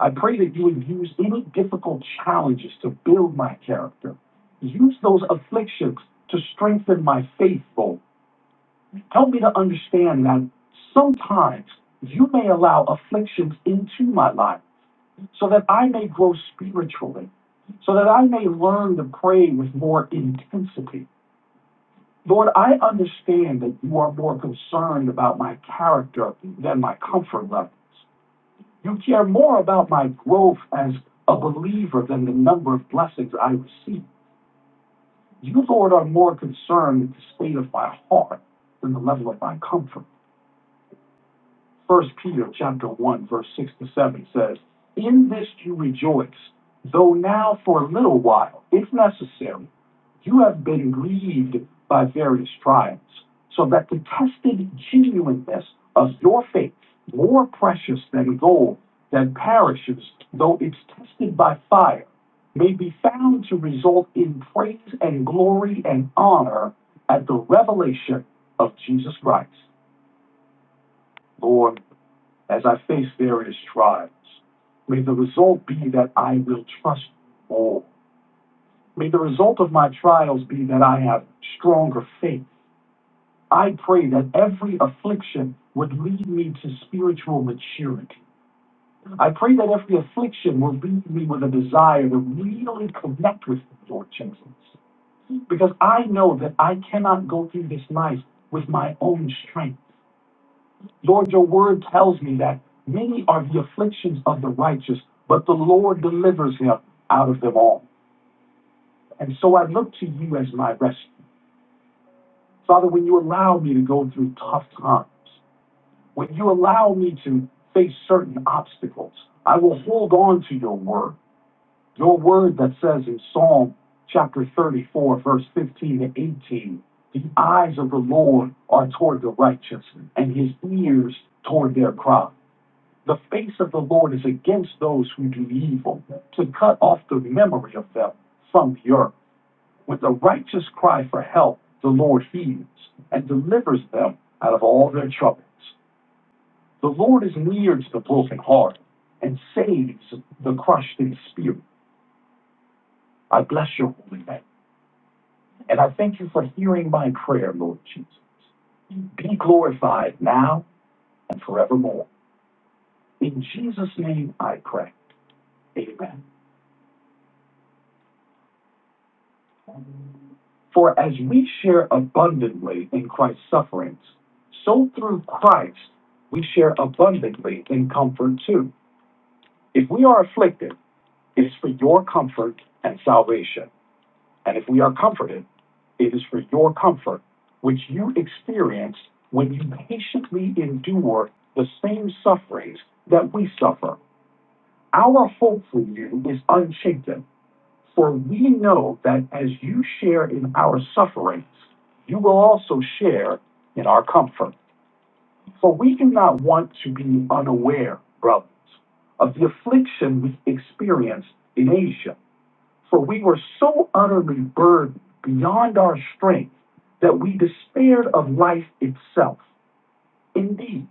I pray that you would use any difficult challenges to build my character. Use those afflictions to strengthen my faith, Lord. Help me to understand that sometimes you may allow afflictions into my life so that I may grow spiritually, so that I may learn to pray with more intensity. Lord, I understand that you are more concerned about my character than my comfort levels. You care more about my growth as a believer than the number of blessings I receive. You, Lord, are more concerned with the state of my heart than the level of my comfort. First Peter chapter one, verse six to seven says, In this you rejoice, though now for a little while, if necessary, you have been grieved by various trials, so that the tested genuineness of your faith, more precious than gold that perishes, though it's tested by fire, may be found to result in praise and glory and honor at the revelation of Jesus Christ. Lord, as I face various trials. May the result be that I will trust you all. May the result of my trials be that I have stronger faith. I pray that every affliction would lead me to spiritual maturity. I pray that every affliction will lead me with a desire to really connect with the Lord Jesus. Because I know that I cannot go through this life with my own strength. Lord, your word tells me that many are the afflictions of the righteous, but the Lord delivers him out of them all. And so I look to you as my rescue. Father, when you allow me to go through tough times, when you allow me to face certain obstacles, I will hold on to your word. Your word that says in Psalm chapter 34, verse 15 to 18, the eyes of the Lord are toward the righteous and his ears toward their cry. The face of the Lord is against those who do evil, to cut off the memory of them from the earth. With a righteous cry for help, the Lord heeds and delivers them out of all their troubles. The Lord is near to the broken heart and saves the crushed in spirit. I bless your holy name. And I thank you for hearing my prayer, Lord Jesus. Be glorified now and forevermore. In Jesus' name I pray. Amen. For as we share abundantly in Christ's sufferings, so through Christ we share abundantly in comfort too. If we are afflicted, it is for your comfort and salvation. And if we are comforted, it is for your comfort, which you experience when you patiently endure the same sufferings that we suffer. Our hope for you is unshaken for we know that as you share in our sufferings, you will also share in our comfort. For we do not want to be unaware, brothers, of the affliction we experienced in Asia. For we were so utterly burdened beyond our strength that we despaired of life itself. Indeed,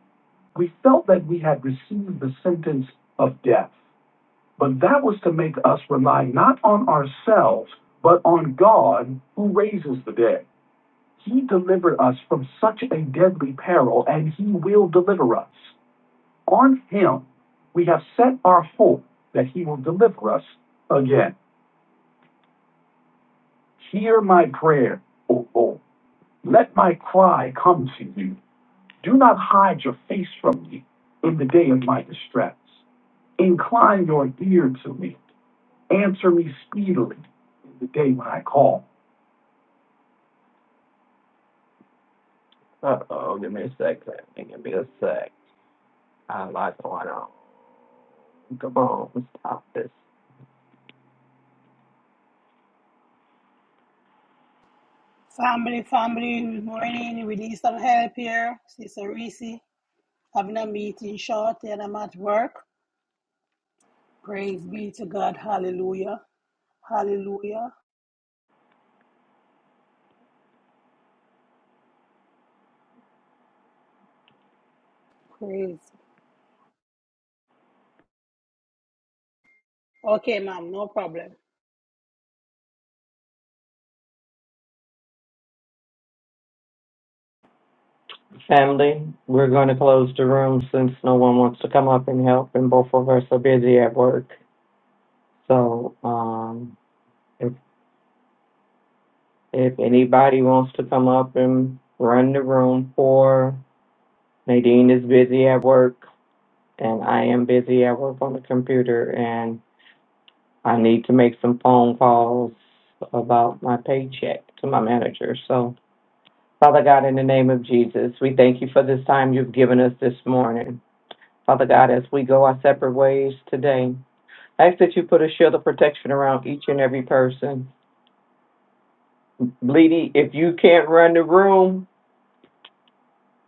we felt that we had received the sentence of death. But that was to make us rely not on ourselves, but on God who raises the dead. He delivered us from such a deadly peril, and He will deliver us. On Him we have set our hope that He will deliver us again. Hear my prayer, O Lord. Let my cry come to you. Do not hide your face from me in the day of my distress. Incline your ear to me. Answer me speedily in the day when I call. Uh-oh, give me a sec, Sammy. Give me a sec. I like going on. Come on, let's stop this.
Family, family, good morning. We need some help here. Sister Reese having a meeting short and I'm at work. Praise be to God. Hallelujah. Hallelujah. Praise. Okay, ma'am, no problem.
Family, we're going to close the room since no one wants to come up and help, and both of us are busy at work. So, um, if if anybody wants to come up and run the room or Nadine is busy at work, and I am busy at work on the computer, and I need to make some phone calls about my paycheck to my manager. So, Father God, in the name of Jesus, we thank you for this time you've given us this morning. Father God, as we go our separate ways today, I ask that you put a shield of protection around each and every person. Bleedy, if you can't run the room,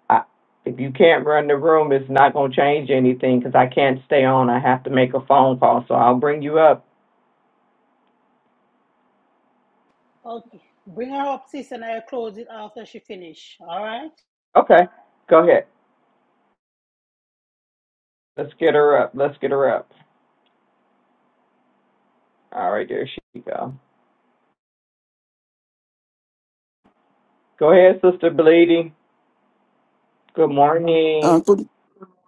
I, if you can't run the room, it's not going to change anything because I can't stay on. I have to make a phone call, so I'll bring you up.
Okay. Bring her up, sis, and I'll close it after she finish. All right?
Okay, go ahead. Let's get her up. Let's get her up. All right, there she go. Go ahead, Sister Bleedy. Good morning.
Uh, good,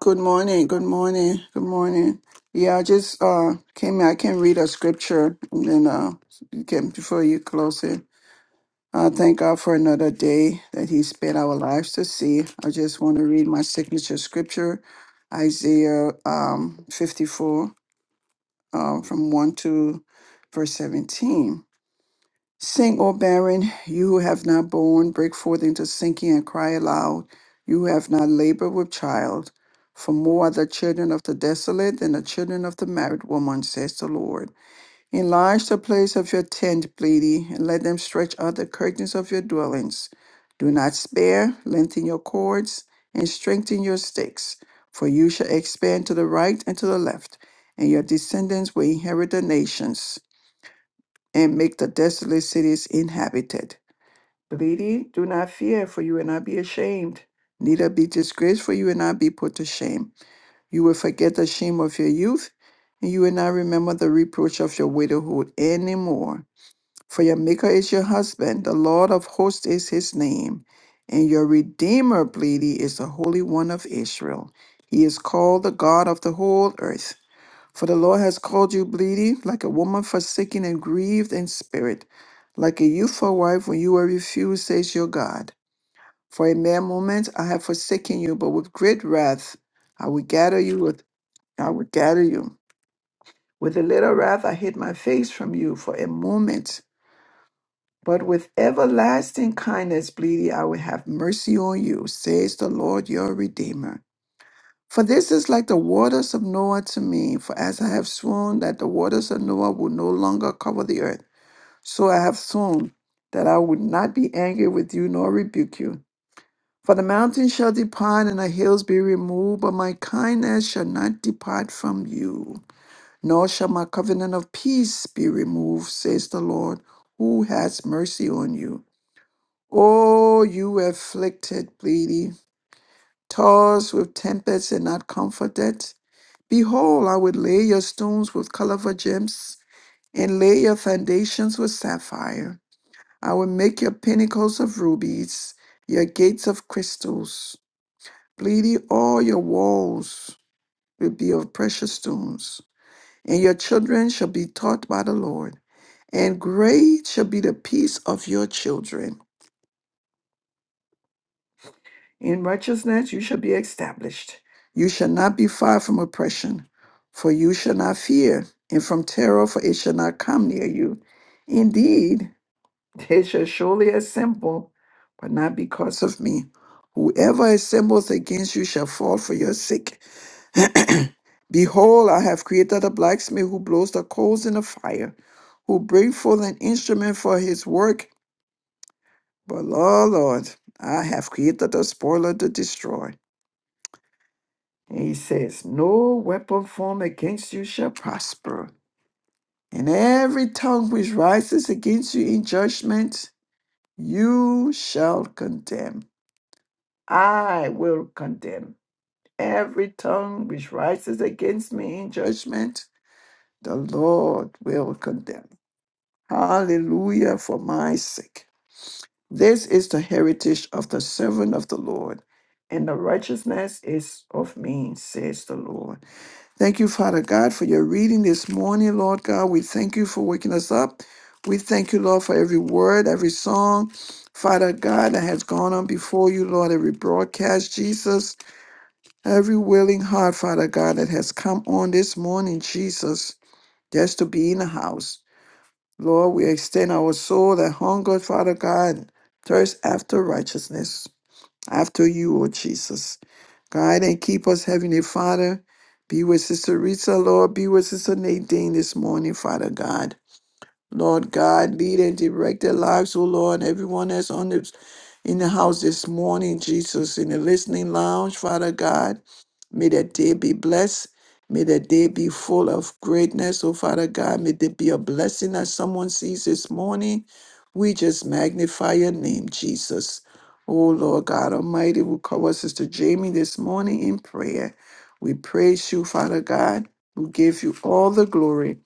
good morning. Good morning. Good morning. Yeah, I just uh came. in. I can read a scripture, and then uh, you can before you close it. Uh, thank God for another day that He spared our lives to see. I just want to read my signature scripture, Isaiah um fifty four, um from one to verse seventeen. Sing, O barren, you who have not borne, break forth into sinking and cry aloud, you who have not labored with child. For more are the children of the desolate than the children of the married woman, says the Lord. Enlarge the place of your tent, Bleedy, and let them stretch out the curtains of your dwellings. Do not spare, lengthen your cords, and strengthen your stakes, for you shall expand to the right and to the left, and your descendants will inherit the nations and make the desolate cities inhabited. Lady, do not fear, for you will not be ashamed, neither be disgraced, for you will not be put to shame. You will forget the shame of your youth, and you will not remember the reproach of your widowhood anymore. For your Maker is your husband, the Lord of hosts is his name, and your Redeemer, Lady, is the Holy One of Israel. He is called the God of the whole earth. For the Lord has called you bleeding, like a woman forsaken and grieved in spirit, like a youthful wife when you were refused, says your God. For a mere moment I have forsaken you, but with great wrath I will gather you with I will gather you. With a little wrath I hid my face from you for a moment. But with everlasting kindness, bleeding, I will have mercy on you, says the Lord your Redeemer. For this is like the waters of Noah to me, for as I have sworn that the waters of Noah will no longer cover the earth, so I have sworn that I would not be angry with you nor rebuke you. For the mountains shall depart and the hills be removed, but my kindness shall not depart from you, nor shall my covenant of peace be removed, says the Lord, who has mercy on you. O you afflicted, bleeding, tossed with tempests and not comforted, Behold, I would lay your stones with caliver gems, and lay your foundations with sapphire. I will make your pinnacles of rubies, your gates of crystals. Bleedy, all your walls will be of precious stones, and your children shall be taught by the Lord. And great shall be the peace of your children. In righteousness you shall be established. You shall not be far from oppression, for you shall not fear, and from terror, for it shall not come near you. Indeed, they shall surely assemble, but not because of me. Whoever assembles against you shall fall for your sake. Behold, I have created a blacksmith who blows the coals in the fire, who bring forth an instrument for his work. But, Lord, Lord, I have created a spoiler to destroy. And he says, No weapon formed against you shall prosper. And every tongue which rises against you in judgment, you shall condemn. I will condemn every tongue which rises against me in judgment, the Lord will condemn. Hallelujah for my sake. This is the heritage of the servant of the Lord, and the righteousness is of me, says the Lord. Thank you, Father God, for your reading this morning, Lord God. We thank you for waking us up. We thank you, Lord, for every word, every song, Father God, that has gone on before you, Lord, every broadcast, Jesus, every willing heart, Father God, that has come on this morning, Jesus, just to be in the house. Lord, we extend our soul that hunger, Father God, thirst after righteousness after you, O Jesus. Guide and keep us, Heavenly Father. Be with Sister Rita, Lord. Be with Sister Nadine this morning, Father God. Lord God, lead and direct their lives, oh Lord, everyone that's on this in the house this morning, Jesus, in the listening lounge, Father God. May that day be blessed. May that day be full of greatness, oh Father God. May there be a blessing that someone sees this morning. We just magnify your name, Jesus. Oh Lord God Almighty, we cover Sister Jamie this morning in prayer. We praise you, Father God. We give you all the glory.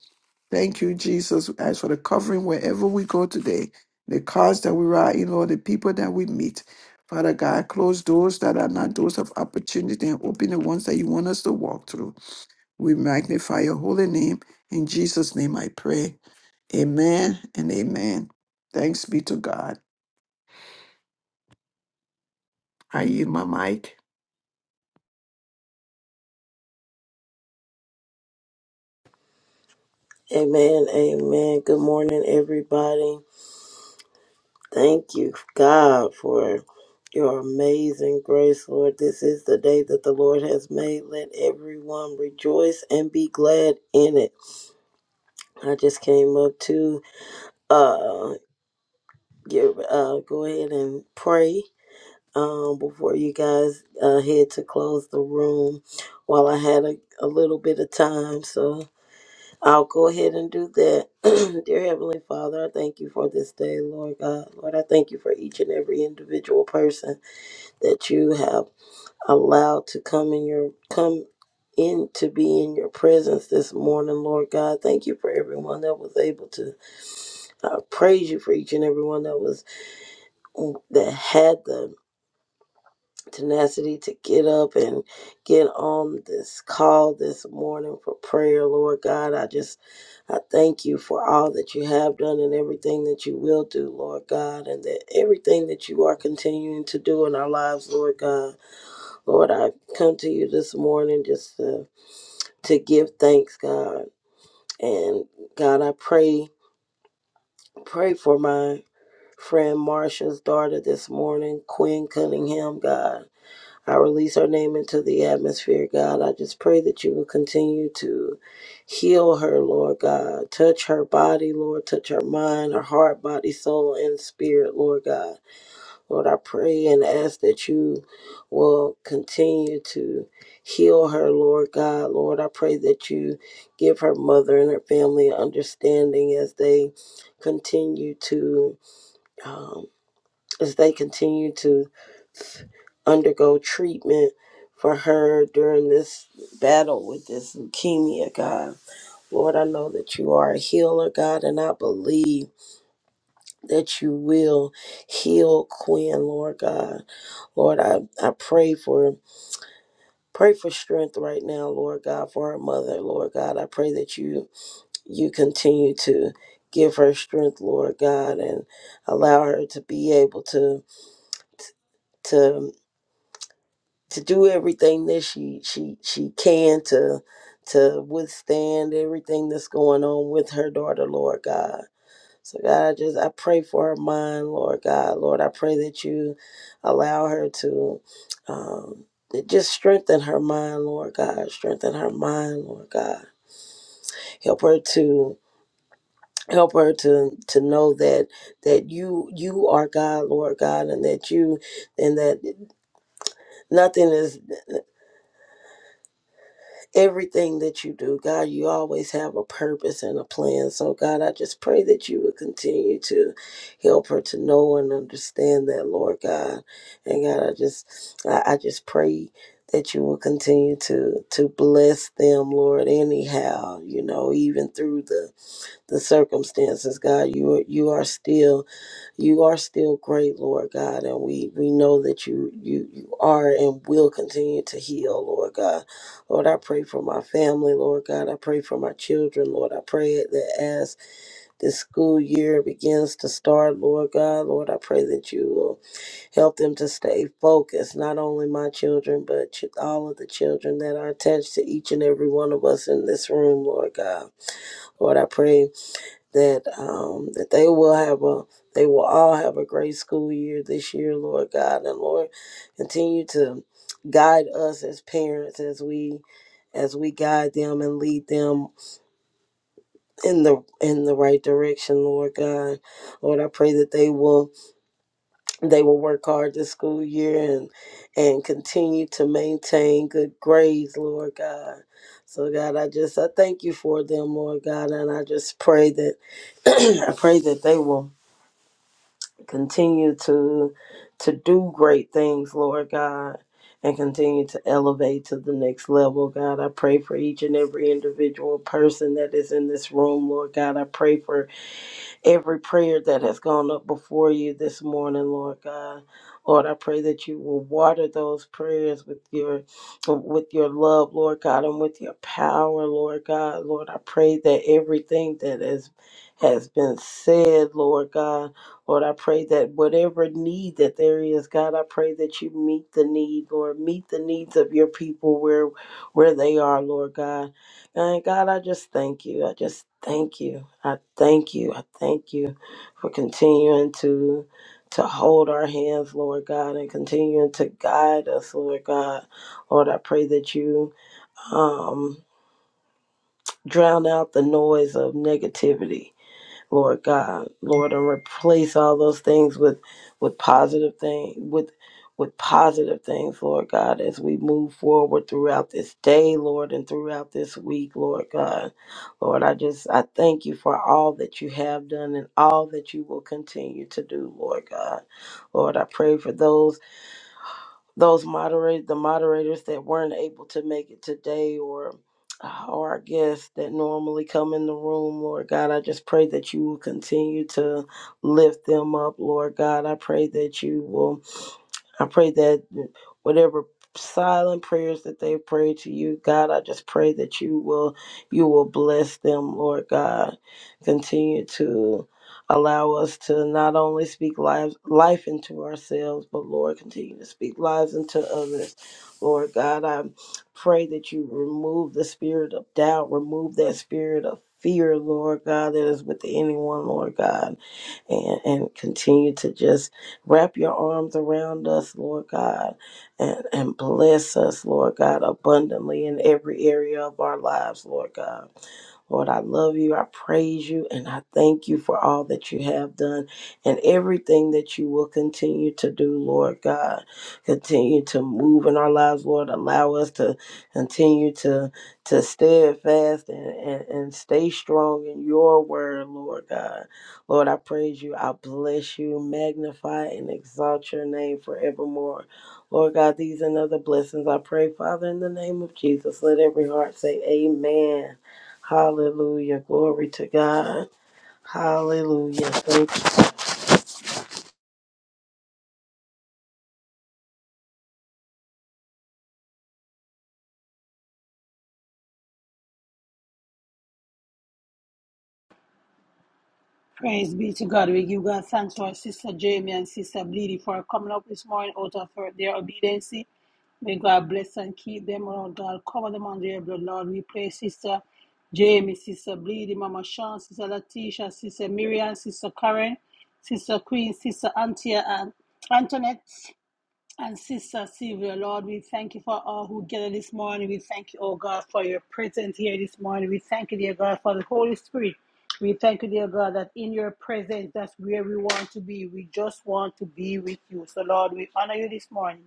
Thank you, Jesus. We ask for the covering wherever we go today, the cars that we ride in, Lord, the people that we meet. Father God, close doors that are not doors of opportunity and open the ones that you want us to walk through. We magnify your holy name. In Jesus' name I pray. Amen and amen. Thanks be to God. I yield my mic.
Amen. Amen. Good morning, everybody. Thank you, God, for your amazing grace, Lord. This is the day that the Lord has made. Let everyone rejoice and be glad in it. I just came up to uh, give, uh go ahead and pray um before you guys uh head to close the room while I had a, a little bit of time. So I'll go ahead and do that. Dear Heavenly Father, I thank you for this day, Lord God. Lord, I thank you for each and every individual person that you have allowed to come in your come in to be in your presence this morning, Lord God. Thank you for everyone that was able to I praise you for each and every one that was that had the tenacity to get up and get on this call this morning for prayer, Lord God. I just I thank you for all that you have done and everything that you will do, Lord God, and that everything that you are continuing to do in our lives, Lord God. Lord, I come to you this morning just to to give thanks, God. And God, I pray pray for my friend Marsha's daughter this morning, Quinn Cunningham, God. I release her name into the atmosphere, God. I just pray that you will continue to heal her, Lord God. Touch her body, Lord. Touch her mind, her heart, body, soul, and spirit, Lord God. Lord, I pray and ask that you will continue to heal her, Lord God. Lord, I pray that you give her mother and her family understanding as they continue to. Um, as they continue to undergo treatment for her during this battle with this leukemia, God. Lord, I know that you are a healer, God, and I believe that you will heal Quinn, Lord God. Lord, I, I pray for pray for strength right now, Lord God, for her mother, Lord God. I pray that you you continue to give her strength, Lord God, and allow her to be able to to to do everything that she she she can to to withstand everything that's going on with her daughter, Lord God. So God, I just I pray for her mind, Lord God. Lord, I pray that you allow her to um to just strengthen her mind, Lord God. Strengthen her mind, Lord God. Help her to help her to to know that that you you are God, Lord God, and that you and that nothing is everything that you do, God, you always have a purpose and a plan. So, God, I just pray that you would continue to help her to know and understand that, Lord God. And God, I just, I, I just pray that you will continue to to bless them, Lord. Anyhow, you know, even through the the circumstances, God, you are, you are still. You are still great, Lord God, and we, we know that you, you you are and will continue to heal, Lord God. Lord, I pray for my family, Lord God. I pray for my children, Lord. I pray that as this school year begins to start, Lord God, Lord, I pray that you will help them to stay focused, not only my children, but ch- all of the children that are attached to each and every one of us in this room, Lord God. Lord, I pray that um that they will have a they will all have a great school year this year, Lord God, and Lord continue to guide us as parents as we as we guide them and lead them in the in the right direction, Lord God. Lord, I pray that they will they will work hard this school year and and continue to maintain good grades, Lord God. So God, I just I thank you for them, Lord God, and I just pray that I pray that they will Continue to to do great things, Lord God, and continue to elevate to the next level, God. I pray for each and every individual person that is in this room, Lord God. I pray for every prayer that has gone up before you this morning, Lord God. Lord, I pray that you will water those prayers with your with your love, Lord God, and with your power, Lord God. Lord, I pray that everything that has has been said, Lord God. Lord, I pray that whatever need that there is, God, I pray that you meet the need, Lord. Meet the needs of your people where where they are, Lord God. And God, I just thank you. I just thank you. I thank you. I thank you for continuing to to hold our hands, Lord God, and continuing to guide us, Lord God. Lord, I pray that you um drown out the noise of negativity Lord God. Lord, and replace all those things with with positive things with with positive things, Lord God, as we move forward throughout this day, Lord, and throughout this week, Lord God. Lord, I just I thank you for all that you have done and all that you will continue to do, Lord God. Lord, I pray for those those moderate the moderators that weren't able to make it today or uh, or our guests that normally come in the room, Lord God, I just pray that you will continue to lift them up, Lord God. I pray that you will I pray that whatever silent prayers that they pray to you, God, I just pray that you will you will bless them, Lord God. Continue to Allow us to not only speak lives, life into ourselves, but Lord, continue to speak lives into others. Lord God, I pray that you remove the spirit of doubt, remove that spirit of fear, Lord God, that is with anyone, Lord God, and, and continue to just wrap your arms around us, Lord God, and, and bless us, Lord God, abundantly in every area of our lives, Lord God. Lord, I love you. I praise you. And I thank you for all that you have done and everything that you will continue to do, Lord God. Continue to move in our lives, Lord. Allow us to continue to, to steadfast and, and, and stay strong in your word, Lord God. Lord, I praise you. I bless you, magnify and exalt your name forevermore. Lord God, these and other blessings I pray, Father, in the name of Jesus. Let every heart say, Amen. Hallelujah. Glory to God. Hallelujah. Thank
Praise be to God. We give God thanks for our sister Jamie and sister Bleedy for coming up this morning out of her, their obedience. May God bless and keep them, Lord God. Cover them under your blood, Lord. We pray, sister Jamie, sister Bleedy, Mama Sean, sister Latisha, sister Miriam, sister Karen, sister Queen, sister Antia, and Antoinette, And Sister Sylvia, Lord, we thank you for all who gather this morning. We thank you, oh God, for your presence here this morning. We thank you, dear God, for the Holy Spirit. We thank you, dear God, that in your presence, that's where we want to be. We just want to be with you. So, Lord, we honor you this morning.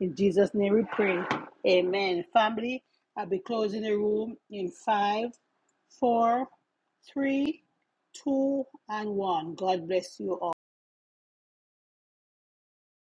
In Jesus' name we pray. Amen. Family, I'll be closing the room in five, four, three, two, and one. God bless you all.